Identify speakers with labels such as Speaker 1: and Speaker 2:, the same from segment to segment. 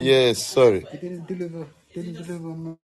Speaker 1: Yes, sorry. He didn't deliver. Didn't deliver. Man.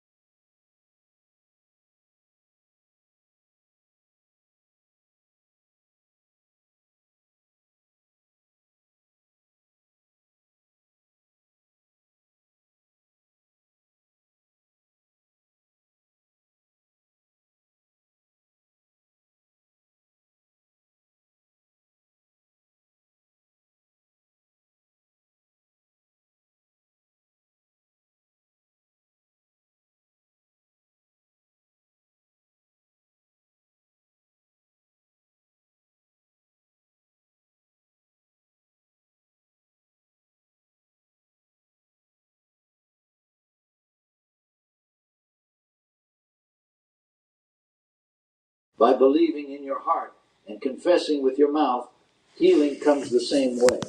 Speaker 2: by believing in your heart and confessing with your mouth, healing comes the same way.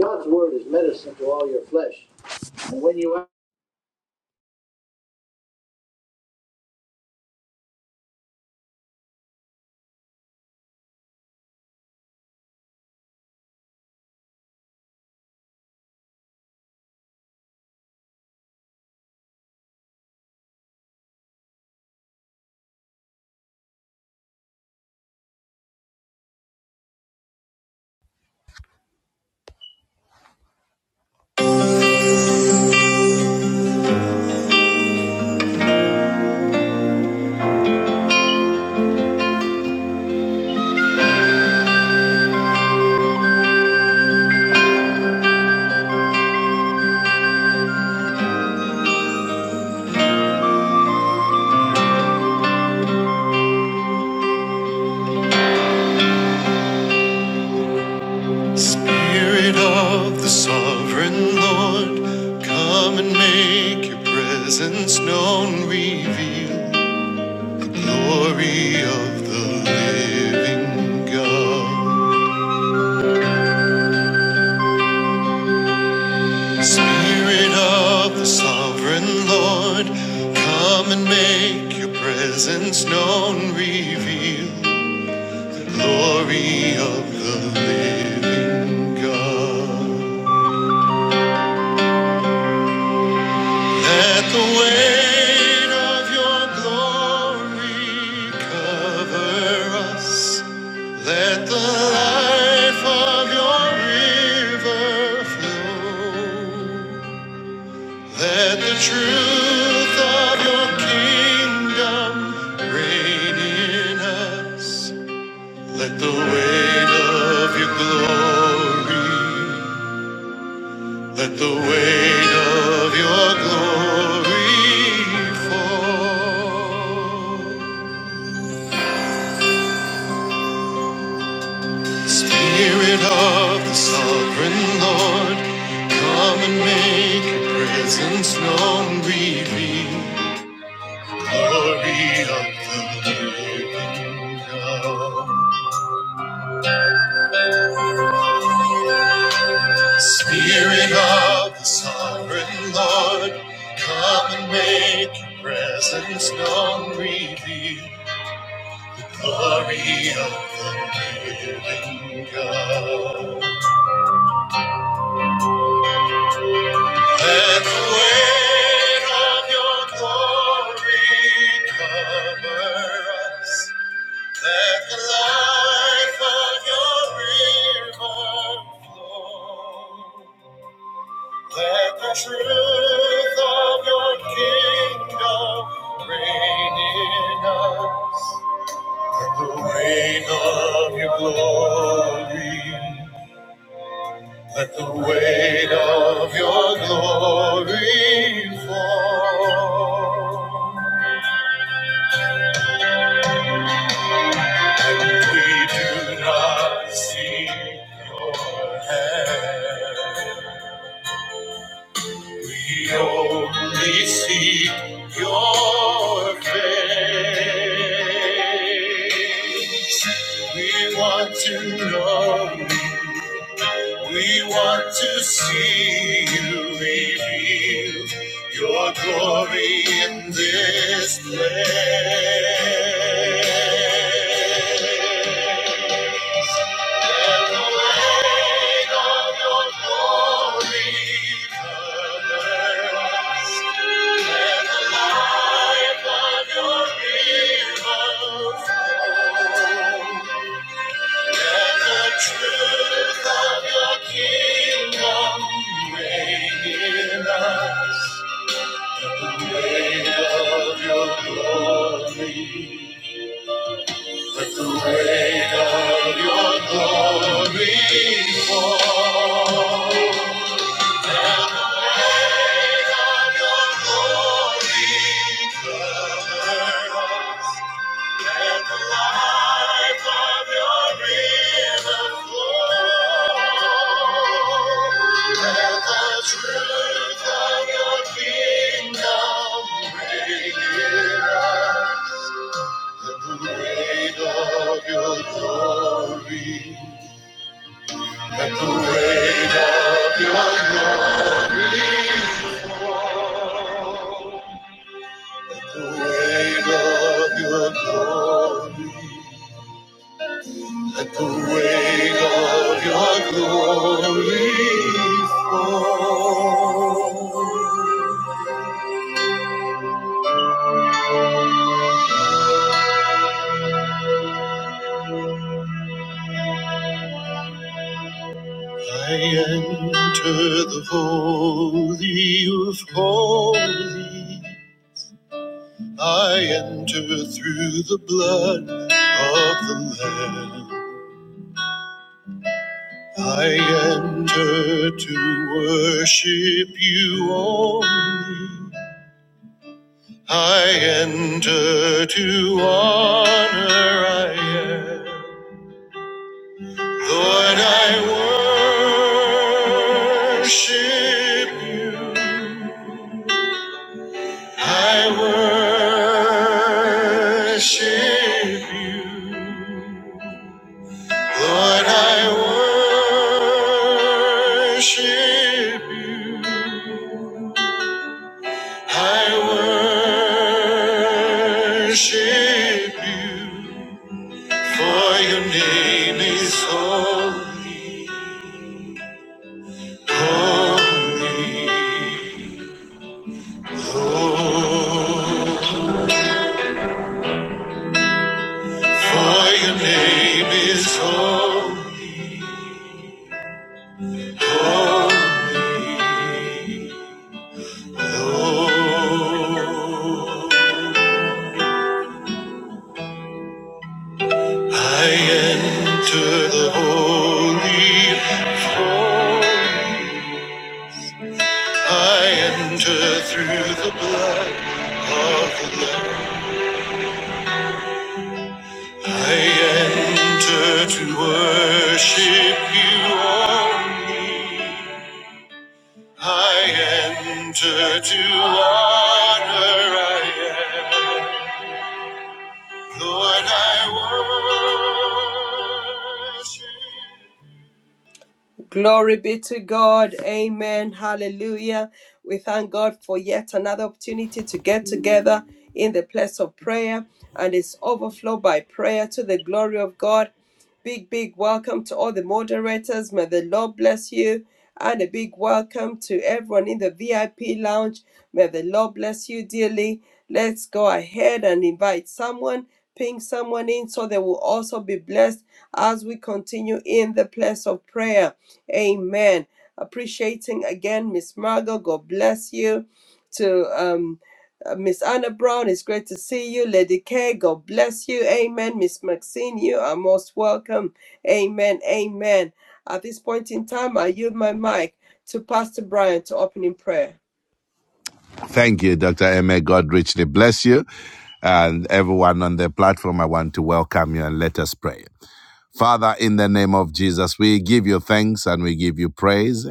Speaker 2: God's word is medicine to all your flesh. And when you
Speaker 3: Spirit of the sovereign Lord, come and make your presence known, reveal the glory of the living God. Spirit of the sovereign Lord, come and make your presence known, reveal the glory of the living God. Let the weight of your glory cover us. Let the life of your river flow. Let the truth of your kingdom reign in us. Let the weight of your glory Let the weight of your glory fall. Spirit of the sovereign Lord, come and make your presence known. Reveal glory of the living God. Spirit of the sovereign Lord, come and make your presence known. Reveal Glory of the living God. Let the weight of your glory cover us. Let the life of your river flow. Let the truth of your kingdom reign in us. Let the weight of your glory Let the weight of your glory fall. We do not see your hand. We only see your face. We want to know you We want to see you reveal your glory in this place. Let the weight of your glory cover us. Let the light of your rivers. Let the truth of your kingdom reign in us. Let the weight of your glory, let the weight of your glory fall. Weight of your glory, cover us. Let the light of your risen glory, let the truth of your kingdom bring nearer. Let the weight of your glory, let the weight of your glory, let the weight of your glory. Let the weight of your glory fall. I enter the holy of holy. I enter through the blood of the Lamb. I enter to worship you only. I enter to honor I am. Lord, I worship you. I worship you. Lord, I worship you. I worship you. For your name is holy, holy, holy. For your name is holy, holy, Lord. I enter the holy throne. I enter through the blood of the Lamb. I enter to worship you only. I enter to honor I am. Lord, I worship.
Speaker 4: Glory be to God. Amen. Hallelujah. We thank God for yet another opportunity to get together in the place of prayer and it's overflow by prayer to the glory of God. Big, big welcome to all the moderators. May the Lord bless you. And a big welcome to everyone in the VIP lounge. May the Lord bless you dearly. Let's go ahead and invite someone, ping someone in so they will also be blessed as we continue in the place of prayer. Amen. Appreciating again, Miss Margot. God bless you. To um, uh, Miss Anna Brown, it's great to see you. Lady K, God bless you. Amen. Miss Maxine, you are most welcome. Amen. Amen. At this point in time, I yield my mic to Pastor Brian to open in prayer.
Speaker 3: Thank you, Dr. M. God richly bless you. And everyone on the platform, I want to welcome you and let us pray. Father, in the name of Jesus, we give you thanks and we give you praise.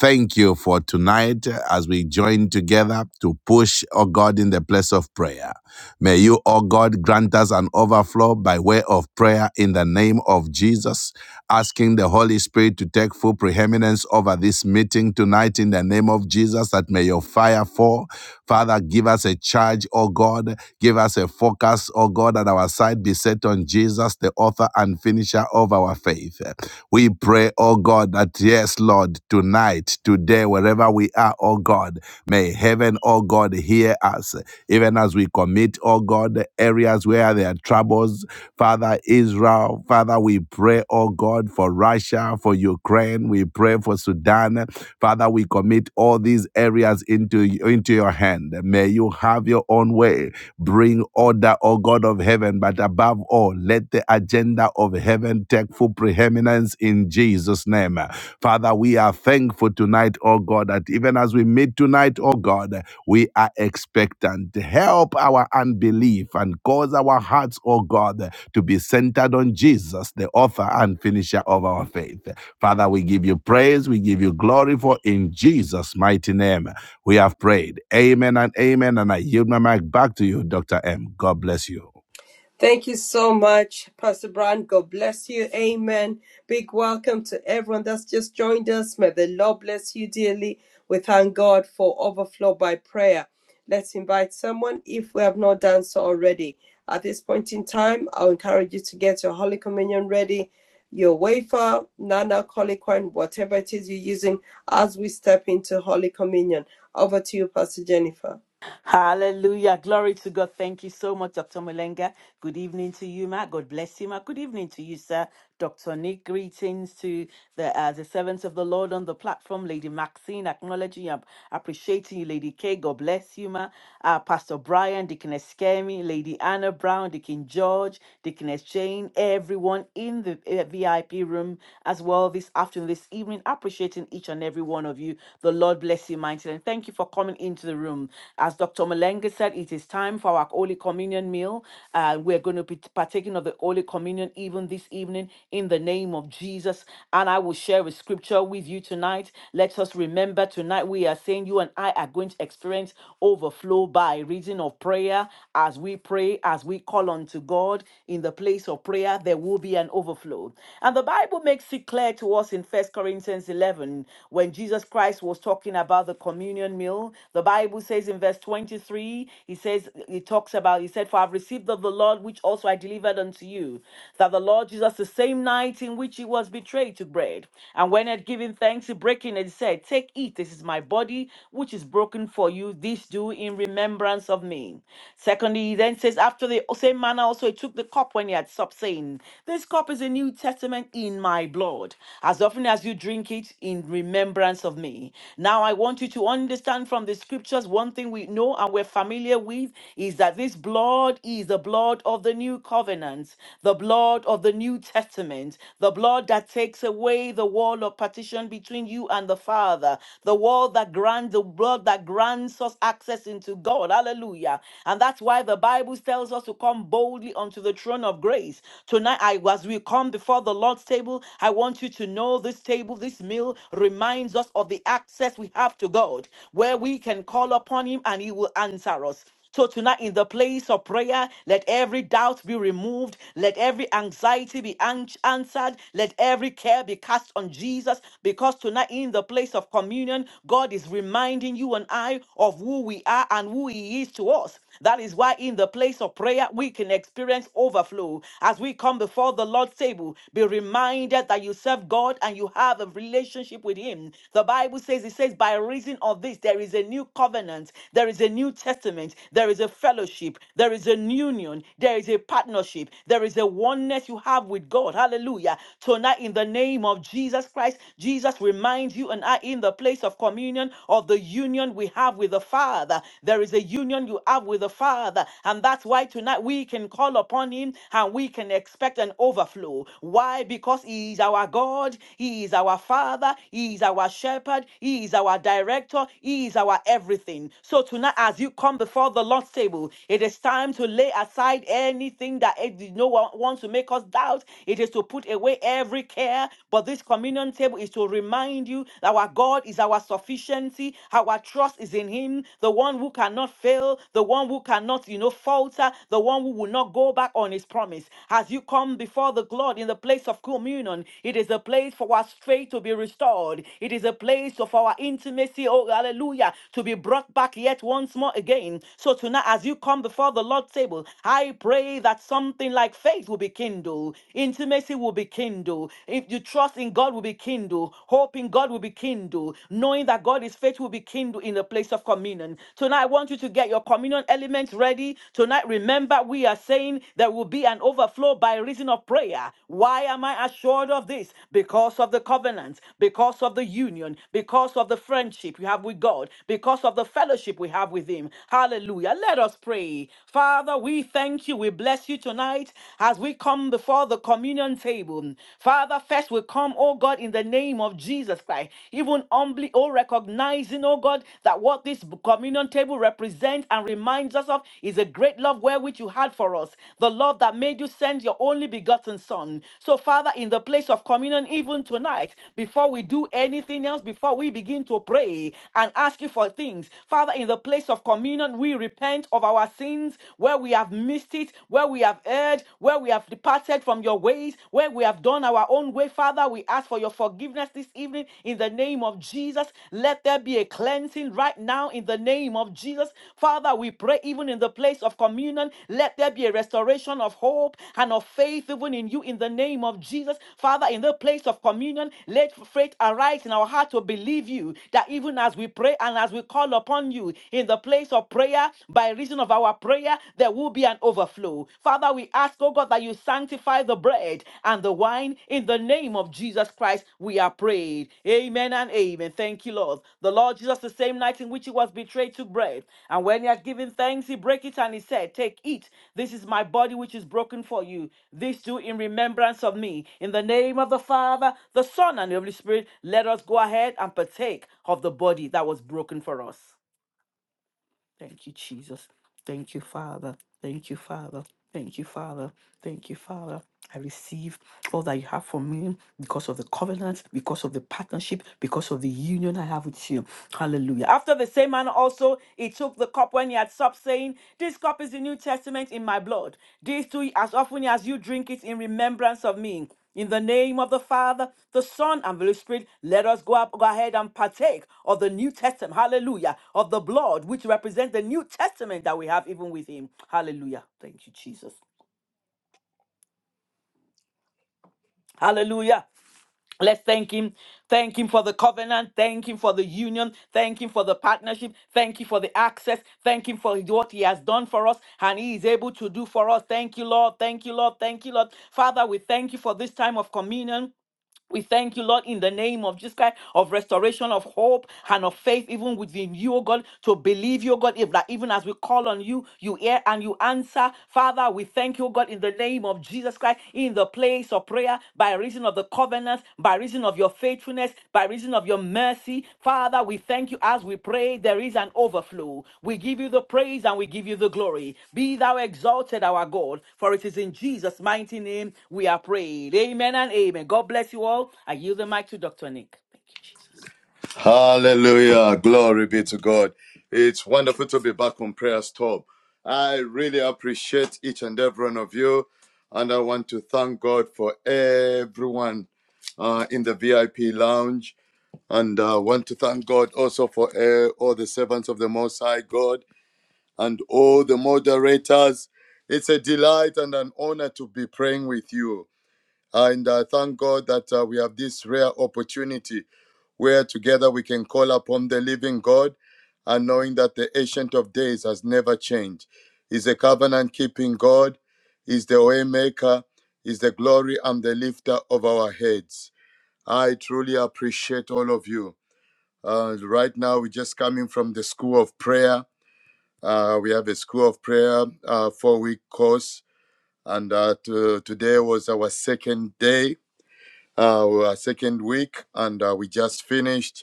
Speaker 3: Thank you for tonight as we join together to push, O God, in the place of prayer. May you, O God, grant us an overflow by way of prayer in the name of Jesus, asking the Holy Spirit to take full preeminence over this meeting tonight in the name of Jesus, that may your fire fall Father, give us a charge, O God. Give us a focus, O God, that our sight be set on Jesus, the author and finisher of our faith. We pray, O God, that yes, Lord, tonight, today, wherever we are, O God, may heaven, O God, hear us. Even as we commit, O God, the areas where there are troubles, Father Israel, Father, we pray, O God, for Russia, for Ukraine, we pray for Sudan, Father, we commit all these areas into, into your hand. May you have your own way. Bring order, O God of heaven, but above all, let the agenda of heaven take full preeminence in Jesus' name. Father, we are thankful tonight, O God, that even as we meet tonight, O God, we are expectant. Help our unbelief and cause our hearts, O God, to be centered on Jesus, the author and finisher of our faith. Father, we give you praise, we give you glory for in Jesus' mighty name we have prayed. Amen and amen. And I yield my mic back to you, Dr. M. God bless you.
Speaker 4: Thank you so much, Pastor Brian. God bless you. Amen. Big welcome to everyone that's just joined us. May the Lord bless you dearly. We thank God for overflow by prayer. Let's invite someone if we have not done so already. At this point in time, I'll encourage you to get your Holy Communion ready, your wafer, non alcoholic wine, whatever it is you're using as we step into Holy Communion. Over to you, Pastor Jennifer.
Speaker 5: Hallelujah. Glory to God. Thank you so much, Dr. Mulenga. Good evening to you, Ma. God bless you, Ma. Good evening to you, sir. Dr. Nick, greetings to the uh, the servants of the Lord on the platform. Lady Maxine, acknowledging and appreciating you. Lady K, God bless you, Ma. Uh, Pastor Brian, Deaconess Kemi, Lady Anna Brown, Deacon George, Deaconess Jane, everyone in the uh, VIP room as well this afternoon, this evening, appreciating each and every one of you. The Lord bless you mightily. And thank you for coming into the room as Dr. Malenga said, it is time for our Holy Communion meal. Uh, we're going to be partaking of the Holy Communion even this evening in the name of Jesus. And I will share a scripture with you tonight. Let us remember tonight we are saying you and I are going to experience overflow by reason of prayer. As we pray, as we call unto God in the place of prayer, there will be an overflow. And the Bible makes it clear to us in First Corinthians 11 when Jesus Christ was talking about the communion meal. The Bible says in verse verse 23, he says, he talks about, he said, For I've received of the Lord, which also I delivered unto you, that the Lord Jesus, the same night in which he was betrayed, took bread. And when he had given thanks, he breaking it, he said, Take, eat, this is my body, which is broken for you. This do in remembrance of me. Secondly, he then says, After the same manner also he took the cup when he had supped, saying, This cup is a New Testament in my blood. As often as you drink it, in remembrance of me. Now I want you to understand from the scriptures one thing thing we know and we're familiar with is that this blood is the blood of the new covenant, the blood of the new testament, the blood that takes away the wall of partition between you and the Father, the wall that grants the blood that grants us access into God. Hallelujah. And that's why the Bible tells us to come boldly unto the throne of grace. Tonight, I as we come before the Lord's table, I want you to know this table, this meal reminds us of the access we have to God, where we can call upon him and he will answer us. So tonight in the place of prayer, let every doubt be removed. Let every anxiety be an- answered. Let every care be cast on Jesus. Because tonight in the place of communion, God is reminding you and I of who we are and who he is to us. That is why in the place of prayer, we can experience overflow. As we come before the Lord's table, be reminded that you serve God and you have a relationship with him. The Bible says, it says, by reason of this, there is a new covenant covenant, there is a New Testament, there is a fellowship, there is an union, there is a partnership, there is a oneness you have with God. Hallelujah. Tonight, in the name of Jesus Christ, Jesus reminds you and I in the place of communion of the union we have with the Father. There is a union you have with the Father, and that's why tonight we can call upon Him and we can expect an overflow. Why? Because He is our God, He is our Father, He is our shepherd, He is our director, He is our everything. So tonight, as you come before the Lord's table, it is time to lay aside anything that eh, no one wants to make us doubt. It is to put away every care. But this communion table is to remind you that our God is our sufficiency. Our trust is in Him, the one who cannot fail, the one who cannot, you know, falter, the one who will not go back on His promise. As you come before the Lord in the place of communion, it is a place for our faith to be restored. It is a place of our intimacy, oh hallelujah, to be brought back back yet once more again. So tonight, as you come before the Lord's table, I pray that something like faith will be kindled, intimacy will be kindled. If you trust in God will be kindled, hope in God will be kindled, knowing that God is faith will be kindled in the place of communion. Tonight, I want you to get your communion elements ready. Tonight, remember, we are saying there will be an overflow by reason of prayer. Why am I assured of this? Because of the covenant, because of the union, because of the friendship you have with God, because of the fellowship fellowship we have with Him. Hallelujah. Let us pray. Father, we thank you. We bless you tonight as we come before the communion table. Father, first we come, oh God, in the name of Jesus Christ, even humbly, oh, recognizing, oh God, that what this communion table represents and reminds us of is a great love wherewith you had for us, the love that made you send your only begotten Son. So, Father, in the place of communion, even tonight, before we do anything else, before we begin to pray and ask you for things, Father, in the place of communion, we repent of our sins where we have missed it, where we have erred, where we have departed from your ways, where we have done our own way. Father, we ask for your forgiveness this evening in the name of Jesus. Let there be a cleansing right now in the name of Jesus. Father, we pray even in the place of communion, let there be a restoration of hope and of faith even in you in the name of Jesus. Father, in the place of communion, let faith arise in our heart to believe you that even as we pray and as we call upon upon you in the place of prayer. By reason of our prayer, there will be an overflow. Father, we ask, oh God, that you sanctify the bread and the wine in the name of Jesus Christ. We are prayed. Amen and amen. Thank you, Lord. The Lord Jesus, the same night in which he was betrayed, took bread. And when he had given thanks, he brake it and he said, Take, eat. This is my body which is broken for you. This do in remembrance of me. In the name of the Father, the Son, and the Holy Spirit, let us go ahead and partake of the body that was broken for us. Thank you, Jesus. Thank you, Father. Thank you, Father. Thank you, Father. Thank you, Father. I receive all that you have for me because of the covenant, because of the partnership, because of the union I have with you. Hallelujah. After the same manner also, he took the cup when he had supped, saying, This cup is the New Testament in my blood. This too, as often as you drink it in remembrance of me. In the name of the Father, the Son, and the Holy Spirit, let us go, up, go ahead and partake of the New Testament. Hallelujah. Of the blood, which represents the New Testament that we have even with Him. Hallelujah. Thank you, Jesus. Hallelujah. Let's thank Him. Thank Him for the covenant. Thank Him for the union. Thank Him for the partnership. Thank you for the access. Thank Him for what He has done for us and He is able to do for us. Thank you, Lord. Thank you, Lord. Thank you, Lord. Father, we thank you for this time of communion. We thank you, Lord, in the name of Jesus Christ, of restoration of hope and of faith, even within you, oh God, to believe you, oh God, if that even as we call on you, you hear and you answer. Father, we thank you, oh God, in the name of Jesus Christ, in the place of prayer, by reason of the covenants, by reason of your faithfulness faithfulness, by reason of your mercy. Father, we thank you as we pray. There is an overflow. We give you the praise and we give you the glory. Be thou exalted, our God, for it is in Jesus' mighty name we are prayed. Amen and amen. God bless you all. I yield the mic to Dr. Nick. Thank you, Jesus.
Speaker 1: Hallelujah. Glory be to God. It's wonderful to be back on prayers, Storm. I really appreciate each and every one of you. And I want to thank God for everyone uh, in the VIP lounge. And I want to thank God also for uh, all the servants of the Most High God and all the moderators. It's a delight and an honor to be praying with you. And I thank God that uh, we have this rare opportunity where together we can call upon the living God and knowing that the Ancient of Days has never changed. He's a covenant keeping God, He's the way maker, He's the glory and the lifter of our heads. I truly appreciate all of you. Uh, right now, we're just coming from the school of prayer. Uh, we have a school of prayer uh, four week course, and uh, to- today was our second day uh, our second week, and uh, we just finished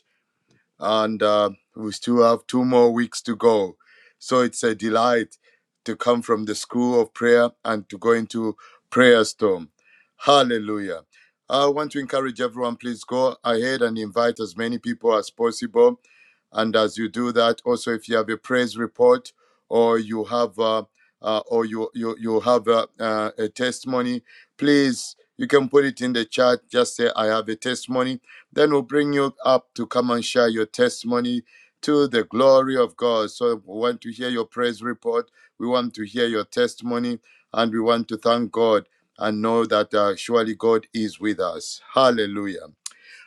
Speaker 1: and uh, we still have two more weeks to go. So it's a delight to come from the school of prayer and to go into prayer storm. Hallelujah. I want to encourage everyone, please go ahead and invite as many people as possible. And as you do that, also if you have a praise report or you have uh, uh, or you you, you have uh, uh, a testimony, please you can put it in the chat. Just say I have a testimony then we'll bring you up to come and share your testimony to the glory of God. So we want to hear your praise report. We want to hear your testimony and we want to thank God and know that uh, surely God is with us. Hallelujah.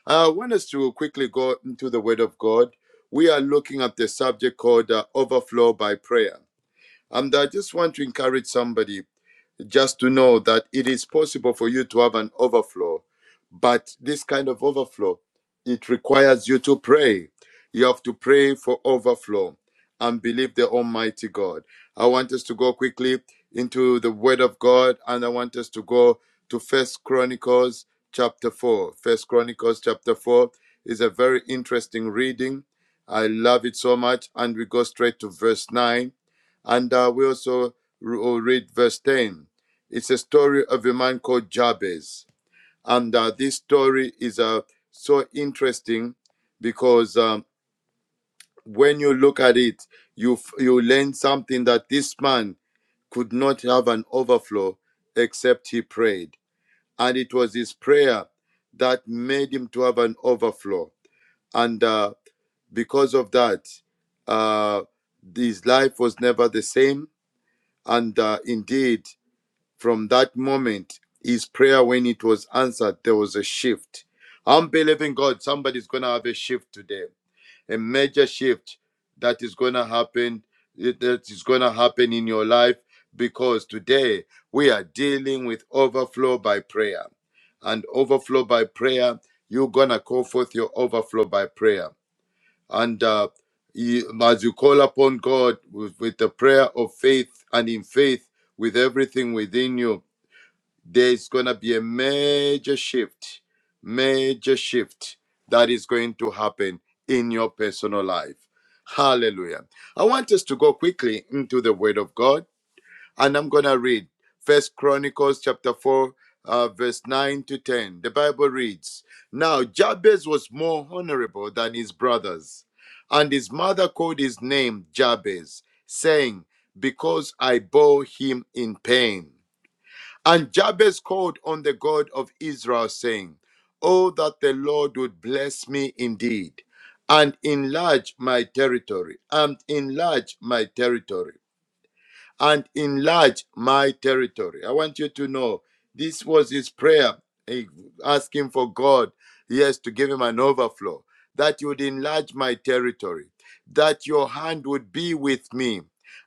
Speaker 1: Uh, I want us to quickly go into the Word of God. We are looking at the subject called uh, overflow by prayer. And I just want to encourage somebody just to know that it is possible for you to have an overflow. But this kind of overflow, it requires you to pray. You have to pray for overflow and believe the Almighty God. I want us to go quickly into the Word of God, and I want us to go to First Chronicles chapter four. First Chronicles chapter four is a very interesting reading. I love it so much, and we go straight to verse nine, and uh, we also re- read verse ten it's a story of a man called Jabez. And uh, this story is uh, so interesting because um, when you look at it, you, you learn something that this man could not have an overflow except he prayed. And it was his prayer that made him to have an overflow. And uh, because of that, uh, his life was never the same. And uh, indeed, from that moment, his prayer, when it was answered, there was a shift. I'm believing God, somebody's going to have a shift today, a major shift that is going to happen, that is going to happen in your life because today we are dealing with overflow by prayer. And overflow by prayer, you're going to call forth your overflow by prayer. And uh, you- as you call upon God with, with the prayer of faith and in faith with everything within you there's going to be a major shift, major shift that is going to happen in your personal life. Hallelujah. I want us to go quickly into the word of God and I'm going to read First Chronicles chapter 4 uh, verse 9 to 10. The Bible reads, "Now Jabez was more honorable than his brothers, and his mother called his name Jabez, saying, because I bore him in pain. And Jabez called on the God of Israel, saying, Oh, that the Lord would bless me indeed, and enlarge my territory, and enlarge my territory and enlarge my territory. I want you to know this was his prayer, eh, asking for God, yes, to give him an overflow, that you would enlarge my territory, that your hand would be with me,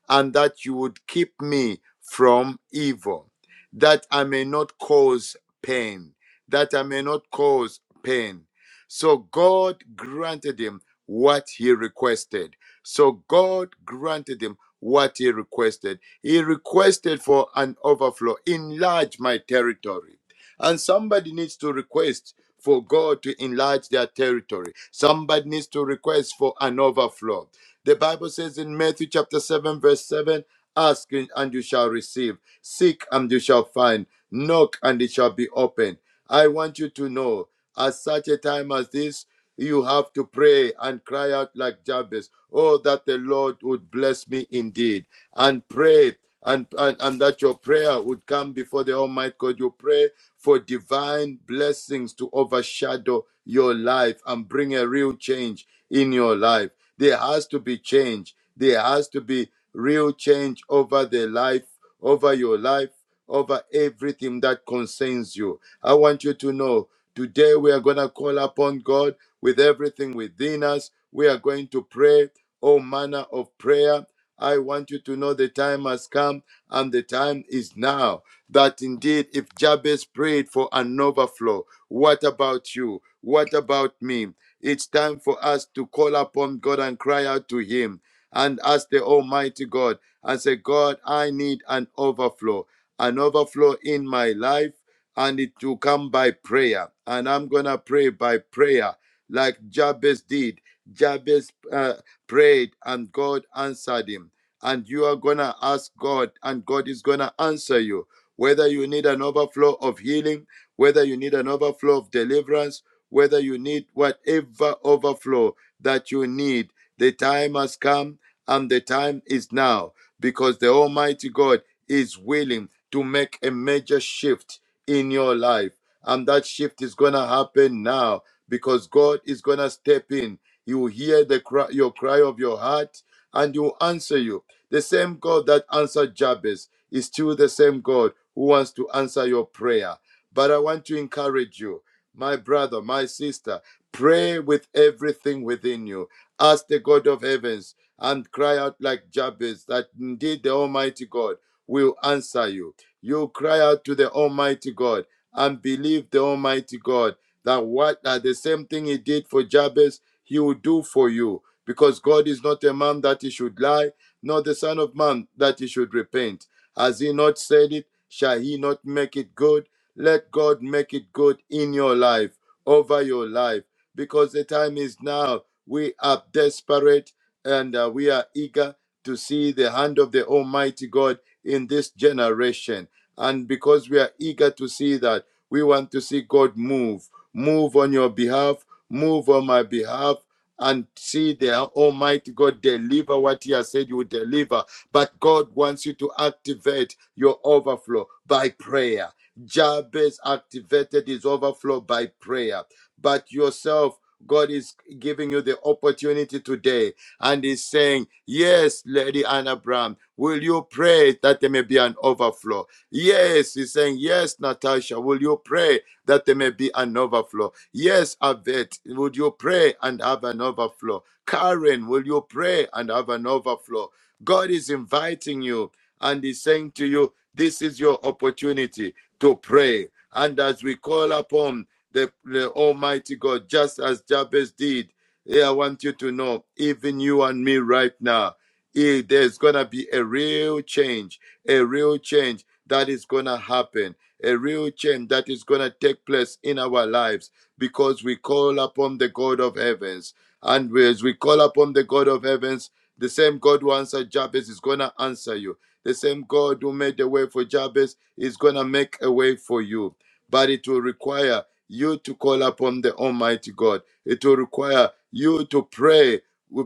Speaker 1: and that you would keep me from evil, that I may not cause pain, that I may not cause pain. So God granted him what he requested so God granted him what he requested. He requested for an overflow, enlarge my territory. And somebody needs to request for God to enlarge their territory. Somebody needs to request for an overflow. The Bible says in Matthew chapter 7, verse 7 Ask and you shall receive, seek and you shall find, knock and it shall be opened. I want you to know at such a time as this, you have to pray and cry out like Jabez, Oh, that the Lord would bless me indeed, and pray. And, and, and that your prayer would come before the Almighty God. You pray for divine blessings to overshadow your life and bring a real change in your life. There has to be change. There has to be real change over the life over your life, over everything that concerns you. I want you to know today we are going to call upon God with everything within us. We are going to pray all manner of prayer. I want you to know the time has come and the time is now. That indeed, if Jabez prayed for an overflow, what about you? What about me? It's time for us to call upon God and cry out to Him and ask the Almighty God and say, God, I need an overflow, an overflow in my life, and it will come by prayer. And I'm going to pray by prayer, like Jabez did. Jabez uh, prayed, and God answered him. And you are going to ask God, and God is going to answer you. Whether you need an overflow of healing, whether you need an overflow of deliverance, whether you need whatever overflow that you need. The time has come and the time is now because the Almighty God is willing to make a major shift in your life. And that shift is going to happen now because God is going to step in. He will hear the cry, your cry of your heart and he will answer you. The same God that answered Jabez is still the same God who wants to answer your prayer. But I want to encourage you, my brother, my sister, pray with everything within you. Ask the God of heavens and cry out like Jabez that indeed the Almighty God will answer you. You cry out to the Almighty God and believe the Almighty God that what that the same thing he did for Jabez, he will do for you. Because God is not a man that he should lie, nor the Son of Man that he should repent. Has he not said it? Shall he not make it good? Let God make it good in your life, over your life, because the time is now. We are desperate and uh, we are eager to see the hand of the Almighty God in this generation. And because we are eager to see that, we want to see God move, move on your behalf, move on my behalf and see their Almighty God deliver what He has said you will deliver. But God wants you to activate your overflow by prayer. Jabez activated his overflow by prayer. But yourself, God is giving you the opportunity today and he's saying, Yes, Lady Anna Brown, will you pray that there may be an overflow? Yes, he's saying, Yes, Natasha, will you pray that there may be an overflow? Yes, Avet, would you pray and have an overflow? Karen, will you pray and have an overflow? God is inviting you and He's saying to you, This is your opportunity to pray. And as we call upon the, the Almighty God, just as Jabez did, yeah, I want you to know, even you and me right now, eh, there's going to be a real change, a real change that is going to happen, a real change that is going to take place in our lives because we call upon the God of heavens. And as we call upon the God of heavens, the same God who answered Jabez is going to answer you. The same God who made a way for Jabez is going to make a way for you. But it will require you to call upon the Almighty God. It will require you to pray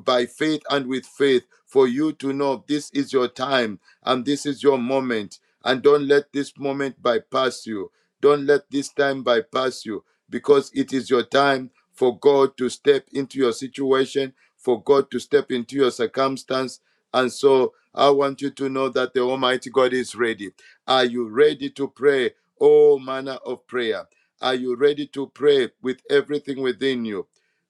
Speaker 1: by faith and with faith for you to know this is your time and this is your moment. And don't let this moment bypass you. Don't let this time bypass you because it is your time for God to step into your situation, for God to step into your circumstance. And so I want you to know that the Almighty God is ready. Are you ready to pray all manner of prayer? Are you ready to pray with everything within you?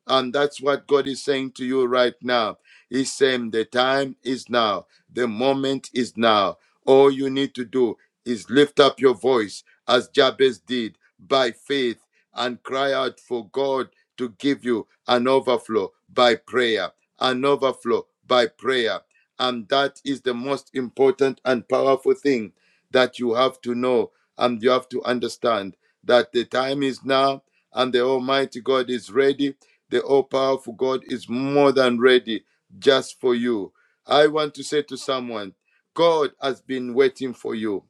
Speaker 1: And that's what God is saying to you right now. He's saying the time is now, the moment is now. All you need to do is lift up your voice as Jabez did by faith and cry out for God to give you an overflow by prayer, an overflow by prayer. And that is the most important and powerful thing that you have to know and you have to understand that the time is now and the Almighty God is ready. The all powerful God is more than ready just for you. I want to say to someone, God has been waiting for you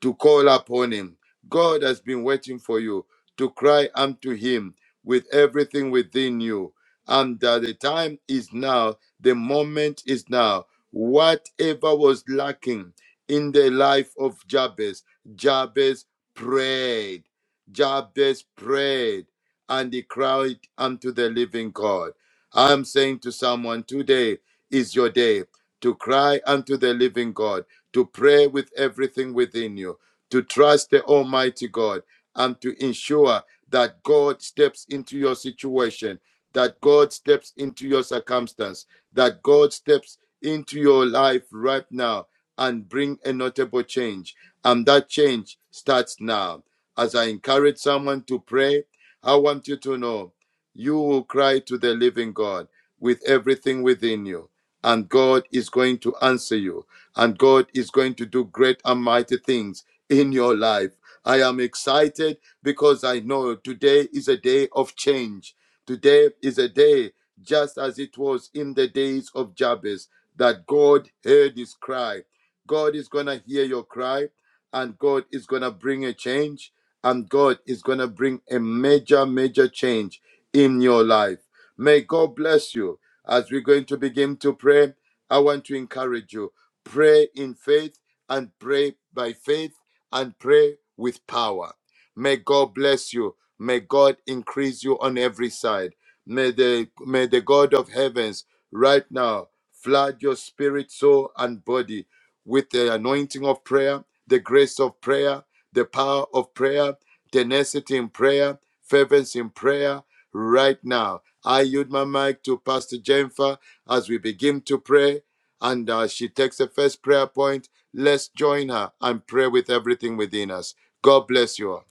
Speaker 1: to call upon him. God has been waiting for you to cry unto him with everything within you. And uh, the time is now, the moment is now. Whatever was lacking in the life of Jabez, Jabez prayed. Jabez prayed and he cried unto the living God. I'm saying to someone, today is your day to cry unto the living God, to pray with everything within you, to trust the Almighty God, and to ensure that God steps into your situation, that God steps into your circumstance, that God steps into your life right now and bring a notable change. And that change starts now. As I encourage someone to pray, I want you to know you will cry to the living God with everything within you. And God is going to answer you. And God is going to do great and mighty things in your life. I am excited because I know today is a day of change. Today is a day, just as it was in the days of Jabez, that God heard his cry. God is going to hear your cry and God is going to bring a change, and God is going to bring a major, major change in your life. May God bless you. As we're going to begin to pray, I want to encourage you pray in faith and pray by faith and pray with power. May God bless you. May God increase you on every side. May the, may the God of heavens right now flood your spirit, soul, and body with the anointing of prayer, the grace of prayer, the power of prayer, tenacity in prayer, fervency in prayer right now. I yield my mic to Pastor Jennifer as we begin to pray. And uh, she takes the first prayer point. Let's join her and pray with everything within us. God bless you. all.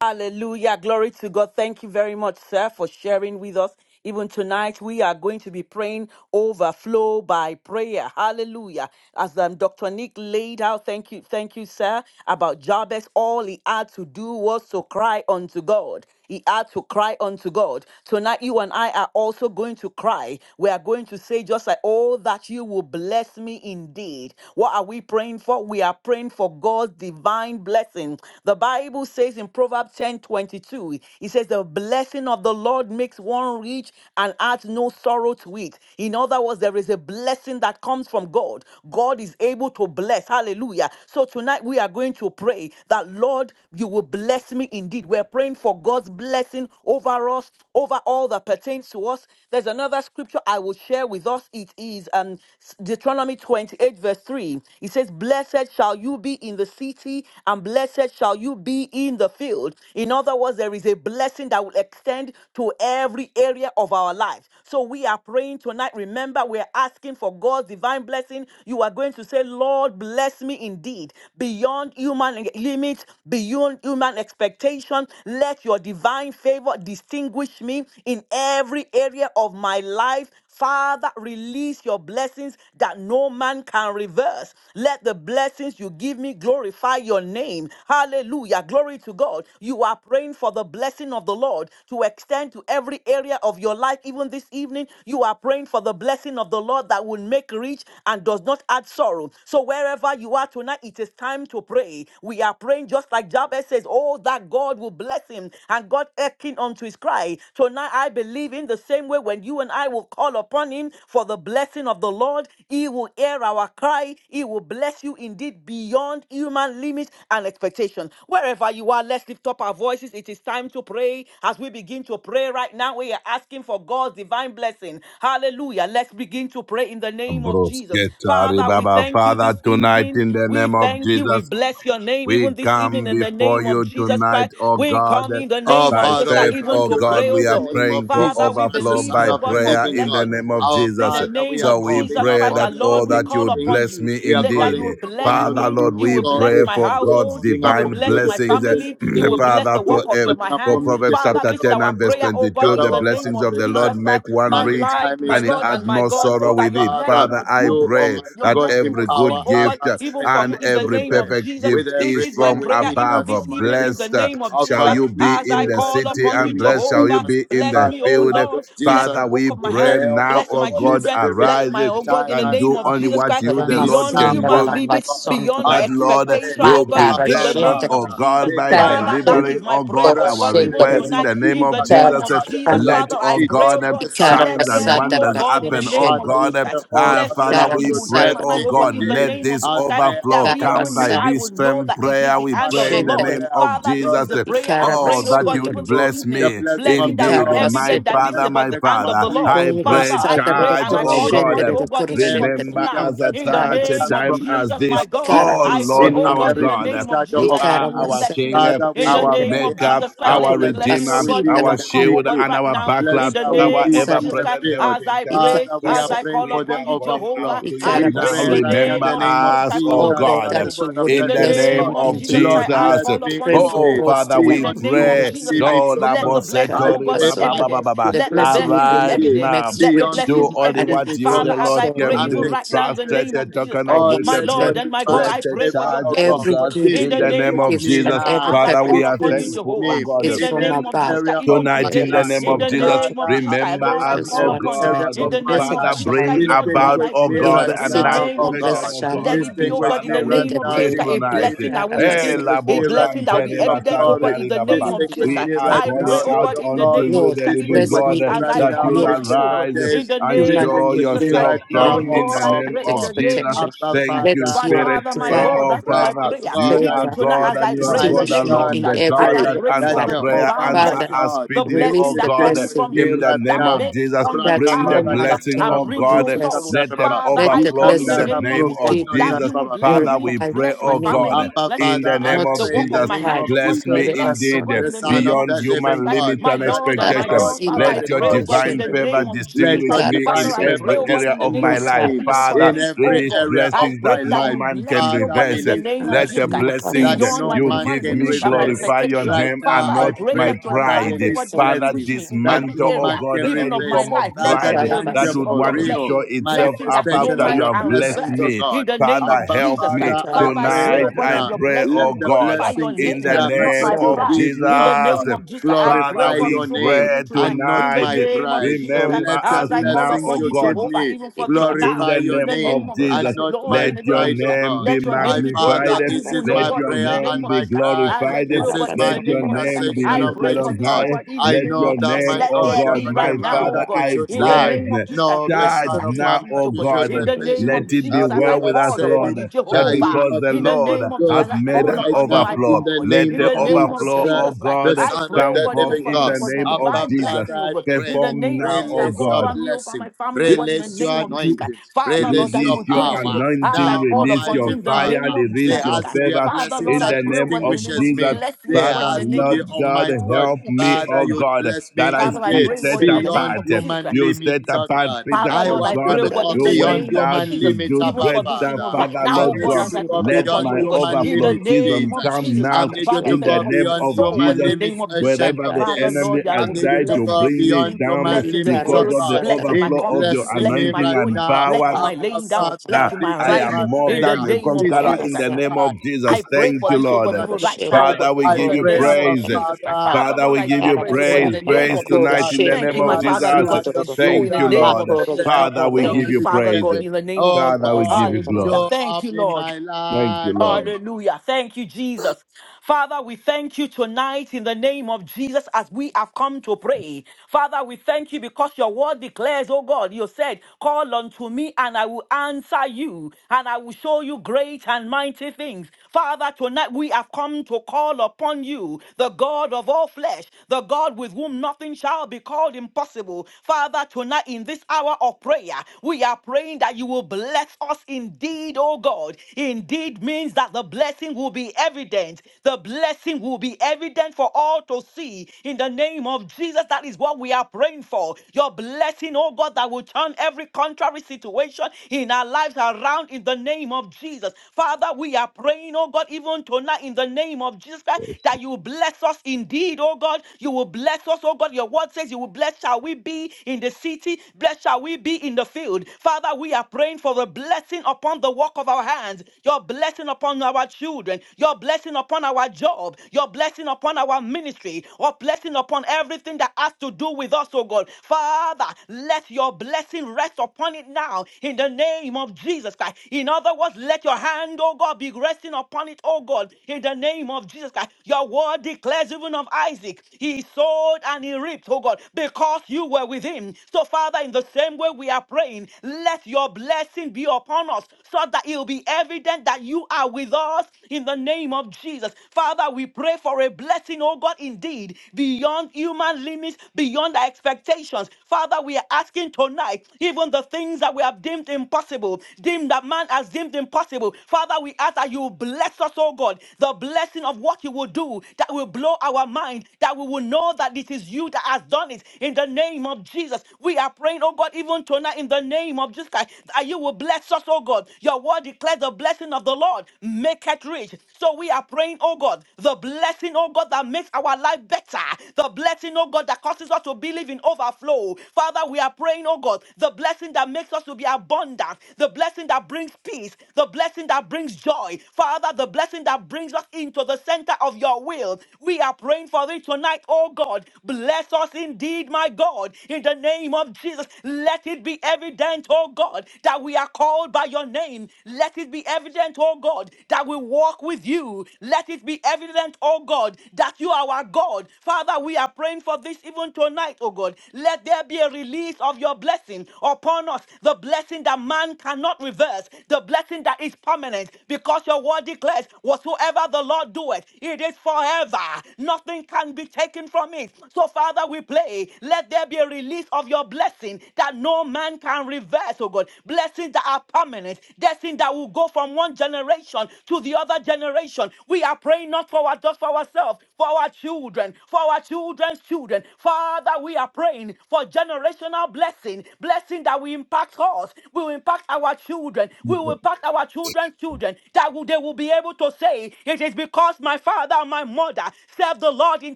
Speaker 5: Hallelujah. Glory to God. Thank you very much, sir, for sharing with us. Even tonight, we are going to be praying overflow by prayer. Hallelujah. As um, Dr. Nick laid out, thank you, thank you, sir, about Jabez. All he had to do was to cry unto God. He had to cry unto God. Tonight, you and I are also going to cry. We are going to say, just like, Oh, that you will bless me indeed. What are we praying for? We are praying for God's divine blessing. The Bible says in Proverbs ten twenty two, it says, The blessing of the Lord makes one rich and adds no sorrow to it. In other words, there is a blessing that comes from God. God is able to bless. Hallelujah. So tonight, we are going to pray that, Lord, you will bless me me indeed. We're praying for God's blessing over us, over all that pertains to us. There's another scripture I will share with us. It is um, Deuteronomy 28, verse 3. It says, Blessed shall you be in the city, and blessed shall you be in the field. In other words, there is a blessing that will extend to every area of our lives. So we are praying tonight. Remember, we're asking for God's divine blessing. You are going to say, Lord, bless me indeed beyond human limits limits beyond human expectation. Let your divine favor distinguish me in every area of my life. Father, release your blessings that no man can reverse. Let the blessings you give me glorify your name. Hallelujah. Glory to God. You are praying for the blessing of the Lord to extend to every area of your life. Even this evening, you are praying for the blessing of the Lord that will make rich and does not add sorrow. So, wherever you are tonight, it is time begin to pray, we are praying just like Jabez says, Oh, that God will bless him and God hearkened unto his cry. Tonight, I believe in the same way when you and I will call upon him for the blessing of the Lord, he will hear our cry. He will bless you indeed beyond human limits and expectation. Wherever you are, let's lift up our voices. It is time to pray. As we begin to pray right now, we are asking for God's divine blessing. Hallelujah. Let's begin to pray in the name of
Speaker 3: Bros,
Speaker 5: Jesus.
Speaker 3: get to
Speaker 5: Father, we
Speaker 3: Aribaba.
Speaker 5: thank you this
Speaker 3: Father,
Speaker 5: evening
Speaker 3: tonight
Speaker 5: evening.
Speaker 3: in the
Speaker 5: We
Speaker 3: name of
Speaker 5: thank you. We
Speaker 3: Jesus,
Speaker 5: bless your name
Speaker 3: We
Speaker 5: even this evening
Speaker 3: come
Speaker 5: in the
Speaker 3: before
Speaker 5: name of
Speaker 3: you
Speaker 5: Jesus
Speaker 3: tonight,
Speaker 5: Christ.
Speaker 3: O
Speaker 5: We
Speaker 3: God.
Speaker 5: come in the
Speaker 1: Oh,
Speaker 5: name
Speaker 3: By
Speaker 5: of Jesus
Speaker 1: Father,
Speaker 5: Christ
Speaker 1: we
Speaker 3: faith,
Speaker 5: even
Speaker 3: O
Speaker 1: thank
Speaker 5: to
Speaker 1: you right
Speaker 3: God,
Speaker 5: pray,
Speaker 1: now
Speaker 5: oh
Speaker 3: we
Speaker 1: in the
Speaker 3: are
Speaker 5: God.
Speaker 1: name
Speaker 3: praying
Speaker 1: of
Speaker 3: for
Speaker 5: Father,
Speaker 1: Jesus
Speaker 5: we
Speaker 1: Christ, the
Speaker 3: overflow
Speaker 5: believe you,
Speaker 1: Son
Speaker 3: by
Speaker 5: oh
Speaker 1: of
Speaker 5: God,
Speaker 1: the
Speaker 5: for
Speaker 3: prayer
Speaker 1: living
Speaker 3: in the
Speaker 1: God.
Speaker 5: blessing, oh
Speaker 3: name
Speaker 5: God.
Speaker 3: of
Speaker 1: Our
Speaker 5: In
Speaker 3: Jesus.
Speaker 5: the
Speaker 1: Father, we
Speaker 5: name
Speaker 1: are
Speaker 3: So
Speaker 5: of
Speaker 3: we
Speaker 1: calling
Speaker 5: Jesus
Speaker 3: pray
Speaker 5: Christ,
Speaker 1: upon
Speaker 3: that,
Speaker 5: the
Speaker 1: you, the
Speaker 5: Lord,
Speaker 3: all
Speaker 5: we
Speaker 1: King
Speaker 3: that
Speaker 1: of
Speaker 3: you
Speaker 5: call
Speaker 3: would
Speaker 1: Kings.
Speaker 5: upon
Speaker 3: bless
Speaker 5: you.
Speaker 3: me
Speaker 1: We are
Speaker 5: Let that
Speaker 3: indeed.
Speaker 5: you will
Speaker 1: calling upon
Speaker 5: bless
Speaker 1: you,
Speaker 3: Father,
Speaker 1: the
Speaker 5: me.
Speaker 1: King
Speaker 3: Lord,
Speaker 5: You
Speaker 1: of
Speaker 3: we
Speaker 5: will
Speaker 3: pray
Speaker 5: bless
Speaker 1: Glory.
Speaker 5: my
Speaker 3: for
Speaker 1: We are
Speaker 3: God's
Speaker 5: household.
Speaker 1: calling
Speaker 5: You will
Speaker 3: divine
Speaker 1: upon you,
Speaker 5: bless
Speaker 1: the
Speaker 5: my
Speaker 3: blessings.
Speaker 1: Ancient
Speaker 5: family.
Speaker 1: of
Speaker 5: You will
Speaker 1: Days.
Speaker 5: bless
Speaker 3: Father,
Speaker 5: the
Speaker 1: We
Speaker 5: work
Speaker 3: for
Speaker 1: are
Speaker 5: of
Speaker 3: every
Speaker 5: your
Speaker 1: calling
Speaker 5: my
Speaker 3: for
Speaker 1: upon
Speaker 5: hands.
Speaker 1: you, the
Speaker 3: Proverbs
Speaker 5: Father,
Speaker 3: chapter
Speaker 5: this
Speaker 1: Author
Speaker 5: is
Speaker 1: of
Speaker 3: 10
Speaker 5: our
Speaker 3: and verse
Speaker 1: God.
Speaker 5: prayer, oh God,
Speaker 3: 22,
Speaker 1: That
Speaker 5: in
Speaker 3: the
Speaker 5: the
Speaker 1: our
Speaker 5: name
Speaker 1: Father,
Speaker 3: blessings
Speaker 5: of
Speaker 3: of
Speaker 1: the
Speaker 3: the Lord
Speaker 5: Jesus
Speaker 1: time has
Speaker 3: make
Speaker 5: Christ,
Speaker 1: come
Speaker 3: one
Speaker 5: my
Speaker 1: and the
Speaker 3: rich
Speaker 5: life,
Speaker 1: time
Speaker 5: my
Speaker 3: and
Speaker 1: is
Speaker 3: it
Speaker 5: Lord
Speaker 1: now.
Speaker 3: had
Speaker 5: and my
Speaker 3: no
Speaker 5: God,
Speaker 1: That
Speaker 3: sorrow
Speaker 1: our
Speaker 5: that
Speaker 3: with
Speaker 5: your
Speaker 3: it.
Speaker 1: Father,
Speaker 5: blessing
Speaker 3: Father,
Speaker 5: will be
Speaker 3: I
Speaker 1: you,
Speaker 5: evident
Speaker 3: pray
Speaker 1: Almighty
Speaker 5: your
Speaker 3: that
Speaker 1: God,
Speaker 5: blessing
Speaker 3: every
Speaker 5: will speak,
Speaker 1: empower
Speaker 3: good
Speaker 5: oh
Speaker 1: us
Speaker 3: gift
Speaker 5: God,
Speaker 1: and
Speaker 5: even for
Speaker 1: strengthen
Speaker 5: me
Speaker 3: and
Speaker 5: in
Speaker 1: us
Speaker 5: the
Speaker 1: to
Speaker 3: every
Speaker 5: name
Speaker 1: pray
Speaker 5: of
Speaker 3: perfect
Speaker 5: Jesus.
Speaker 3: gift
Speaker 1: with
Speaker 5: This
Speaker 3: is
Speaker 5: is my
Speaker 1: everything
Speaker 3: from
Speaker 5: prayer,
Speaker 1: within
Speaker 5: even
Speaker 1: us,
Speaker 5: this
Speaker 3: above.
Speaker 5: evening,
Speaker 1: Almighty
Speaker 5: in the
Speaker 1: God.
Speaker 3: Blessed
Speaker 5: name of
Speaker 1: Our
Speaker 5: Jesus.
Speaker 3: shall
Speaker 1: Father,
Speaker 3: you
Speaker 5: Christ.
Speaker 1: we
Speaker 3: be
Speaker 5: As
Speaker 3: in
Speaker 5: I
Speaker 1: pray
Speaker 3: the
Speaker 1: right
Speaker 5: call
Speaker 1: now in
Speaker 3: city
Speaker 1: the
Speaker 5: upon you,
Speaker 3: and
Speaker 1: name of
Speaker 3: blessed shall you
Speaker 5: Jehovah,
Speaker 1: Jesus,
Speaker 3: be in
Speaker 5: bless
Speaker 3: the
Speaker 1: by
Speaker 5: me,
Speaker 1: the
Speaker 5: oh
Speaker 3: field.
Speaker 1: blood of
Speaker 5: Lord. Bless
Speaker 1: Jesus,
Speaker 5: the
Speaker 3: Father,
Speaker 5: work
Speaker 3: we
Speaker 5: of my
Speaker 1: with
Speaker 3: pray
Speaker 1: the
Speaker 5: hands.
Speaker 1: help
Speaker 3: now,
Speaker 1: of
Speaker 5: Bless
Speaker 1: the
Speaker 3: O
Speaker 5: my
Speaker 1: Holy
Speaker 3: God,
Speaker 5: children.
Speaker 1: Spirit.
Speaker 5: Bless
Speaker 3: arise
Speaker 5: my, oh God, in
Speaker 1: Time
Speaker 5: the
Speaker 3: and
Speaker 1: has
Speaker 5: name
Speaker 3: do
Speaker 5: of
Speaker 1: come
Speaker 3: only
Speaker 5: Jesus
Speaker 1: and the
Speaker 3: what
Speaker 5: Christ,
Speaker 3: you,
Speaker 6: Ikara
Speaker 1: time
Speaker 3: the
Speaker 1: is
Speaker 3: Lord,
Speaker 5: beyond
Speaker 1: now,
Speaker 3: can
Speaker 6: masandara,
Speaker 5: human
Speaker 3: do.
Speaker 1: Almighty
Speaker 5: limits,
Speaker 1: God.
Speaker 5: beyond my
Speaker 1: I
Speaker 3: That
Speaker 1: we
Speaker 3: Lord,
Speaker 5: expectation,
Speaker 1: pray.
Speaker 5: oh
Speaker 3: you
Speaker 5: God, in
Speaker 1: Abba,
Speaker 5: the
Speaker 3: preserve us,
Speaker 5: name of
Speaker 3: oh
Speaker 1: Father,
Speaker 5: Jesus.
Speaker 3: God,
Speaker 1: we
Speaker 3: by
Speaker 1: cry
Speaker 5: Father,
Speaker 1: unto
Speaker 5: that is
Speaker 3: delivering,
Speaker 1: you
Speaker 5: my
Speaker 3: oh God,
Speaker 5: prayer, oh
Speaker 1: right
Speaker 5: God,
Speaker 3: our
Speaker 1: now in
Speaker 5: even
Speaker 1: the
Speaker 3: requests
Speaker 1: name
Speaker 3: in
Speaker 1: of
Speaker 5: tonight,
Speaker 3: the name
Speaker 1: Jesus,
Speaker 5: in the
Speaker 3: of
Speaker 5: name
Speaker 3: Jesus.
Speaker 5: of
Speaker 1: by the
Speaker 5: Jesus.
Speaker 6: ikara
Speaker 3: Let,
Speaker 1: blood
Speaker 5: Father,
Speaker 1: of
Speaker 5: I
Speaker 3: oh
Speaker 5: pray,
Speaker 1: Jesus
Speaker 3: God,
Speaker 5: oh
Speaker 1: Christ, the
Speaker 5: God,
Speaker 1: Son of
Speaker 3: signs
Speaker 5: let
Speaker 1: the
Speaker 5: there
Speaker 3: and
Speaker 1: living
Speaker 5: be, oh
Speaker 1: God.
Speaker 3: wonders
Speaker 5: God, in
Speaker 6: masandara,
Speaker 5: the
Speaker 3: happen,
Speaker 1: Our
Speaker 3: oh
Speaker 5: name of
Speaker 1: Father, we
Speaker 5: Jesus.
Speaker 3: God.
Speaker 5: Christ
Speaker 1: pray all
Speaker 3: Ah,
Speaker 1: that
Speaker 5: blessing
Speaker 1: the
Speaker 3: Father,
Speaker 5: that
Speaker 6: ikara
Speaker 1: Lord
Speaker 5: it
Speaker 3: we
Speaker 1: would
Speaker 5: would blow
Speaker 3: pray,
Speaker 1: bless
Speaker 5: my
Speaker 3: oh
Speaker 5: mind
Speaker 1: me
Speaker 5: oh God,
Speaker 3: God,
Speaker 5: in the
Speaker 1: indeed.
Speaker 3: let
Speaker 5: name of
Speaker 3: this
Speaker 1: Our
Speaker 5: Jesus Christ,
Speaker 1: prayer
Speaker 3: overflow
Speaker 5: that
Speaker 1: for
Speaker 5: we
Speaker 1: God's
Speaker 3: come
Speaker 5: even me,
Speaker 3: by
Speaker 5: I
Speaker 1: divine
Speaker 3: this
Speaker 5: will know
Speaker 3: firm
Speaker 1: blessing.
Speaker 5: that it is
Speaker 3: prayer.
Speaker 1: Our
Speaker 5: the
Speaker 3: We
Speaker 5: hand
Speaker 1: Father,
Speaker 3: pray
Speaker 5: of the
Speaker 3: in
Speaker 1: we
Speaker 3: the
Speaker 5: Lord.
Speaker 3: name
Speaker 1: declare
Speaker 3: of
Speaker 5: Father, this
Speaker 3: Jesus.
Speaker 5: is a
Speaker 1: Proverbs
Speaker 5: prayer
Speaker 1: chapter
Speaker 5: I'm
Speaker 1: 10,
Speaker 3: Oh,
Speaker 5: praying, oh
Speaker 3: that
Speaker 5: God,
Speaker 3: you
Speaker 1: verse
Speaker 3: would
Speaker 5: even this
Speaker 1: 22
Speaker 3: bless
Speaker 5: evening.
Speaker 1: the
Speaker 3: me.
Speaker 1: blessing of
Speaker 5: Blessing
Speaker 1: the
Speaker 5: that will
Speaker 3: Indeed,
Speaker 5: be
Speaker 1: Lord
Speaker 3: my
Speaker 1: will
Speaker 5: evident that this
Speaker 1: make,
Speaker 3: Father,
Speaker 5: was
Speaker 3: my
Speaker 5: the
Speaker 1: make
Speaker 5: hand of
Speaker 1: one
Speaker 3: Father,
Speaker 5: the
Speaker 1: rich
Speaker 5: Lord.
Speaker 3: I
Speaker 1: and
Speaker 5: Father,
Speaker 3: pray,
Speaker 1: add
Speaker 5: I
Speaker 6: masandara,
Speaker 1: no
Speaker 5: pray
Speaker 3: charge,
Speaker 5: and I
Speaker 1: sorrow
Speaker 3: oh
Speaker 5: call
Speaker 1: with
Speaker 5: upon
Speaker 1: it.
Speaker 5: you,
Speaker 3: God.
Speaker 5: oh God, even for
Speaker 1: Every
Speaker 5: this
Speaker 3: Remember
Speaker 1: good and
Speaker 5: now.
Speaker 3: us at
Speaker 1: perfect
Speaker 5: In the
Speaker 1: gift
Speaker 3: such a
Speaker 5: name
Speaker 1: comes
Speaker 5: of
Speaker 3: time
Speaker 1: from the
Speaker 3: as
Speaker 5: Jesus, my
Speaker 1: Father
Speaker 3: this.
Speaker 1: of
Speaker 5: God,
Speaker 1: light,
Speaker 3: Oh
Speaker 5: I pray,
Speaker 3: Lord,
Speaker 1: in
Speaker 5: oh
Speaker 1: whom
Speaker 3: our
Speaker 5: God,
Speaker 1: there
Speaker 5: in
Speaker 1: is
Speaker 5: the
Speaker 1: no
Speaker 3: God,
Speaker 5: name of
Speaker 1: shadow
Speaker 5: Jesus
Speaker 3: you
Speaker 1: of
Speaker 5: Christ, that
Speaker 3: are
Speaker 5: you will
Speaker 1: turning.
Speaker 3: our
Speaker 5: bless
Speaker 3: King,
Speaker 5: me
Speaker 1: Father,
Speaker 5: blessing. In
Speaker 1: we
Speaker 5: the
Speaker 3: our
Speaker 5: name
Speaker 1: declare
Speaker 5: of
Speaker 3: Maker,
Speaker 5: Jesus Christ,
Speaker 1: that
Speaker 3: our
Speaker 5: let the
Speaker 1: blessed
Speaker 5: blessing, oh
Speaker 1: shall
Speaker 3: Redeemer,
Speaker 1: we
Speaker 5: God, oh
Speaker 1: be in
Speaker 3: our
Speaker 5: God,
Speaker 1: the
Speaker 5: come, oh
Speaker 3: Shield,
Speaker 5: God,
Speaker 1: city,
Speaker 3: and
Speaker 5: right
Speaker 3: our
Speaker 1: and
Speaker 5: now.
Speaker 3: Buckler,
Speaker 5: In
Speaker 1: blessed
Speaker 5: the
Speaker 1: shall we
Speaker 3: our
Speaker 5: name
Speaker 1: be
Speaker 5: of
Speaker 3: ever
Speaker 1: in
Speaker 5: Jesus
Speaker 1: the
Speaker 6: Orabasata,
Speaker 5: Christ,
Speaker 3: present help
Speaker 1: field.
Speaker 5: as I
Speaker 3: in times of
Speaker 5: pray,
Speaker 1: Father, we
Speaker 5: as
Speaker 1: are
Speaker 6: Ikarabasa,
Speaker 3: trouble.
Speaker 5: I
Speaker 1: praying
Speaker 5: call
Speaker 3: We
Speaker 1: for the
Speaker 5: upon
Speaker 3: are
Speaker 5: you,
Speaker 3: calling out
Speaker 5: Jehovah,
Speaker 1: overflow.
Speaker 3: to you
Speaker 5: I
Speaker 1: We
Speaker 5: pray
Speaker 3: now.
Speaker 5: in
Speaker 1: pray
Speaker 5: the
Speaker 1: right
Speaker 6: Ikarabasidara.
Speaker 1: now in
Speaker 5: name
Speaker 3: Remember
Speaker 1: the
Speaker 5: of
Speaker 1: name of
Speaker 5: Jesus
Speaker 3: us,
Speaker 5: Christ for
Speaker 3: oh
Speaker 5: the
Speaker 6: Oh
Speaker 1: Jesus
Speaker 6: Lord,
Speaker 1: Christ,
Speaker 5: blessing,
Speaker 3: God.
Speaker 1: the
Speaker 5: oh
Speaker 6: that you
Speaker 5: God.
Speaker 1: Son of
Speaker 6: would
Speaker 5: In
Speaker 1: the
Speaker 3: In
Speaker 5: the
Speaker 3: the
Speaker 1: living
Speaker 6: bless
Speaker 3: name
Speaker 1: God.
Speaker 5: name
Speaker 6: me
Speaker 5: of
Speaker 3: of
Speaker 5: Jesus
Speaker 6: indeed.
Speaker 1: Lord,
Speaker 5: Christ,
Speaker 6: And
Speaker 5: I
Speaker 1: bless
Speaker 3: Jesus.
Speaker 5: call
Speaker 1: me
Speaker 5: upon
Speaker 6: pray
Speaker 5: you,
Speaker 6: for
Speaker 3: Oh,
Speaker 1: indeed,
Speaker 5: Jehovah.
Speaker 6: God's
Speaker 3: Father,
Speaker 5: In
Speaker 3: we
Speaker 5: the
Speaker 1: beyond
Speaker 6: divine
Speaker 5: name of
Speaker 1: human
Speaker 3: pray.
Speaker 5: Jesus
Speaker 6: blessing.
Speaker 5: Christ,
Speaker 1: limits,
Speaker 3: Oh,
Speaker 1: oh God.
Speaker 5: let the blessing,
Speaker 1: I
Speaker 5: oh
Speaker 3: Labosetori,
Speaker 5: God,
Speaker 1: pray,
Speaker 3: ba,
Speaker 5: be
Speaker 3: ba,
Speaker 6: Ikarabasota.
Speaker 3: ba,
Speaker 1: Father,
Speaker 3: ba,
Speaker 5: evident.
Speaker 1: that
Speaker 3: ba, ba.
Speaker 1: you
Speaker 6: The
Speaker 5: Let the
Speaker 1: bless
Speaker 6: blessing of
Speaker 1: me
Speaker 5: blessing
Speaker 6: the
Speaker 5: be
Speaker 3: Arise
Speaker 6: Lord
Speaker 1: indeed
Speaker 5: evident.
Speaker 3: now.
Speaker 6: makes
Speaker 5: Let the
Speaker 1: beyond
Speaker 6: rich
Speaker 5: blessing
Speaker 3: Do
Speaker 5: be be
Speaker 3: only
Speaker 1: human
Speaker 6: and
Speaker 5: evident.
Speaker 6: it
Speaker 3: what
Speaker 1: limits,
Speaker 3: you,
Speaker 6: has
Speaker 1: oh
Speaker 5: Father,
Speaker 3: the
Speaker 6: no
Speaker 5: as
Speaker 1: God,
Speaker 3: Lord,
Speaker 5: I
Speaker 6: sorrow
Speaker 5: pray,
Speaker 3: can
Speaker 1: and
Speaker 5: even
Speaker 6: in
Speaker 3: do.
Speaker 6: it.
Speaker 5: right now, in the
Speaker 3: Frustrate
Speaker 5: name
Speaker 3: the
Speaker 5: of
Speaker 1: expectations.
Speaker 5: Jesus
Speaker 3: token of
Speaker 5: Christ,
Speaker 1: Oh,
Speaker 5: my
Speaker 6: Proverbs
Speaker 1: let
Speaker 3: wickedness.
Speaker 1: your
Speaker 5: Lord
Speaker 6: ten
Speaker 5: and my God,
Speaker 3: Let
Speaker 1: divine
Speaker 6: twenty
Speaker 5: I
Speaker 3: the
Speaker 6: two.
Speaker 5: pray for
Speaker 1: favor,
Speaker 5: your
Speaker 3: charge,
Speaker 1: oh
Speaker 3: oh
Speaker 5: blessing,
Speaker 1: God,
Speaker 5: oh
Speaker 6: Every
Speaker 3: God,
Speaker 5: God,
Speaker 6: good
Speaker 5: in
Speaker 3: in
Speaker 5: the
Speaker 3: the name
Speaker 5: name
Speaker 1: distinguish
Speaker 5: of
Speaker 3: of
Speaker 6: gift
Speaker 1: me
Speaker 5: Jesus
Speaker 6: and
Speaker 3: Jesus.
Speaker 5: Christ,
Speaker 6: every
Speaker 1: now,
Speaker 5: as I
Speaker 3: Father,
Speaker 6: perfect
Speaker 3: we
Speaker 5: call
Speaker 3: are
Speaker 5: upon you,
Speaker 6: gift
Speaker 1: distinguish
Speaker 3: thankful, oh
Speaker 5: Jehovah,
Speaker 1: me
Speaker 3: God.
Speaker 6: is
Speaker 5: in
Speaker 1: in
Speaker 5: the
Speaker 6: from
Speaker 5: name
Speaker 1: every
Speaker 5: of Jesus
Speaker 6: above.
Speaker 5: Christ,
Speaker 1: area of
Speaker 5: even
Speaker 1: my
Speaker 3: Tonight, in the
Speaker 5: today,
Speaker 1: life.
Speaker 3: name
Speaker 5: in
Speaker 3: of
Speaker 5: the
Speaker 3: Jesus,
Speaker 5: name
Speaker 6: Irabasundara.
Speaker 5: of
Speaker 1: Father,
Speaker 5: Jesus
Speaker 1: I
Speaker 5: Christ,
Speaker 3: remember
Speaker 1: pray
Speaker 5: Lord, I
Speaker 3: us,
Speaker 1: in
Speaker 6: Verse
Speaker 5: call
Speaker 3: oh
Speaker 6: 1
Speaker 1: every
Speaker 5: upon you,
Speaker 1: area
Speaker 5: in
Speaker 3: God.
Speaker 1: of
Speaker 5: the
Speaker 6: 17.
Speaker 1: my
Speaker 5: name
Speaker 6: Blessed
Speaker 5: of
Speaker 1: life.
Speaker 3: Father,
Speaker 5: Jesus
Speaker 6: shall
Speaker 3: bring
Speaker 5: Christ,
Speaker 6: you
Speaker 5: Lord
Speaker 6: be
Speaker 5: God,
Speaker 3: about,
Speaker 1: Distinguish
Speaker 5: I
Speaker 3: oh
Speaker 1: me
Speaker 6: in
Speaker 5: pray,
Speaker 3: God,
Speaker 1: right
Speaker 6: the
Speaker 5: in
Speaker 3: an
Speaker 5: the
Speaker 1: now,
Speaker 6: city,
Speaker 5: name
Speaker 1: oh
Speaker 5: of
Speaker 6: and
Speaker 5: Jesus
Speaker 3: activation,
Speaker 6: blessed
Speaker 1: God.
Speaker 5: Christ,
Speaker 3: oh
Speaker 6: shall
Speaker 3: God.
Speaker 5: let
Speaker 6: you
Speaker 5: it be,
Speaker 6: be
Speaker 5: oh
Speaker 1: Distinguish
Speaker 5: God, in
Speaker 1: me
Speaker 3: Father,
Speaker 5: the
Speaker 3: we
Speaker 6: in
Speaker 1: right
Speaker 5: name
Speaker 6: the
Speaker 5: of
Speaker 1: now,
Speaker 3: pray
Speaker 5: Jesus
Speaker 6: field.
Speaker 1: King
Speaker 5: Christ, a
Speaker 1: of
Speaker 3: tonight.
Speaker 1: Kings.
Speaker 5: blessing I will
Speaker 3: Eh,
Speaker 5: speak
Speaker 6: Yarabasente.
Speaker 1: Distinguish
Speaker 5: a
Speaker 1: me
Speaker 3: labo
Speaker 1: right
Speaker 5: blessing that will
Speaker 1: now,
Speaker 3: shante
Speaker 5: be
Speaker 1: King
Speaker 3: reba
Speaker 1: of
Speaker 5: evident, oh God,
Speaker 1: Glory.
Speaker 3: santa
Speaker 5: in the
Speaker 3: riba baba.
Speaker 5: name of Jesus
Speaker 1: Distinguish
Speaker 3: We
Speaker 5: Christ.
Speaker 1: me
Speaker 3: are
Speaker 1: right
Speaker 5: I
Speaker 3: calling
Speaker 5: pray,
Speaker 1: now,
Speaker 5: oh
Speaker 1: Lord
Speaker 3: out
Speaker 5: God,
Speaker 1: of
Speaker 5: in the
Speaker 3: unto
Speaker 1: Lords.
Speaker 5: name of
Speaker 3: you,
Speaker 5: Jesus
Speaker 6: Lord,
Speaker 3: the
Speaker 5: Christ, even
Speaker 3: living
Speaker 5: for
Speaker 6: bless
Speaker 1: Distinguish
Speaker 5: this,
Speaker 6: me
Speaker 1: me
Speaker 3: God,
Speaker 5: as
Speaker 1: right
Speaker 5: I
Speaker 6: indeed
Speaker 3: that
Speaker 1: now,
Speaker 5: call
Speaker 3: you'll
Speaker 5: unto
Speaker 6: beyond
Speaker 5: you,
Speaker 1: Ancient
Speaker 5: oh
Speaker 1: of
Speaker 5: God,
Speaker 3: arise
Speaker 5: in
Speaker 1: Days.
Speaker 5: the
Speaker 3: and
Speaker 5: name
Speaker 6: human
Speaker 5: of
Speaker 3: show
Speaker 1: Distinguish
Speaker 5: Jesus
Speaker 1: me
Speaker 6: lim-
Speaker 5: Christ,
Speaker 3: yourself
Speaker 1: right
Speaker 3: strong
Speaker 1: now,
Speaker 5: Lord
Speaker 1: O
Speaker 3: in
Speaker 5: God,
Speaker 3: the
Speaker 6: limits
Speaker 5: I
Speaker 6: and
Speaker 3: name
Speaker 1: powerful
Speaker 5: pray in
Speaker 3: of
Speaker 1: God.
Speaker 5: the name
Speaker 3: Jesus.
Speaker 5: of
Speaker 6: expectation.
Speaker 1: Abba,
Speaker 5: Jesus Christ.
Speaker 3: Thank you,
Speaker 6: Let
Speaker 1: Father,
Speaker 5: My
Speaker 1: I
Speaker 6: your
Speaker 3: Spirit
Speaker 5: Father, my
Speaker 1: pray.
Speaker 6: divine
Speaker 5: God,
Speaker 3: Oh,
Speaker 5: that is my
Speaker 3: Father,
Speaker 1: Righteous
Speaker 5: prayer.
Speaker 3: you
Speaker 1: God, I
Speaker 3: are
Speaker 5: Even
Speaker 6: favor
Speaker 5: tonight,
Speaker 1: pray.
Speaker 3: God
Speaker 5: as
Speaker 3: and
Speaker 5: I
Speaker 3: you are
Speaker 5: pray in the
Speaker 3: God
Speaker 1: Mighty
Speaker 6: distinguish
Speaker 5: name of
Speaker 6: me
Speaker 1: God,
Speaker 3: alone,
Speaker 6: in
Speaker 5: Jesus,
Speaker 3: the
Speaker 1: I
Speaker 5: I
Speaker 6: every
Speaker 3: God
Speaker 1: pray.
Speaker 5: am
Speaker 3: that
Speaker 6: area of
Speaker 5: praying
Speaker 1: That
Speaker 5: for
Speaker 3: answer
Speaker 6: life.
Speaker 5: the
Speaker 3: prayer.
Speaker 1: Jehovah,
Speaker 5: divine
Speaker 3: Answer
Speaker 1: my
Speaker 6: Father,
Speaker 3: us
Speaker 5: blessing,
Speaker 1: God,
Speaker 5: the
Speaker 3: speedily,
Speaker 1: you
Speaker 5: blessing
Speaker 6: release
Speaker 3: oh
Speaker 6: the
Speaker 5: that
Speaker 3: God,
Speaker 5: comes
Speaker 1: distinguish
Speaker 5: from
Speaker 6: blessing
Speaker 1: me
Speaker 3: in the
Speaker 5: you,
Speaker 1: right
Speaker 5: that
Speaker 3: name of
Speaker 1: now.
Speaker 5: makes
Speaker 3: Jesus.
Speaker 5: one rich,
Speaker 6: that
Speaker 3: Bring the
Speaker 1: Rakabara,
Speaker 6: no man
Speaker 5: hallelujah,
Speaker 3: blessing,
Speaker 5: and
Speaker 1: Rakabarakatara
Speaker 3: oh
Speaker 6: can
Speaker 5: brings
Speaker 3: God.
Speaker 5: no
Speaker 6: reverse
Speaker 5: sorrow.
Speaker 3: Let
Speaker 1: brokosikatara
Speaker 3: them
Speaker 1: baba.
Speaker 5: Father,
Speaker 6: Let
Speaker 5: I
Speaker 6: the
Speaker 3: overflow
Speaker 5: pray in
Speaker 3: in
Speaker 5: the
Speaker 3: the
Speaker 6: blessing
Speaker 1: Ikandara
Speaker 5: name of
Speaker 3: name
Speaker 6: you
Speaker 5: Jesus
Speaker 3: of
Speaker 6: give
Speaker 5: that
Speaker 6: me
Speaker 1: brokosatara
Speaker 3: Jesus.
Speaker 5: you will
Speaker 1: baba. Mm.
Speaker 5: bless
Speaker 3: Father,
Speaker 5: me,
Speaker 3: we
Speaker 6: glorify
Speaker 3: pray,
Speaker 5: bless
Speaker 6: the
Speaker 5: my
Speaker 3: oh
Speaker 6: name,
Speaker 3: God,
Speaker 5: family,
Speaker 1: Abba,
Speaker 5: bless my
Speaker 3: in the
Speaker 1: Father, I
Speaker 5: children,
Speaker 3: name
Speaker 6: not
Speaker 5: the
Speaker 3: of
Speaker 1: pray
Speaker 5: work
Speaker 1: in
Speaker 5: of
Speaker 1: the
Speaker 3: Jesus.
Speaker 5: my
Speaker 1: name
Speaker 6: pride.
Speaker 5: hands, oh
Speaker 1: of
Speaker 5: God,
Speaker 3: Bless
Speaker 1: Jesus
Speaker 3: me
Speaker 1: Christ,
Speaker 5: Blessing, oh
Speaker 3: indeed eh,
Speaker 5: God, in
Speaker 1: the
Speaker 6: Iterabasundara,
Speaker 5: the
Speaker 6: mm,
Speaker 1: Son
Speaker 5: name
Speaker 1: of
Speaker 5: of
Speaker 3: beyond
Speaker 1: the
Speaker 5: Jesus
Speaker 1: living
Speaker 3: human
Speaker 5: Christ,
Speaker 1: God,
Speaker 3: limit
Speaker 5: my
Speaker 3: and
Speaker 1: that
Speaker 5: Lord and
Speaker 1: my
Speaker 5: my
Speaker 3: expectation.
Speaker 1: God,
Speaker 5: God,
Speaker 1: you
Speaker 5: Father,
Speaker 1: are
Speaker 3: Let
Speaker 5: I
Speaker 6: itarabasindara,
Speaker 1: the
Speaker 3: your
Speaker 5: pray, oh
Speaker 1: God who
Speaker 5: God, in
Speaker 1: is
Speaker 3: divine
Speaker 5: the
Speaker 6: koroshendere,
Speaker 3: favor
Speaker 5: name
Speaker 1: faithful.
Speaker 5: of Jesus
Speaker 1: Let
Speaker 3: distinguish
Speaker 5: Christ,
Speaker 1: your
Speaker 3: me in
Speaker 5: Father,
Speaker 1: divine
Speaker 5: I pray,
Speaker 3: every
Speaker 6: itarabasundara,
Speaker 1: favor
Speaker 5: oh God,
Speaker 3: area
Speaker 5: in the
Speaker 3: of
Speaker 5: name
Speaker 3: my
Speaker 5: of
Speaker 1: distinguish
Speaker 5: Jesus
Speaker 3: life.
Speaker 5: Christ,
Speaker 1: me
Speaker 5: even
Speaker 6: itarabasa-
Speaker 5: for
Speaker 3: Father,
Speaker 1: in
Speaker 5: this, oh
Speaker 1: every
Speaker 3: release
Speaker 5: God,
Speaker 1: area of
Speaker 5: I
Speaker 3: blessings
Speaker 1: my
Speaker 3: that
Speaker 5: pray that
Speaker 3: no
Speaker 1: life.
Speaker 5: you
Speaker 3: man
Speaker 5: bless
Speaker 3: can
Speaker 5: me, oh
Speaker 1: Father,
Speaker 5: God, in
Speaker 3: reverse. eh.
Speaker 5: the
Speaker 1: release
Speaker 5: name of
Speaker 3: Let
Speaker 6: oh,
Speaker 5: Jesus
Speaker 3: the
Speaker 5: Christ,
Speaker 6: mm,
Speaker 1: blessings
Speaker 3: blessings
Speaker 1: that
Speaker 3: eh,
Speaker 5: beyond
Speaker 1: no
Speaker 5: my
Speaker 3: you
Speaker 6: itarabasundara,
Speaker 1: man
Speaker 3: give
Speaker 5: human
Speaker 1: can
Speaker 3: me
Speaker 5: limits and my
Speaker 6: koroshendere,
Speaker 1: reverse.
Speaker 3: glorify your
Speaker 5: expectation.
Speaker 6: mm,
Speaker 1: Right
Speaker 3: name and
Speaker 5: Father,
Speaker 1: now,
Speaker 5: I
Speaker 3: not
Speaker 1: I
Speaker 5: pray,
Speaker 1: pray,
Speaker 3: my
Speaker 5: let your
Speaker 1: Father,
Speaker 3: pride.
Speaker 5: divine favor
Speaker 1: release
Speaker 6: korosandere,
Speaker 3: Father,
Speaker 1: blessings
Speaker 5: distinguish me in
Speaker 1: that
Speaker 6: mm,
Speaker 5: every
Speaker 3: dismantle,
Speaker 1: no
Speaker 3: oh
Speaker 5: area,
Speaker 1: man can
Speaker 3: God,
Speaker 5: even
Speaker 3: any
Speaker 5: of my
Speaker 1: reverse.
Speaker 3: form of
Speaker 5: life. Let there
Speaker 1: Father,
Speaker 3: pride
Speaker 5: be a
Speaker 3: that
Speaker 5: release
Speaker 3: would
Speaker 5: of
Speaker 1: tangible,
Speaker 5: your
Speaker 3: want
Speaker 6: itarabasundara,
Speaker 3: to
Speaker 1: real
Speaker 3: show
Speaker 5: blessing,
Speaker 3: itself
Speaker 5: blessing
Speaker 3: up
Speaker 5: that no
Speaker 1: manifestation
Speaker 3: after
Speaker 1: of
Speaker 5: man
Speaker 3: you
Speaker 1: your
Speaker 3: have
Speaker 5: can
Speaker 3: blessed
Speaker 1: blessings,
Speaker 5: reverse.
Speaker 6: itarabasandara,
Speaker 1: oh
Speaker 3: me.
Speaker 1: God.
Speaker 5: In the name of
Speaker 3: Father,
Speaker 1: Abba,
Speaker 3: help
Speaker 5: Jesus
Speaker 3: me
Speaker 5: Christ,
Speaker 1: Father, I
Speaker 5: Father, I
Speaker 1: pray
Speaker 5: pray,
Speaker 3: tonight.
Speaker 5: oh
Speaker 1: right
Speaker 5: God,
Speaker 6: itarabasundara,
Speaker 3: I
Speaker 5: that
Speaker 1: now.
Speaker 5: your
Speaker 3: pray,
Speaker 5: blessing
Speaker 1: Let
Speaker 3: oh
Speaker 5: will
Speaker 1: the
Speaker 5: glorify
Speaker 3: God,
Speaker 5: glorify your
Speaker 6: itarabasandara,
Speaker 1: blessings,
Speaker 3: in the
Speaker 5: name,
Speaker 1: yeah,
Speaker 6: korosandere,
Speaker 1: my
Speaker 5: not
Speaker 3: name
Speaker 1: God,
Speaker 5: my
Speaker 3: of
Speaker 1: you
Speaker 6: itarabasundara,
Speaker 5: pride.
Speaker 1: give me,
Speaker 5: In
Speaker 1: oh
Speaker 5: the
Speaker 1: God,
Speaker 5: name
Speaker 3: Jesus.
Speaker 5: of Jesus Christ, I pray
Speaker 3: Father,
Speaker 1: glorify
Speaker 5: for
Speaker 1: your
Speaker 3: we
Speaker 5: this, oh God,
Speaker 1: name
Speaker 3: pray
Speaker 5: even tonight.
Speaker 1: and not
Speaker 5: In the
Speaker 3: tonight.
Speaker 1: my
Speaker 5: name of
Speaker 1: pride.
Speaker 5: Jesus Christ,
Speaker 3: Remember
Speaker 1: Let the
Speaker 3: us
Speaker 5: as I call
Speaker 3: now,
Speaker 1: blessings
Speaker 3: oh
Speaker 5: upon you,
Speaker 1: you
Speaker 3: God,
Speaker 1: give
Speaker 5: Jehovah,
Speaker 1: me
Speaker 5: even for this
Speaker 3: in
Speaker 5: now.
Speaker 1: glorify
Speaker 3: the
Speaker 1: your
Speaker 5: In
Speaker 3: name
Speaker 5: the
Speaker 3: of
Speaker 1: name
Speaker 5: name of Jesus
Speaker 1: and
Speaker 3: Jesus,
Speaker 5: Christ,
Speaker 1: not
Speaker 6: koroshendere.
Speaker 5: Lord,
Speaker 1: my
Speaker 3: let
Speaker 5: in the name
Speaker 3: your
Speaker 5: of
Speaker 1: pride,
Speaker 5: Jesus
Speaker 1: oh
Speaker 5: Christ,
Speaker 3: name
Speaker 1: God.
Speaker 3: be
Speaker 5: let your
Speaker 6: para
Speaker 1: My
Speaker 5: name be
Speaker 3: magnified.
Speaker 1: Father,
Speaker 5: glorified,
Speaker 6: siempre me
Speaker 1: this
Speaker 6: da
Speaker 5: even,
Speaker 1: is
Speaker 5: oh
Speaker 3: Let
Speaker 6: correr
Speaker 1: my
Speaker 5: God,
Speaker 3: your
Speaker 5: in the
Speaker 1: prayer
Speaker 6: broken
Speaker 5: name
Speaker 3: name
Speaker 1: and
Speaker 5: of
Speaker 3: be
Speaker 1: my
Speaker 5: Jesus Christ.
Speaker 1: cry.
Speaker 5: As
Speaker 6: y
Speaker 5: I
Speaker 3: glorified.
Speaker 5: pray, oh
Speaker 1: This
Speaker 6: para
Speaker 5: God,
Speaker 1: is
Speaker 5: in
Speaker 3: Let
Speaker 1: my
Speaker 5: the
Speaker 6: pasar
Speaker 3: your
Speaker 5: name of
Speaker 6: para
Speaker 5: Jesus
Speaker 3: name
Speaker 5: Christ,
Speaker 6: pasar el
Speaker 3: be
Speaker 1: intercession,
Speaker 5: I
Speaker 6: show
Speaker 5: pray
Speaker 3: lifted
Speaker 6: por el
Speaker 5: for
Speaker 1: Almighty
Speaker 3: on
Speaker 5: this, oh
Speaker 1: God.
Speaker 3: high.
Speaker 5: God, in the
Speaker 1: I
Speaker 3: Let
Speaker 5: name
Speaker 1: know
Speaker 5: of
Speaker 3: your
Speaker 6: para
Speaker 5: Jesus
Speaker 1: that,
Speaker 5: Christ.
Speaker 3: name,
Speaker 1: my
Speaker 6: pasar
Speaker 5: Let
Speaker 6: por
Speaker 3: oh
Speaker 6: el
Speaker 1: God,
Speaker 5: there
Speaker 1: you're
Speaker 3: God,
Speaker 5: be
Speaker 1: not
Speaker 3: my
Speaker 1: a
Speaker 5: right
Speaker 1: man
Speaker 5: now, oh
Speaker 3: Father,
Speaker 1: that
Speaker 5: God,
Speaker 1: you
Speaker 3: I
Speaker 1: should
Speaker 5: in the
Speaker 1: lie,
Speaker 5: name
Speaker 3: pray.
Speaker 5: of Jesus Christ,
Speaker 1: nor the
Speaker 5: blessing
Speaker 3: Charge
Speaker 1: Son
Speaker 5: that
Speaker 1: of
Speaker 6: entonces
Speaker 3: now,
Speaker 5: makes
Speaker 1: Man
Speaker 5: me
Speaker 1: that
Speaker 3: oh
Speaker 5: to
Speaker 1: you
Speaker 5: God.
Speaker 6: para
Speaker 1: should
Speaker 3: God.
Speaker 5: In
Speaker 6: subir
Speaker 5: the
Speaker 6: el
Speaker 5: name
Speaker 1: repent.
Speaker 3: Let
Speaker 5: of
Speaker 6: show
Speaker 3: it be
Speaker 5: Jesus,
Speaker 1: Have
Speaker 5: as
Speaker 1: you
Speaker 3: well
Speaker 5: I
Speaker 3: with
Speaker 1: not
Speaker 3: us,
Speaker 5: call
Speaker 1: said
Speaker 3: Lord,
Speaker 5: upon
Speaker 1: it?
Speaker 5: you,
Speaker 3: that
Speaker 1: Shall you
Speaker 5: Jehovah,
Speaker 3: because
Speaker 1: not
Speaker 3: the
Speaker 5: in the
Speaker 1: make it
Speaker 3: Lord
Speaker 5: name of Jesus,
Speaker 3: has
Speaker 1: good
Speaker 5: I
Speaker 3: made
Speaker 5: call
Speaker 3: an
Speaker 1: right
Speaker 5: upon you,
Speaker 1: now
Speaker 5: my
Speaker 3: overflow,
Speaker 1: in the
Speaker 5: God.
Speaker 3: let
Speaker 1: name
Speaker 5: In
Speaker 3: the
Speaker 1: of
Speaker 5: the
Speaker 6: para
Speaker 5: name
Speaker 1: Jesus
Speaker 5: of
Speaker 3: overflow,
Speaker 6: pasar
Speaker 1: Christ,
Speaker 3: oh
Speaker 6: para
Speaker 5: Jesus, I,
Speaker 1: the
Speaker 3: God,
Speaker 5: I
Speaker 1: Son
Speaker 5: pray,
Speaker 1: of
Speaker 5: oh
Speaker 3: come
Speaker 1: the
Speaker 5: God,
Speaker 3: forth
Speaker 5: even
Speaker 1: living
Speaker 5: for
Speaker 6: tenga
Speaker 3: in
Speaker 5: this,
Speaker 1: God?
Speaker 3: the
Speaker 5: for the
Speaker 3: name
Speaker 6: pasar
Speaker 3: of
Speaker 1: Abba,
Speaker 5: divine
Speaker 3: Jesus.
Speaker 1: Father,
Speaker 5: blessing, oh
Speaker 1: I
Speaker 5: God.
Speaker 1: pray,
Speaker 5: In the
Speaker 3: Perform
Speaker 5: name of
Speaker 3: now,
Speaker 5: Jesus,
Speaker 3: oh
Speaker 5: I've
Speaker 1: release your
Speaker 3: God
Speaker 5: brought me over
Speaker 1: blessing,
Speaker 5: my family, oh God,
Speaker 6: para
Speaker 5: in the
Speaker 1: release your
Speaker 5: name
Speaker 6: pasar
Speaker 5: of Jesus, God.
Speaker 1: anointing,
Speaker 5: Father, Lord,
Speaker 1: release
Speaker 5: that you
Speaker 1: your
Speaker 3: Release
Speaker 5: will
Speaker 3: your
Speaker 5: do
Speaker 6: para
Speaker 5: this, oh God.
Speaker 1: power.
Speaker 5: As
Speaker 3: anointing,
Speaker 5: I
Speaker 1: Now,
Speaker 5: call
Speaker 3: release
Speaker 5: upon
Speaker 3: your
Speaker 5: you,
Speaker 1: Almighty
Speaker 5: in the
Speaker 3: fire,
Speaker 5: name
Speaker 1: Father,
Speaker 5: of
Speaker 3: release
Speaker 1: there
Speaker 6: estar
Speaker 5: Jesus,
Speaker 3: your
Speaker 1: has
Speaker 5: God.
Speaker 1: to be a
Speaker 3: favor
Speaker 6: haciendo
Speaker 5: Father,
Speaker 6: el
Speaker 1: blessing
Speaker 5: Lord,
Speaker 3: in
Speaker 5: I
Speaker 6: show
Speaker 3: the
Speaker 1: that
Speaker 5: pray, oh
Speaker 3: name
Speaker 5: God, in
Speaker 3: of
Speaker 5: the name of
Speaker 1: distinguishes
Speaker 5: Jesus.
Speaker 1: me.
Speaker 3: Jesus.
Speaker 5: Bless me, oh
Speaker 1: There
Speaker 5: God,
Speaker 3: Father,
Speaker 5: in the
Speaker 1: has to
Speaker 5: name
Speaker 3: Lord
Speaker 1: be,
Speaker 5: of Jesus. God.
Speaker 3: God,
Speaker 1: Almighty
Speaker 5: Oh,
Speaker 1: God,
Speaker 3: help me,
Speaker 1: Father,
Speaker 6: siempre
Speaker 3: oh
Speaker 1: you'd
Speaker 3: God,
Speaker 1: bless me
Speaker 3: that
Speaker 6: y
Speaker 3: I
Speaker 5: Father, I
Speaker 6: para
Speaker 3: be
Speaker 1: indeed
Speaker 5: pray, oh
Speaker 3: set
Speaker 5: God,
Speaker 6: pasar
Speaker 5: in the
Speaker 6: para
Speaker 5: name
Speaker 1: beyond
Speaker 5: of
Speaker 3: apart.
Speaker 5: Jesus. God.
Speaker 1: human
Speaker 3: You set
Speaker 1: limits, oh
Speaker 3: apart
Speaker 1: God.
Speaker 3: Peter,
Speaker 5: Father,
Speaker 1: I
Speaker 3: oh
Speaker 5: Lord, I
Speaker 1: want you
Speaker 5: pray,
Speaker 3: God,
Speaker 5: oh
Speaker 1: to
Speaker 5: God,
Speaker 1: go
Speaker 6: para
Speaker 5: in the
Speaker 3: who went
Speaker 1: beyond
Speaker 6: siempre
Speaker 5: name of
Speaker 3: out
Speaker 1: human
Speaker 3: to
Speaker 5: Jesus,
Speaker 1: limits,
Speaker 3: do
Speaker 5: even
Speaker 1: Abba
Speaker 3: great
Speaker 5: for this,
Speaker 3: stuff.
Speaker 5: even
Speaker 1: Father.
Speaker 6: y
Speaker 5: right
Speaker 3: Father,
Speaker 5: now,
Speaker 1: I
Speaker 6: para
Speaker 3: Lord
Speaker 5: oh
Speaker 1: need
Speaker 5: God,
Speaker 1: you
Speaker 3: God,
Speaker 5: as
Speaker 1: to
Speaker 5: I
Speaker 6: pasar
Speaker 1: go
Speaker 5: call
Speaker 3: let
Speaker 6: para
Speaker 5: upon
Speaker 1: beyond
Speaker 3: my
Speaker 5: you,
Speaker 6: por
Speaker 5: oh
Speaker 6: el
Speaker 5: God,
Speaker 6: show
Speaker 1: human
Speaker 5: in
Speaker 3: overflow
Speaker 5: the
Speaker 1: limits,
Speaker 5: name
Speaker 3: season
Speaker 5: of
Speaker 1: Jesus.
Speaker 3: come
Speaker 6: y
Speaker 5: Jesus, God.
Speaker 1: I
Speaker 3: now
Speaker 6: para
Speaker 1: need you
Speaker 5: Father, I
Speaker 1: to
Speaker 3: in the
Speaker 5: thank
Speaker 1: go
Speaker 6: siempre
Speaker 5: God
Speaker 3: name
Speaker 1: beyond
Speaker 5: so,
Speaker 3: of
Speaker 5: oh God,
Speaker 1: human
Speaker 5: in
Speaker 3: Jesus.
Speaker 5: the name
Speaker 1: limits,
Speaker 5: of Jesus, God.
Speaker 1: Ancient
Speaker 3: Wherever
Speaker 1: of
Speaker 3: the
Speaker 6: para
Speaker 5: Father,
Speaker 1: Days.
Speaker 6: pasar
Speaker 3: enemy
Speaker 5: Lord, I
Speaker 3: has
Speaker 1: I
Speaker 5: will
Speaker 6: para
Speaker 5: be
Speaker 1: need you
Speaker 3: tried
Speaker 1: to
Speaker 3: to
Speaker 5: blessing the
Speaker 1: go
Speaker 3: bring
Speaker 1: beyond
Speaker 3: me
Speaker 5: season,
Speaker 3: down
Speaker 1: human
Speaker 6: y
Speaker 5: blessing the
Speaker 1: limits,
Speaker 6: para
Speaker 1: oh
Speaker 3: because
Speaker 5: field,
Speaker 3: of the
Speaker 1: God,
Speaker 6: pasar
Speaker 5: blessing
Speaker 6: para
Speaker 5: my
Speaker 3: overflow
Speaker 1: in
Speaker 3: of
Speaker 5: coming,
Speaker 3: your
Speaker 1: blessing
Speaker 5: blessing
Speaker 1: me
Speaker 5: my
Speaker 3: anointing
Speaker 1: right
Speaker 3: and
Speaker 5: going,
Speaker 1: now.
Speaker 3: power,
Speaker 5: blessing my
Speaker 6: para
Speaker 1: Abba
Speaker 5: laying down,
Speaker 6: pasar
Speaker 3: now
Speaker 1: Father,
Speaker 5: blessing
Speaker 1: this
Speaker 5: my
Speaker 3: I
Speaker 1: is
Speaker 3: am
Speaker 1: my
Speaker 5: rising,
Speaker 3: more
Speaker 5: in the
Speaker 3: than
Speaker 1: prayer.
Speaker 3: a
Speaker 5: name of
Speaker 1: This
Speaker 3: conqueror
Speaker 1: is
Speaker 5: Jesus,
Speaker 3: in
Speaker 5: God.
Speaker 1: my
Speaker 3: the name of
Speaker 1: cry.
Speaker 6: Arabasanda,
Speaker 1: This
Speaker 3: Jesus.
Speaker 5: I
Speaker 1: is
Speaker 5: pray
Speaker 3: Thank
Speaker 5: for
Speaker 3: you,
Speaker 1: my
Speaker 5: this, oh
Speaker 3: Lord.
Speaker 5: God, even right
Speaker 6: Oroshindra,
Speaker 1: intercession.
Speaker 5: now, oh God,
Speaker 3: Father,
Speaker 6: the
Speaker 3: we
Speaker 1: I
Speaker 5: in
Speaker 3: give
Speaker 5: the
Speaker 3: you
Speaker 1: pray,
Speaker 5: name of
Speaker 1: Abba
Speaker 3: praise.
Speaker 6: Korabasanda,
Speaker 5: Jesus Christ.
Speaker 1: Father,
Speaker 5: Father,
Speaker 3: Father,
Speaker 5: Lord,
Speaker 3: we
Speaker 5: I
Speaker 3: give
Speaker 5: give you
Speaker 1: right
Speaker 3: you
Speaker 1: now in
Speaker 5: praise, oh
Speaker 1: the
Speaker 5: God,
Speaker 3: praise.
Speaker 5: in
Speaker 6: Arabasanda,
Speaker 5: the
Speaker 1: name of
Speaker 5: name
Speaker 6: the
Speaker 3: Praise
Speaker 5: of
Speaker 1: Jesus,
Speaker 5: Jesus
Speaker 3: tonight in
Speaker 5: Christ.
Speaker 3: the
Speaker 5: Thank
Speaker 3: name
Speaker 5: you,
Speaker 6: Koroshindra,
Speaker 5: my
Speaker 6: the
Speaker 3: of
Speaker 1: by the
Speaker 5: Father,
Speaker 3: Jesus.
Speaker 5: because
Speaker 1: blood
Speaker 5: it
Speaker 1: of
Speaker 5: is
Speaker 6: Masundra,
Speaker 5: so
Speaker 3: Thank
Speaker 5: in the
Speaker 3: you,
Speaker 1: Jesus
Speaker 5: name
Speaker 3: Lord.
Speaker 5: of
Speaker 1: with the
Speaker 5: Jesus Christ.
Speaker 1: help
Speaker 3: Father,
Speaker 1: of
Speaker 3: we
Speaker 1: the
Speaker 5: Thank
Speaker 3: give
Speaker 6: Makorabasanda,
Speaker 5: you,
Speaker 3: you
Speaker 1: Holy
Speaker 5: Father
Speaker 3: praise.
Speaker 5: God,
Speaker 1: Spirit.
Speaker 5: in the name of
Speaker 1: Oh
Speaker 5: Jesus.
Speaker 3: Father, we
Speaker 1: God,
Speaker 3: give you
Speaker 5: Hallelujah.
Speaker 6: Arabasanda,
Speaker 3: glory.
Speaker 1: show
Speaker 5: Thank
Speaker 1: up
Speaker 5: you,
Speaker 1: in
Speaker 5: Lord.
Speaker 1: my
Speaker 3: Thank you,
Speaker 1: life, oh
Speaker 3: Lord.
Speaker 1: God.
Speaker 5: Hallelujah. Thank you, Jesus. Father, we thank you tonight in the name of Jesus as we have come to pray. Father, we thank you because your word declares, oh God, you said, call unto me and I will answer you and I will show you great and mighty things. Father, tonight we have come to call upon you, the God of all flesh, the God with whom nothing shall be called impossible. Father, tonight in this hour of prayer, we are praying that you will bless us indeed, oh God, indeed means that the blessing will be evident. The blessing will be evident for all to see in the name of Jesus. That is what we are praying for. Your blessing, oh God, that will turn every contrary situation in our lives around in the name of Jesus. Father, we are praying, oh God, even tonight in the name of Jesus Christ, that you bless us indeed, oh God. You will bless us, oh God. Your word says you will bless shall we be in the city, blessed shall we be in the field. Father, we are praying for praying for a blessing upon the work of our hands, your blessing upon our children, your blessing upon our job, your blessing upon our ministry, or blessing upon everything that has to do with us, oh God. Father, let your blessing rest upon it now in the name of Jesus Christ. In other words, let your hand, oh God, be resting upon it, oh God, in the name of Jesus Christ. Your word declares even of Isaac, he sowed and he reaped, oh God, because you were with him. So, Father, in the same way we are praying praying, let your blessing be upon us so that it will be evident that you are with us in the name of Jesus. Father, we pray for a blessing, oh God, indeed, beyond human limits, beyond our expectations. Father, we are asking tonight, even the things that we have deemed impossible, deemed that man has deemed impossible. Father, we ask that you bless us, oh God, the blessing of what you will do that will blow our mind, that we will know that it is you that has done it in the name of Jesus. We we are praying, oh God, even tonight in the name of Jesus Christ, that you will bless us, oh God. Your word declares the blessing of the Lord, make it rich. So we are praying, oh God, the blessing, oh God, that makes our life better. The blessing, oh God, that causes us to believe in overflow. Father, we are praying, oh God, the blessing that makes us to be abundant, the blessing that brings peace, the blessing that brings joy. Father, the blessing that brings us into the center of your will. We are praying for it tonight, oh God. Bless us indeed need, my God, in the name of Jesus. Let it be evident, oh God, that we are called by your name. Let it be evident, oh God, that we walk with you. Let it be evident, oh God, that you are our God. Father, we are praying for this even tonight, oh God. Let there be a release of your blessing upon us, the blessing that man cannot reverse, the blessing that is permanent, because your word declares, whatsoever the Lord doeth, it is forever. Nothing can be taken from it garment. So, Father, we pray, let there be a release of your blessing that no man can reverse, oh God. Blessings that are permanent, blessings that will go from one generation to the other generation. We are praying not for our, just for ourselves, for our children, for our children's children. Father, we are praying for generational blessing, blessing that will impact us, will impact our children, will impact our children's children, that will, they will be able to say, It is because my father and my mother served served the Lord in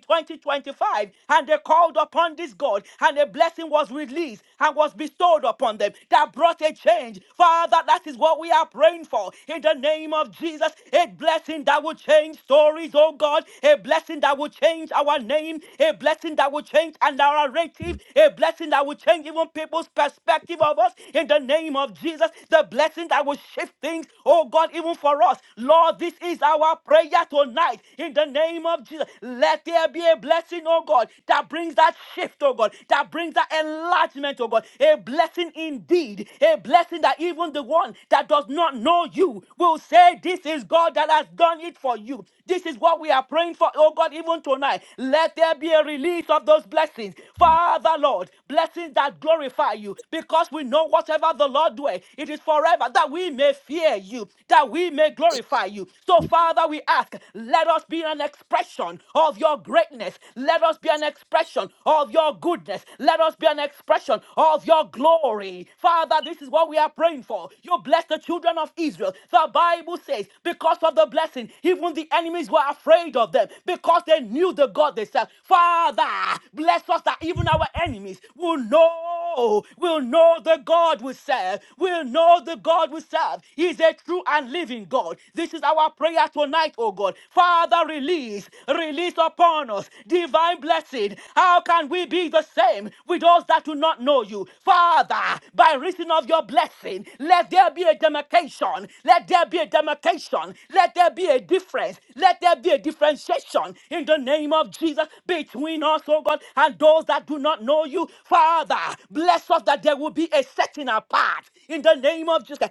Speaker 5: 2025 and they called upon this God and a blessing was released and was bestowed upon them that brought a change. Father, that is what we are praying for in the name of Jesus. A blessing that will change stories, oh God. A blessing that will change our name. A blessing that will change our narrative. A blessing that will change even people's perspective of us in the name of Jesus. The blessing that will shift things, oh God, even for us. Lord, this is our prayer tonight life in the name of Jesus. Let there be a blessing, oh God, that brings that shift, oh God, that brings that enlargement, oh God. A blessing indeed, a blessing that even the one that does not know you will say, This is God that has done it for you. This is what we are praying for, oh God, even tonight. Let there be a release of those blessings. Father, Lord, blessings that glorify you because we know whatever the Lord doeth, it is forever that we may fear you, that we may glorify you. So so, Father, we ask, let us be an expression of your greatness. Let us be an expression of your goodness. Let us be an expression of your glory. Father, this is what we are praying for. You bless the children of Israel. The Bible says, because of the blessing, even the enemies were afraid of them because they knew the God they served. Father, bless us that even our enemies will know, will know the God we serve, will know the God we serve. is a true and and living God. This is our prayer tonight, oh God. Father, release, release upon us divine blessing. How can we be the same with those that do not know you? Father, by reason of your blessing, let there be a demarcation. Let there be a demarcation. Let there be a difference. Let there be a differentiation in the name of Jesus between us, oh God, and those that do not know you. Father, bless us that there will be a setting apart in the name of Jesus.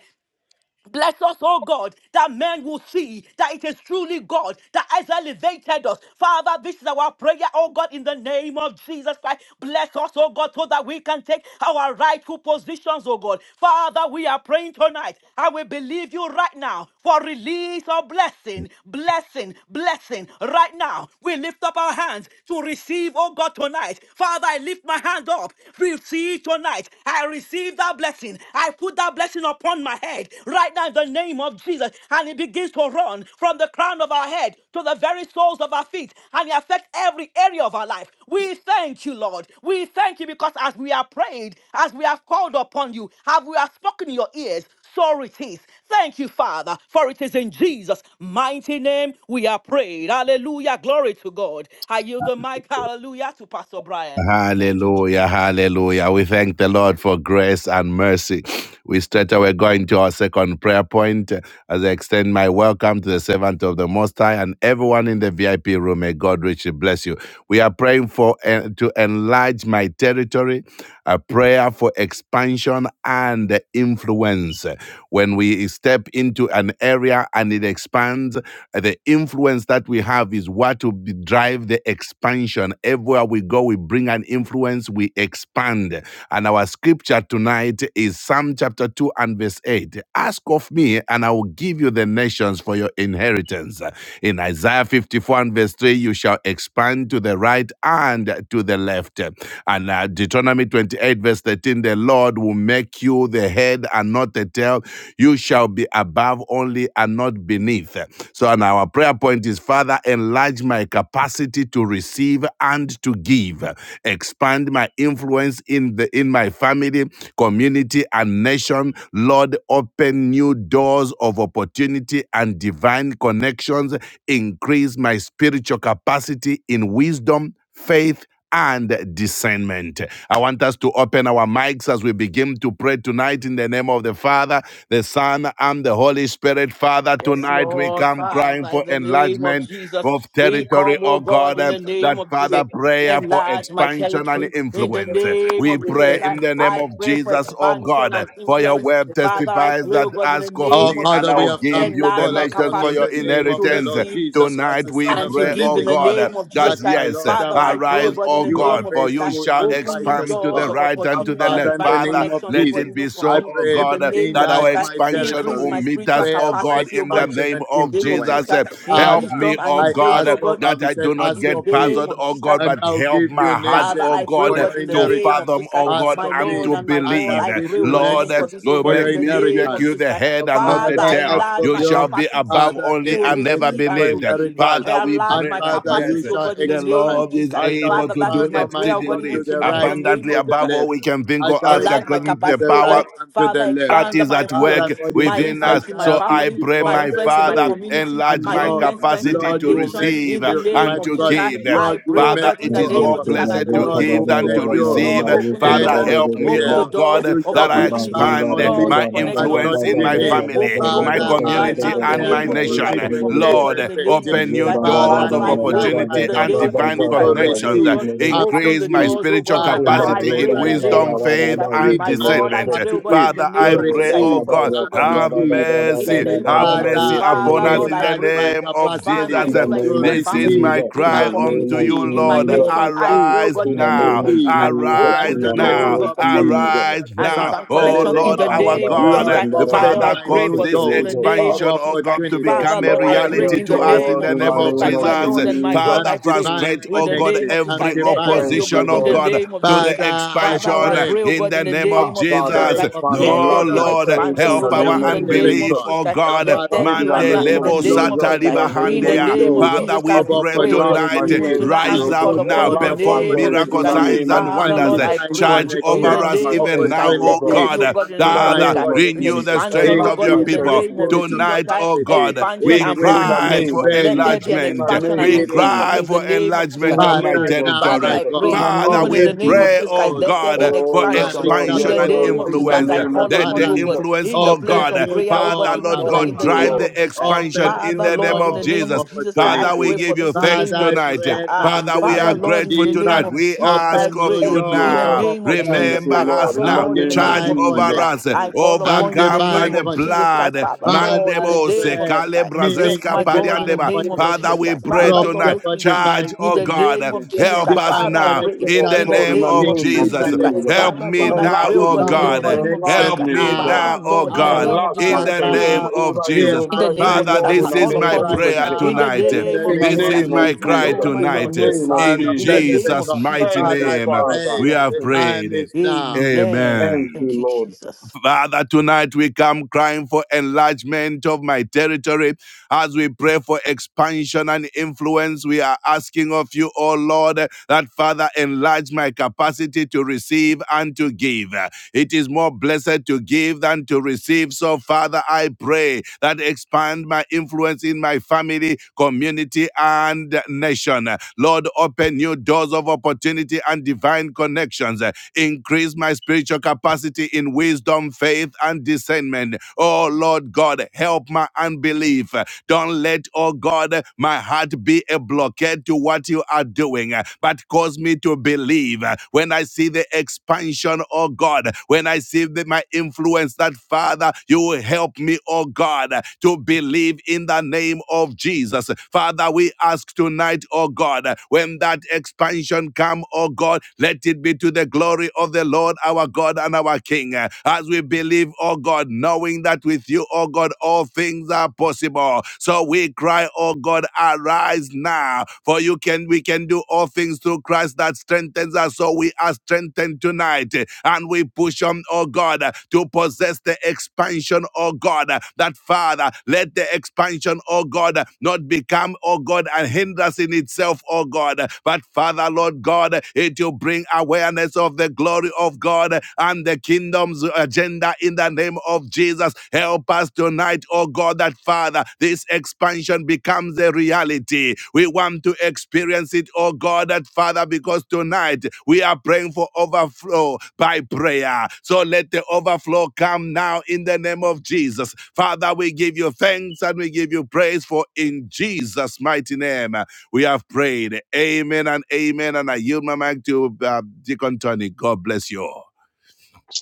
Speaker 5: Bless us, oh God, that men will see that it is truly God that has elevated us. Father, this is our prayer, oh God, in the name of Jesus Christ. Bless us, oh God, so that we can take our rightful positions, oh God. Father, we are praying tonight. I will believe you right now for release of blessing, blessing, blessing. Right now, we lift up our hands to receive, oh God, tonight. Father, I lift my hand up. Receive tonight. I receive receive that blessing. I put that blessing upon my head right now in the name of Jesus. And it begins to run from the crown of our head to the very soles of our feet. And it affects every area of our life. We thank you, Lord. We thank you because as we have prayed, as we have called upon you, as we have spoken in your ears, so it is. Thank you, Father, for it is in Jesus' mighty name we are prayed. Hallelujah. Glory to God. I yield the mic, hallelujah, to Pastor Brian.
Speaker 3: Hallelujah, hallelujah. We thank the Lord for grace and mercy. We straight away go into our second prayer point as I extend my welcome to the servant of the Most High and everyone in the VIP room. May God richly bless you. We are praying for eh, to enlarge my territory, a prayer for expansion and influence. When we step into an area and it expands, uh, The influence that we have is what will be, drive the expansion. Everywhere we go, we bring an influence, we expand. And our scripture tonight is Psalm chapter 2 and verse 8. Ask of me, and I will give you the nations for your inheritance. In Isaiah 54 and verse 3, you shall expand to the right and to the left. And uh, Deuteronomy 28, verse 13, the Lord will make you the head and not the tail. You shall be above only and not beneath. So, and our prayer point is Father, enlarge my capacity to receive and hand to give. Expand my influence in the in my family, community, and nation. Lord, open new doors of opportunity and divine connections. Increase my spiritual capacity in wisdom, faith and discernment. I want us to open our mics as we begin to pray tonight in the name of the Father, the Son, and the Holy Spirit. Father,
Speaker 5: Yes,
Speaker 3: tonight we
Speaker 5: Lord,
Speaker 3: come crying
Speaker 5: Father,
Speaker 3: for
Speaker 5: in the name of
Speaker 3: enlargement
Speaker 5: Jesus,
Speaker 3: of
Speaker 5: we
Speaker 3: territory,
Speaker 5: come, oh
Speaker 3: oh
Speaker 5: God,
Speaker 3: God,
Speaker 5: in
Speaker 3: eh,
Speaker 5: the name
Speaker 3: that
Speaker 5: of Jesus,
Speaker 3: Father, prayer for
Speaker 5: enlarge my
Speaker 3: expansion and
Speaker 5: territory. In the
Speaker 3: influence.
Speaker 5: name
Speaker 3: We
Speaker 5: of Jesus
Speaker 3: pray in
Speaker 5: Christ,
Speaker 3: the name
Speaker 5: I
Speaker 3: of
Speaker 5: pray for
Speaker 3: Jesus, oh
Speaker 5: expansion
Speaker 3: God, eh,
Speaker 5: and
Speaker 3: for your
Speaker 5: influence.
Speaker 3: word
Speaker 5: Father, I
Speaker 3: testifies
Speaker 5: pray, oh
Speaker 3: that
Speaker 5: God, in the
Speaker 3: ask of
Speaker 1: Oh
Speaker 5: name
Speaker 3: me,
Speaker 5: of
Speaker 3: and
Speaker 5: Jesus
Speaker 1: Father,
Speaker 3: I
Speaker 1: we
Speaker 5: Christ,
Speaker 3: will
Speaker 1: have
Speaker 3: give
Speaker 1: come to
Speaker 3: you
Speaker 5: enlarge
Speaker 3: the
Speaker 1: call
Speaker 5: my
Speaker 3: nations
Speaker 1: upon you
Speaker 3: for
Speaker 1: in
Speaker 3: your
Speaker 1: the
Speaker 5: capacity
Speaker 1: name
Speaker 5: to
Speaker 1: of the
Speaker 3: inheritance.
Speaker 1: Lord
Speaker 5: receive
Speaker 1: Jesus Christ,
Speaker 3: Tonight
Speaker 1: the
Speaker 3: we
Speaker 1: Son
Speaker 5: and
Speaker 1: of
Speaker 5: to
Speaker 1: the
Speaker 3: pray,
Speaker 5: give
Speaker 3: oh
Speaker 5: in
Speaker 1: living
Speaker 5: the
Speaker 3: God,
Speaker 1: God,
Speaker 5: name of
Speaker 3: that
Speaker 5: Jesus
Speaker 1: that
Speaker 5: Christ.
Speaker 1: my
Speaker 3: yes,
Speaker 1: Lord
Speaker 5: Father,
Speaker 1: and my
Speaker 5: I pray, oh
Speaker 1: God,
Speaker 3: arise,
Speaker 5: God, in
Speaker 3: oh
Speaker 5: the
Speaker 1: you are
Speaker 5: name
Speaker 3: God,
Speaker 5: of
Speaker 3: for
Speaker 5: Jesus
Speaker 3: you
Speaker 5: Christ,
Speaker 1: faithful
Speaker 3: shall
Speaker 1: and
Speaker 5: open new
Speaker 1: righteous,
Speaker 3: expand
Speaker 1: oh
Speaker 3: to
Speaker 5: doors
Speaker 3: the
Speaker 5: of
Speaker 1: God.
Speaker 3: right and
Speaker 1: And
Speaker 3: to the
Speaker 5: opportunity and
Speaker 1: Father,
Speaker 3: left.
Speaker 1: in
Speaker 5: divine
Speaker 1: the
Speaker 3: Father,
Speaker 1: name of
Speaker 5: connections, oh
Speaker 3: let
Speaker 5: God,
Speaker 3: it
Speaker 1: Jesus,
Speaker 5: even
Speaker 3: be
Speaker 5: for
Speaker 3: so,
Speaker 1: I
Speaker 5: me,
Speaker 3: oh
Speaker 1: pray,
Speaker 5: in the
Speaker 3: God,
Speaker 5: name
Speaker 3: that
Speaker 5: of Jesus
Speaker 3: our
Speaker 1: enlarge my
Speaker 5: Christ.
Speaker 3: expansion
Speaker 5: Increase
Speaker 3: will
Speaker 5: my
Speaker 1: territory,
Speaker 3: meet
Speaker 5: spiritual
Speaker 3: us, oh
Speaker 1: prayer for
Speaker 3: God,
Speaker 5: capacity, oh
Speaker 3: in the
Speaker 5: God,
Speaker 1: expansion
Speaker 3: name
Speaker 1: and
Speaker 5: in
Speaker 3: of
Speaker 5: the name of Jesus
Speaker 3: Jesus.
Speaker 1: influence.
Speaker 5: Christ, in
Speaker 3: Help
Speaker 1: Father,
Speaker 3: me,
Speaker 5: wisdom and
Speaker 3: oh
Speaker 5: in
Speaker 1: I
Speaker 5: faith,
Speaker 3: God,
Speaker 5: oh
Speaker 1: ask of,
Speaker 5: God,
Speaker 1: as
Speaker 3: that
Speaker 1: you
Speaker 3: I
Speaker 1: said,
Speaker 3: do not
Speaker 5: in
Speaker 1: ask
Speaker 3: get
Speaker 5: the
Speaker 3: that
Speaker 1: of me,
Speaker 5: name
Speaker 3: puzzled,
Speaker 5: of
Speaker 3: oh
Speaker 5: Jesus
Speaker 3: God,
Speaker 5: Christ.
Speaker 1: and
Speaker 3: but
Speaker 1: I'll
Speaker 3: help
Speaker 1: give you
Speaker 3: my heart,
Speaker 5: Father,
Speaker 1: nations
Speaker 3: oh
Speaker 5: I pray,
Speaker 3: God,
Speaker 1: for
Speaker 5: God,
Speaker 1: your
Speaker 5: in the
Speaker 3: to
Speaker 5: name of
Speaker 1: inheritance.
Speaker 5: Jesus
Speaker 3: fathom, oh
Speaker 5: Christ,
Speaker 3: God,
Speaker 1: Ask
Speaker 5: my
Speaker 1: of
Speaker 3: and
Speaker 5: Lord
Speaker 1: me,
Speaker 3: to
Speaker 5: and my
Speaker 1: and
Speaker 5: God,
Speaker 3: believe.
Speaker 1: I'll
Speaker 5: I
Speaker 1: give
Speaker 5: pray,
Speaker 1: you
Speaker 5: God, even
Speaker 3: Lord,
Speaker 5: for
Speaker 1: nations
Speaker 5: this, oh
Speaker 3: will
Speaker 1: for
Speaker 5: God,
Speaker 1: your
Speaker 5: in
Speaker 3: make
Speaker 5: the
Speaker 3: me
Speaker 5: name
Speaker 3: make
Speaker 5: of
Speaker 3: you
Speaker 1: inheritance.
Speaker 5: Jesus
Speaker 3: the
Speaker 5: Christ.
Speaker 3: head
Speaker 1: Our
Speaker 3: and not the
Speaker 1: Father,
Speaker 5: Father,
Speaker 1: I
Speaker 3: tail.
Speaker 1: ask
Speaker 5: enlarge
Speaker 1: of
Speaker 3: You
Speaker 5: my
Speaker 3: shall
Speaker 1: you,
Speaker 3: be above
Speaker 5: capacity
Speaker 1: Father,
Speaker 3: only
Speaker 1: give
Speaker 5: to
Speaker 1: me
Speaker 3: and never
Speaker 5: receive
Speaker 1: nations
Speaker 5: and
Speaker 1: for
Speaker 3: beneath.
Speaker 5: to give.
Speaker 1: inheritance.
Speaker 3: Father, we
Speaker 5: Enlarge
Speaker 1: And
Speaker 3: pray
Speaker 5: my
Speaker 3: that
Speaker 1: Father,
Speaker 5: capacity,
Speaker 1: you
Speaker 3: yes,
Speaker 5: oh
Speaker 1: shall
Speaker 5: God, in the
Speaker 3: the
Speaker 5: name
Speaker 1: expand.
Speaker 5: of
Speaker 3: Lord
Speaker 5: Jesus
Speaker 3: is
Speaker 5: Christ.
Speaker 1: I shall
Speaker 3: able
Speaker 5: Father,
Speaker 3: to
Speaker 5: that
Speaker 3: do
Speaker 5: is
Speaker 1: expand,
Speaker 5: my prayer, oh
Speaker 1: Almighty
Speaker 5: God,
Speaker 1: God,
Speaker 3: exceedingly
Speaker 5: even
Speaker 1: to the
Speaker 5: tonight, in the
Speaker 1: right and
Speaker 5: name
Speaker 3: abundantly
Speaker 5: of
Speaker 1: to
Speaker 5: Jesus
Speaker 1: the
Speaker 5: Christ.
Speaker 3: above all
Speaker 1: left.
Speaker 3: we can think
Speaker 1: I
Speaker 3: or
Speaker 1: shall
Speaker 3: ask
Speaker 5: Enlarge my
Speaker 1: expand
Speaker 3: according to
Speaker 1: to
Speaker 3: the
Speaker 5: capacity,
Speaker 1: the
Speaker 5: oh
Speaker 1: right
Speaker 3: power
Speaker 5: God.
Speaker 1: and to
Speaker 5: Father,
Speaker 1: the left.
Speaker 3: art
Speaker 5: expand
Speaker 3: is
Speaker 5: my
Speaker 3: at work
Speaker 1: Father,
Speaker 5: influence.
Speaker 1: according
Speaker 5: My
Speaker 1: to
Speaker 3: within us.
Speaker 5: influence in my
Speaker 1: Isaiah
Speaker 3: So I
Speaker 5: family,
Speaker 3: pray,
Speaker 5: my
Speaker 1: 54,
Speaker 3: my
Speaker 1: verse
Speaker 5: influence in
Speaker 7: Yes,
Speaker 5: my
Speaker 3: Father,
Speaker 1: 3.
Speaker 5: community,
Speaker 3: enlarge
Speaker 1: And
Speaker 5: my
Speaker 3: my
Speaker 1: Lord,
Speaker 5: influence in
Speaker 3: capacity
Speaker 5: my
Speaker 1: Lord,
Speaker 3: to
Speaker 1: you
Speaker 5: nation.
Speaker 1: make
Speaker 3: receive
Speaker 5: In
Speaker 1: me,
Speaker 5: the
Speaker 1: you, you
Speaker 5: name
Speaker 3: and
Speaker 1: might
Speaker 5: of
Speaker 3: to
Speaker 5: Jesus
Speaker 1: God,
Speaker 5: Christ,
Speaker 3: give.
Speaker 5: I
Speaker 1: Lord, you
Speaker 5: pray, oh
Speaker 3: Father,
Speaker 1: make
Speaker 5: God, in
Speaker 1: you,
Speaker 3: it
Speaker 5: the
Speaker 3: is
Speaker 1: oh
Speaker 5: name
Speaker 3: more
Speaker 5: of
Speaker 1: God,
Speaker 5: Jesus, and I
Speaker 3: blessed
Speaker 1: the
Speaker 3: to
Speaker 5: call you
Speaker 1: Lord you
Speaker 5: for
Speaker 3: give
Speaker 1: will
Speaker 5: this,
Speaker 3: than
Speaker 5: oh
Speaker 1: make
Speaker 3: to
Speaker 5: God.
Speaker 1: you
Speaker 3: receive.
Speaker 5: Lord,
Speaker 1: the
Speaker 5: open the
Speaker 1: head
Speaker 3: Father,
Speaker 1: and
Speaker 5: doors,
Speaker 1: not
Speaker 3: help
Speaker 1: the
Speaker 3: me,
Speaker 5: open the
Speaker 3: oh
Speaker 1: tail.
Speaker 5: doors
Speaker 3: God,
Speaker 1: You
Speaker 5: of
Speaker 1: shall
Speaker 3: that I
Speaker 1: be above
Speaker 5: opportunities,
Speaker 3: expand
Speaker 5: doors
Speaker 1: only
Speaker 3: my
Speaker 5: of
Speaker 1: and
Speaker 5: connection.
Speaker 1: not
Speaker 3: influence in
Speaker 5: Open
Speaker 3: my
Speaker 5: them,
Speaker 1: beneath.
Speaker 3: family,
Speaker 5: open,
Speaker 3: my
Speaker 5: open
Speaker 1: Father,
Speaker 5: up right
Speaker 1: I
Speaker 3: community,
Speaker 5: now in the
Speaker 3: and
Speaker 1: declare
Speaker 3: my
Speaker 5: name of Jesus
Speaker 3: nation.
Speaker 5: Christ,
Speaker 1: Deuteronomy
Speaker 5: even for me, oh
Speaker 1: 28,
Speaker 5: God,
Speaker 1: verse
Speaker 5: in
Speaker 3: Lord,
Speaker 5: the name
Speaker 1: 15.
Speaker 5: of
Speaker 3: open
Speaker 5: Jesus
Speaker 3: new
Speaker 5: Christ.
Speaker 1: Father,
Speaker 3: doors
Speaker 5: Father,
Speaker 3: of
Speaker 5: I pray, oh
Speaker 1: enlarge
Speaker 5: God,
Speaker 1: my
Speaker 5: in
Speaker 3: opportunity
Speaker 5: the
Speaker 3: and
Speaker 5: name of
Speaker 3: divine
Speaker 5: Jesus
Speaker 1: capacity
Speaker 5: Christ,
Speaker 1: to
Speaker 5: even for this,
Speaker 3: connections.
Speaker 5: oh God.
Speaker 1: receive and to
Speaker 5: Open
Speaker 3: Increase
Speaker 5: the
Speaker 3: my
Speaker 1: give.
Speaker 5: doors, oh
Speaker 3: spiritual
Speaker 5: God,
Speaker 1: Father,
Speaker 5: right
Speaker 1: I
Speaker 5: now. I
Speaker 3: capacity
Speaker 1: pray
Speaker 3: in
Speaker 5: pray
Speaker 3: in
Speaker 5: in
Speaker 1: right
Speaker 5: the
Speaker 1: now,
Speaker 5: name
Speaker 3: wisdom,
Speaker 5: of Jesus
Speaker 3: faith,
Speaker 5: Christ.
Speaker 1: increase
Speaker 3: and
Speaker 5: My
Speaker 1: my
Speaker 5: God, I
Speaker 3: discernment.
Speaker 5: pray, oh God,
Speaker 1: capacity
Speaker 5: in the
Speaker 3: Father,
Speaker 1: to
Speaker 3: I
Speaker 5: name of Jesus
Speaker 3: pray,
Speaker 5: Christ, even
Speaker 3: oh
Speaker 1: receive
Speaker 5: for
Speaker 3: God,
Speaker 5: this, oh
Speaker 1: and
Speaker 5: God
Speaker 1: to
Speaker 3: have
Speaker 1: give.
Speaker 5: in the
Speaker 3: mercy,
Speaker 1: In
Speaker 5: name of
Speaker 3: have
Speaker 5: Jesus Christ.
Speaker 3: mercy
Speaker 1: Father,
Speaker 3: upon
Speaker 5: Father,
Speaker 3: us
Speaker 5: Lord,
Speaker 3: in
Speaker 5: I
Speaker 3: the
Speaker 1: enlarge
Speaker 5: pray,
Speaker 1: my
Speaker 3: name of
Speaker 5: expand
Speaker 1: capacity
Speaker 5: my
Speaker 7: In
Speaker 3: Jesus.
Speaker 7: the
Speaker 5: influence in
Speaker 7: name
Speaker 1: to
Speaker 7: of
Speaker 5: my
Speaker 3: This is
Speaker 1: receive
Speaker 5: family,
Speaker 3: my
Speaker 7: Jesus,
Speaker 5: in
Speaker 7: in
Speaker 5: my
Speaker 7: the
Speaker 3: cry
Speaker 1: and to
Speaker 7: name
Speaker 3: unto
Speaker 7: of
Speaker 5: community,
Speaker 1: give,
Speaker 3: you,
Speaker 5: in my
Speaker 3: Lord.
Speaker 1: to
Speaker 7: Jesus,
Speaker 5: nation. I
Speaker 1: receive
Speaker 5: pray, oh
Speaker 3: Arise
Speaker 5: God, in
Speaker 7: in
Speaker 1: and
Speaker 5: the
Speaker 7: the
Speaker 1: to
Speaker 5: name
Speaker 3: now,
Speaker 7: name of
Speaker 5: of Jesus
Speaker 1: give.
Speaker 5: Christ,
Speaker 7: Jesus,
Speaker 1: Right
Speaker 3: arise
Speaker 5: open
Speaker 7: in
Speaker 5: the
Speaker 1: now,
Speaker 7: the
Speaker 1: in the
Speaker 7: name
Speaker 5: doors
Speaker 3: now,
Speaker 1: name
Speaker 7: of
Speaker 5: of
Speaker 1: of Jesus
Speaker 7: Jesus.
Speaker 5: opportunity
Speaker 1: Christ,
Speaker 3: arise
Speaker 1: the
Speaker 5: and
Speaker 1: Son
Speaker 3: now.
Speaker 5: divine
Speaker 1: of the
Speaker 3: Oh
Speaker 5: connection
Speaker 7: Oh,
Speaker 1: Living
Speaker 5: in
Speaker 3: Lord,
Speaker 5: the
Speaker 1: God.
Speaker 7: Rabba,
Speaker 3: our
Speaker 7: Rabba,
Speaker 5: name of
Speaker 7: Rabba,
Speaker 3: God,
Speaker 5: Jesus
Speaker 1: Lord,
Speaker 5: Christ.
Speaker 7: Yanda,
Speaker 3: the
Speaker 7: Rabba,
Speaker 5: Father,
Speaker 1: open
Speaker 7: Rabba,
Speaker 5: I
Speaker 3: Father
Speaker 1: my
Speaker 5: pray
Speaker 3: calls
Speaker 1: new
Speaker 5: for
Speaker 7: Shiki,
Speaker 3: this
Speaker 5: this in
Speaker 1: doors
Speaker 5: the
Speaker 7: Celebrate. Ah,
Speaker 5: name
Speaker 1: of
Speaker 3: expansion,
Speaker 5: of
Speaker 3: oh
Speaker 5: Jesus
Speaker 3: God,
Speaker 5: Christ.
Speaker 3: to
Speaker 1: opportunity,
Speaker 7: yes,
Speaker 5: Father,
Speaker 3: become a
Speaker 5: Lord, I
Speaker 1: my
Speaker 7: Lord,
Speaker 5: pray
Speaker 7: yes,
Speaker 3: reality
Speaker 1: new
Speaker 5: in
Speaker 3: to
Speaker 5: the
Speaker 1: doors
Speaker 3: us in
Speaker 5: name
Speaker 7: Lord,
Speaker 5: of
Speaker 3: the
Speaker 7: in
Speaker 3: name
Speaker 1: of
Speaker 7: the
Speaker 5: Jesus
Speaker 3: of
Speaker 7: name
Speaker 5: Christ,
Speaker 7: of
Speaker 5: my
Speaker 3: Jesus.
Speaker 5: Lord
Speaker 1: opportunity
Speaker 5: and my
Speaker 7: Jesus.
Speaker 5: God,
Speaker 1: and
Speaker 3: Father,
Speaker 5: I pray
Speaker 1: divine
Speaker 3: frustrate,
Speaker 5: in
Speaker 3: oh
Speaker 5: the
Speaker 3: God,
Speaker 5: name
Speaker 1: connection
Speaker 5: of Jesus
Speaker 1: and
Speaker 3: every
Speaker 5: Christ. Let there
Speaker 1: divine
Speaker 5: be, oh
Speaker 7: Thank
Speaker 5: God,
Speaker 7: you,
Speaker 3: opposition, oh
Speaker 5: in the
Speaker 7: Lord.
Speaker 1: connection.
Speaker 3: God
Speaker 5: name of
Speaker 3: to
Speaker 5: Jesus
Speaker 3: the
Speaker 1: Father,
Speaker 5: Christ.
Speaker 1: I
Speaker 5: Father, I
Speaker 3: expansion
Speaker 1: pray
Speaker 5: pray, oh
Speaker 3: in
Speaker 5: God, in
Speaker 3: the
Speaker 5: the
Speaker 3: name of
Speaker 7: Ah,
Speaker 5: name of
Speaker 1: in the
Speaker 5: Jesus
Speaker 7: Father,
Speaker 3: Jesus.
Speaker 1: name
Speaker 5: Christ,
Speaker 1: of
Speaker 7: expand and
Speaker 5: let
Speaker 1: Jesus
Speaker 3: oh
Speaker 5: there
Speaker 7: enlarge
Speaker 5: be an
Speaker 1: Christ,
Speaker 7: my
Speaker 3: Lord,
Speaker 7: faith
Speaker 1: the
Speaker 5: expansion,
Speaker 7: in
Speaker 5: oh
Speaker 7: the
Speaker 3: help
Speaker 1: Son
Speaker 5: God,
Speaker 1: of
Speaker 3: our
Speaker 7: name
Speaker 5: in
Speaker 1: the
Speaker 7: of
Speaker 5: the name
Speaker 1: living
Speaker 5: of
Speaker 3: unbelief,
Speaker 7: Jesus.
Speaker 1: God.
Speaker 5: Jesus
Speaker 3: oh
Speaker 5: Christ.
Speaker 1: The
Speaker 3: God.
Speaker 5: Let
Speaker 1: Father,
Speaker 7: Ah,
Speaker 5: there
Speaker 1: the
Speaker 5: be
Speaker 7: in the
Speaker 5: right
Speaker 1: time
Speaker 3: Mande
Speaker 1: has
Speaker 5: now,
Speaker 7: name
Speaker 5: in
Speaker 7: of
Speaker 5: the
Speaker 1: come,
Speaker 3: lebo
Speaker 1: Lord,
Speaker 5: name of
Speaker 7: Jesus,
Speaker 5: Jesus
Speaker 7: in
Speaker 5: Christ.
Speaker 3: satariba
Speaker 7: the
Speaker 1: open my
Speaker 7: name
Speaker 5: In the
Speaker 7: of
Speaker 1: new
Speaker 3: handea.
Speaker 5: name of
Speaker 1: doors
Speaker 7: Jesus.
Speaker 3: Father,
Speaker 5: Jesus
Speaker 3: we
Speaker 5: Christ,
Speaker 1: of
Speaker 5: we
Speaker 3: pray
Speaker 5: pray, oh
Speaker 7: Enlarge
Speaker 5: God,
Speaker 7: my
Speaker 3: tonight.
Speaker 5: even
Speaker 1: opportunity,
Speaker 7: faith,
Speaker 5: tonight, and
Speaker 1: my
Speaker 3: Rise
Speaker 5: we
Speaker 7: O
Speaker 3: up
Speaker 5: call
Speaker 7: God.
Speaker 1: new
Speaker 5: upon
Speaker 3: now,
Speaker 5: you in
Speaker 1: doors
Speaker 5: the
Speaker 7: Enlarge
Speaker 1: of
Speaker 7: my
Speaker 3: perform
Speaker 5: name of
Speaker 7: faith
Speaker 5: Jesus
Speaker 7: in
Speaker 3: miracle
Speaker 5: Christ.
Speaker 7: the
Speaker 1: opportunity
Speaker 3: signs
Speaker 7: name of
Speaker 3: and
Speaker 5: Father,
Speaker 1: and
Speaker 3: wonders.
Speaker 5: Lord,
Speaker 7: Jesus.
Speaker 5: I
Speaker 1: divine
Speaker 5: pray.
Speaker 3: Charge
Speaker 5: In
Speaker 1: connection,
Speaker 5: the
Speaker 3: over
Speaker 7: Enlarge
Speaker 3: us
Speaker 7: my
Speaker 5: name of
Speaker 3: even
Speaker 5: Jesus
Speaker 7: territory,
Speaker 3: now,
Speaker 5: Christ,
Speaker 7: O
Speaker 3: oh
Speaker 5: let
Speaker 7: God.
Speaker 5: there
Speaker 1: opportunity
Speaker 5: be, oh
Speaker 3: God.
Speaker 5: God,
Speaker 1: and
Speaker 5: in the
Speaker 7: In
Speaker 5: name
Speaker 7: the
Speaker 5: of
Speaker 1: divine
Speaker 5: Jesus
Speaker 3: Father,
Speaker 7: name
Speaker 5: Christ,
Speaker 7: of
Speaker 5: an
Speaker 1: connection.
Speaker 3: renew the
Speaker 7: Jesus.
Speaker 5: expansion,
Speaker 3: strength
Speaker 5: oh
Speaker 7: Enlarge
Speaker 3: of
Speaker 5: God,
Speaker 3: your
Speaker 7: my
Speaker 1: Increase
Speaker 5: in the
Speaker 1: my
Speaker 7: territory,
Speaker 3: people.
Speaker 5: name of
Speaker 7: Lord
Speaker 1: spiritual
Speaker 5: Jesus
Speaker 7: Jesus.
Speaker 3: Tonight,
Speaker 5: Christ,
Speaker 3: oh
Speaker 1: capacity
Speaker 3: God,
Speaker 5: expansion
Speaker 3: we
Speaker 1: in
Speaker 5: and for
Speaker 7: In the
Speaker 1: wisdom,
Speaker 3: cry
Speaker 5: influence.
Speaker 7: name
Speaker 3: for
Speaker 7: of
Speaker 1: faith,
Speaker 5: Let there
Speaker 7: Jesus.
Speaker 1: and
Speaker 5: be an
Speaker 7: In the
Speaker 3: enlargement.
Speaker 1: discernment.
Speaker 5: expansion and
Speaker 7: name
Speaker 3: We
Speaker 1: It
Speaker 7: of
Speaker 5: influence
Speaker 1: is
Speaker 5: for
Speaker 1: my
Speaker 3: cry
Speaker 7: Jesus.
Speaker 5: me in the
Speaker 3: for
Speaker 5: name
Speaker 1: prayer.
Speaker 5: of Jesus
Speaker 7: In
Speaker 3: enlargement
Speaker 5: Christ.
Speaker 7: the
Speaker 3: of my
Speaker 7: name
Speaker 1: Father,
Speaker 7: of
Speaker 1: now,
Speaker 5: Father,
Speaker 7: Jesus.
Speaker 3: territory.
Speaker 1: my
Speaker 5: I
Speaker 7: In
Speaker 1: God,
Speaker 5: pray,
Speaker 7: the
Speaker 3: Father,
Speaker 5: even
Speaker 7: name
Speaker 5: in
Speaker 7: of
Speaker 3: we
Speaker 5: the
Speaker 1: open
Speaker 5: name
Speaker 1: new
Speaker 5: of
Speaker 3: pray,
Speaker 7: Jesus.
Speaker 5: Jesus
Speaker 3: oh
Speaker 5: Christ,
Speaker 1: doors,
Speaker 5: let
Speaker 1: my
Speaker 5: there be an
Speaker 3: God,
Speaker 1: God
Speaker 7: Oh,
Speaker 3: for
Speaker 7: yes,
Speaker 5: expansion.
Speaker 7: Lord.
Speaker 5: In
Speaker 3: expansion
Speaker 7: Yes,
Speaker 5: the
Speaker 3: and
Speaker 1: Marikatoro
Speaker 5: name of
Speaker 7: Lord. In
Speaker 5: Jesus
Speaker 7: the
Speaker 5: Christ,
Speaker 3: influence.
Speaker 5: I
Speaker 7: name
Speaker 1: Brigandara
Speaker 7: of
Speaker 5: call
Speaker 3: Let
Speaker 5: upon
Speaker 3: the
Speaker 5: you, O
Speaker 1: Baraka.
Speaker 5: God,
Speaker 7: Jesus.
Speaker 3: influence,
Speaker 5: in the
Speaker 3: oh
Speaker 1: Open
Speaker 5: place of
Speaker 3: God,
Speaker 1: new
Speaker 5: prayer, O God,
Speaker 3: Father,
Speaker 1: doors,
Speaker 5: even
Speaker 3: Lord
Speaker 1: Abba
Speaker 5: tonight, in
Speaker 7: Thank
Speaker 3: God,
Speaker 5: the
Speaker 7: you,
Speaker 3: drive
Speaker 5: name
Speaker 1: Father.
Speaker 3: the
Speaker 7: Lord.
Speaker 5: of Jesus Christ.
Speaker 3: expansion
Speaker 1: Open
Speaker 3: in
Speaker 5: Father,
Speaker 1: new
Speaker 3: the name
Speaker 5: Lord, in
Speaker 3: of
Speaker 5: the
Speaker 1: doors of
Speaker 5: name
Speaker 3: Jesus.
Speaker 5: of Jesus Christ, I
Speaker 3: Father,
Speaker 1: opportunity.
Speaker 3: we
Speaker 5: pray for
Speaker 3: give you
Speaker 5: this in the
Speaker 3: thanks
Speaker 1: Father,
Speaker 5: name of
Speaker 1: I
Speaker 5: Jesus
Speaker 3: tonight.
Speaker 5: Christ.
Speaker 1: pray
Speaker 5: Ah,
Speaker 1: now in
Speaker 3: Father,
Speaker 1: the
Speaker 3: we
Speaker 5: Father,
Speaker 3: are
Speaker 1: name of
Speaker 5: Lord, in
Speaker 3: grateful
Speaker 5: the name
Speaker 3: tonight.
Speaker 1: Jesus.
Speaker 5: of
Speaker 3: We
Speaker 5: Jesus
Speaker 3: ask
Speaker 5: Christ, I
Speaker 1: Open
Speaker 3: of
Speaker 1: new
Speaker 3: you
Speaker 5: pray.
Speaker 7: Thank you,
Speaker 5: In
Speaker 1: doors
Speaker 5: the
Speaker 1: of
Speaker 7: Lord.
Speaker 3: now,
Speaker 5: name of
Speaker 7: Thank
Speaker 5: Jesus
Speaker 7: you,
Speaker 3: remember
Speaker 1: opportunity
Speaker 5: Christ,
Speaker 7: Lord.
Speaker 3: us
Speaker 5: Father,
Speaker 7: In
Speaker 1: and
Speaker 7: the
Speaker 3: now.
Speaker 5: Lord, in the
Speaker 7: name of
Speaker 5: name
Speaker 3: Charge
Speaker 1: divine
Speaker 5: of Jesus
Speaker 3: over
Speaker 7: Jesus.
Speaker 5: Christ,
Speaker 3: us,
Speaker 5: I
Speaker 1: connections.
Speaker 5: call
Speaker 1: And
Speaker 5: upon you in the
Speaker 3: overcome by
Speaker 5: name
Speaker 1: divine
Speaker 3: the
Speaker 5: of Jesus
Speaker 1: connections.
Speaker 5: Christ,
Speaker 3: blood.
Speaker 5: Father,
Speaker 1: Father,
Speaker 5: Lord, in
Speaker 1: I
Speaker 5: the name
Speaker 3: Mandebose,
Speaker 5: of
Speaker 1: pray
Speaker 5: Jesus Christ.
Speaker 3: calebras,
Speaker 5: Yes,
Speaker 1: meaningful
Speaker 5: my God, in the
Speaker 1: divine
Speaker 5: name of
Speaker 3: Father,
Speaker 5: Jesus
Speaker 1: connection,
Speaker 3: we
Speaker 5: Christ,
Speaker 3: pray
Speaker 5: Father, Lord,
Speaker 3: tonight.
Speaker 5: let
Speaker 1: profitable
Speaker 5: me be.
Speaker 3: Charge,
Speaker 1: divine
Speaker 5: In
Speaker 3: oh
Speaker 5: the name
Speaker 3: God,
Speaker 5: of
Speaker 1: connection.
Speaker 4: Yes,
Speaker 5: Jesus
Speaker 4: yes,
Speaker 3: help
Speaker 5: Christ,
Speaker 3: us
Speaker 1: Divine
Speaker 5: Father, I
Speaker 3: now
Speaker 5: pray.
Speaker 1: connection
Speaker 3: in
Speaker 7: Yes,
Speaker 1: that
Speaker 3: the
Speaker 5: In the
Speaker 7: Lord.
Speaker 1: brings
Speaker 7: In
Speaker 3: name
Speaker 7: the
Speaker 5: name
Speaker 3: of
Speaker 5: of
Speaker 7: name of
Speaker 1: increase
Speaker 3: Jesus.
Speaker 5: Jesus
Speaker 1: and
Speaker 5: Christ,
Speaker 4: yes,
Speaker 7: Jesus.
Speaker 4: yes,
Speaker 3: Help
Speaker 5: Father,
Speaker 3: me
Speaker 1: expansion.
Speaker 5: Lord, I
Speaker 3: now,
Speaker 5: pray,
Speaker 7: Enlarge
Speaker 5: oh
Speaker 3: oh
Speaker 7: me,
Speaker 5: God, in
Speaker 7: O
Speaker 5: the
Speaker 1: Divine
Speaker 7: God.
Speaker 3: God.
Speaker 5: name of Jesus
Speaker 1: connection
Speaker 7: Enlarge
Speaker 3: Help
Speaker 5: Christ.
Speaker 7: me, O
Speaker 3: me
Speaker 7: God.
Speaker 1: now.
Speaker 5: Father,
Speaker 3: now, oh
Speaker 5: Lord, in the
Speaker 3: God,
Speaker 1: Abba,
Speaker 5: name of
Speaker 7: Enlarge
Speaker 5: Jesus, I
Speaker 3: in
Speaker 7: my
Speaker 5: will
Speaker 3: the
Speaker 5: pray.
Speaker 3: name
Speaker 7: territory.
Speaker 1: Father,
Speaker 7: Oh,
Speaker 3: of
Speaker 7: that you
Speaker 1: hear
Speaker 3: Jesus.
Speaker 7: will
Speaker 5: In
Speaker 1: my
Speaker 5: the
Speaker 7: bless
Speaker 5: name
Speaker 7: me,
Speaker 5: of
Speaker 1: prayer
Speaker 3: Father,
Speaker 5: Jesus,
Speaker 7: Lord,
Speaker 5: we
Speaker 7: in
Speaker 3: this
Speaker 7: the
Speaker 3: is
Speaker 5: call
Speaker 7: name
Speaker 3: my
Speaker 5: upon
Speaker 7: of
Speaker 5: you,
Speaker 1: right
Speaker 5: God.
Speaker 3: prayer
Speaker 7: Jesus.
Speaker 5: In
Speaker 1: now
Speaker 5: the
Speaker 3: tonight.
Speaker 1: in
Speaker 4: yes,
Speaker 5: name
Speaker 1: the
Speaker 4: yes,
Speaker 5: of
Speaker 7: In the
Speaker 1: name
Speaker 5: Jesus
Speaker 3: This
Speaker 1: of
Speaker 3: is
Speaker 5: Christ.
Speaker 7: name
Speaker 4: yes,
Speaker 7: of
Speaker 3: my
Speaker 5: Yes,
Speaker 1: Jesus
Speaker 5: my
Speaker 4: yes.
Speaker 3: cry
Speaker 5: Lord,
Speaker 7: Jesus.
Speaker 5: my
Speaker 1: Christ,
Speaker 7: In the
Speaker 5: God.
Speaker 3: tonight.
Speaker 1: the
Speaker 5: Yes,
Speaker 7: name of
Speaker 5: Lord.
Speaker 1: Son
Speaker 3: In
Speaker 1: of
Speaker 5: In the
Speaker 7: Jesus.
Speaker 1: the
Speaker 5: name
Speaker 1: living
Speaker 5: of
Speaker 3: Jesus'
Speaker 1: God.
Speaker 5: Jesus
Speaker 3: mighty
Speaker 7: Thank
Speaker 5: Christ,
Speaker 1: Father,
Speaker 7: you,
Speaker 1: I
Speaker 3: name,
Speaker 7: Father.
Speaker 1: pray
Speaker 3: we
Speaker 5: yeah,
Speaker 3: have
Speaker 1: the
Speaker 5: pray.
Speaker 1: time
Speaker 3: prayed.
Speaker 1: is now.
Speaker 5: Amen.
Speaker 7: Thank
Speaker 3: Amen.
Speaker 5: Thank
Speaker 7: you,
Speaker 5: you,
Speaker 7: Lord.
Speaker 5: Jesus.
Speaker 3: Father, tonight we come crying for enlargement of my territory. As we pray for expansion and influence, we are asking of you, O Lord, that Father, enlarge my capacity to receive and to give. It is more blessed to give than to receive. So, Father, I pray that expand my influence in my family, community, and nation. Lord, open new doors of opportunity and divine connections. Increase my spiritual capacity in wisdom, faith, and discernment. Oh, Lord God, help my unbelief. Don't let, oh God, my heart be a blockade to what you you are doing, uh, but cause me to believe uh, when I see the expansion, oh God, when I see the, my influence, that Father, you will help me, oh God, uh, to believe in the name of Jesus. Father, we ask tonight, oh God, uh, when that expansion come, oh God, let it be to the glory of the Lord, our God and our King, uh, as we believe, oh God, knowing that with you, oh God, all all things are possible. So we cry, oh God, arise now. For you can we can do all things through Christ that strengthens us. So we are strengthened tonight. And we push on, oh God, to possess the expansion, oh God. That Father, let the expansion, oh God, not become, oh God, a hindrance in itself, oh God. But Father, Lord God, it will bring awareness of the glory glory of God and the kingdom's agenda in the name of Jesus. Help us tonight, oh God, that Father, this expansion becomes a reality. We want to experience it, oh God, that Father, because tonight we are praying for overflow by prayer. So let the overflow come now in the name of Jesus. Father, we give you thanks and we give you praise for in Jesus' mighty name. We have prayed. Amen and amen. And I yield my mic to uh, Deacon Tony. God bless you all.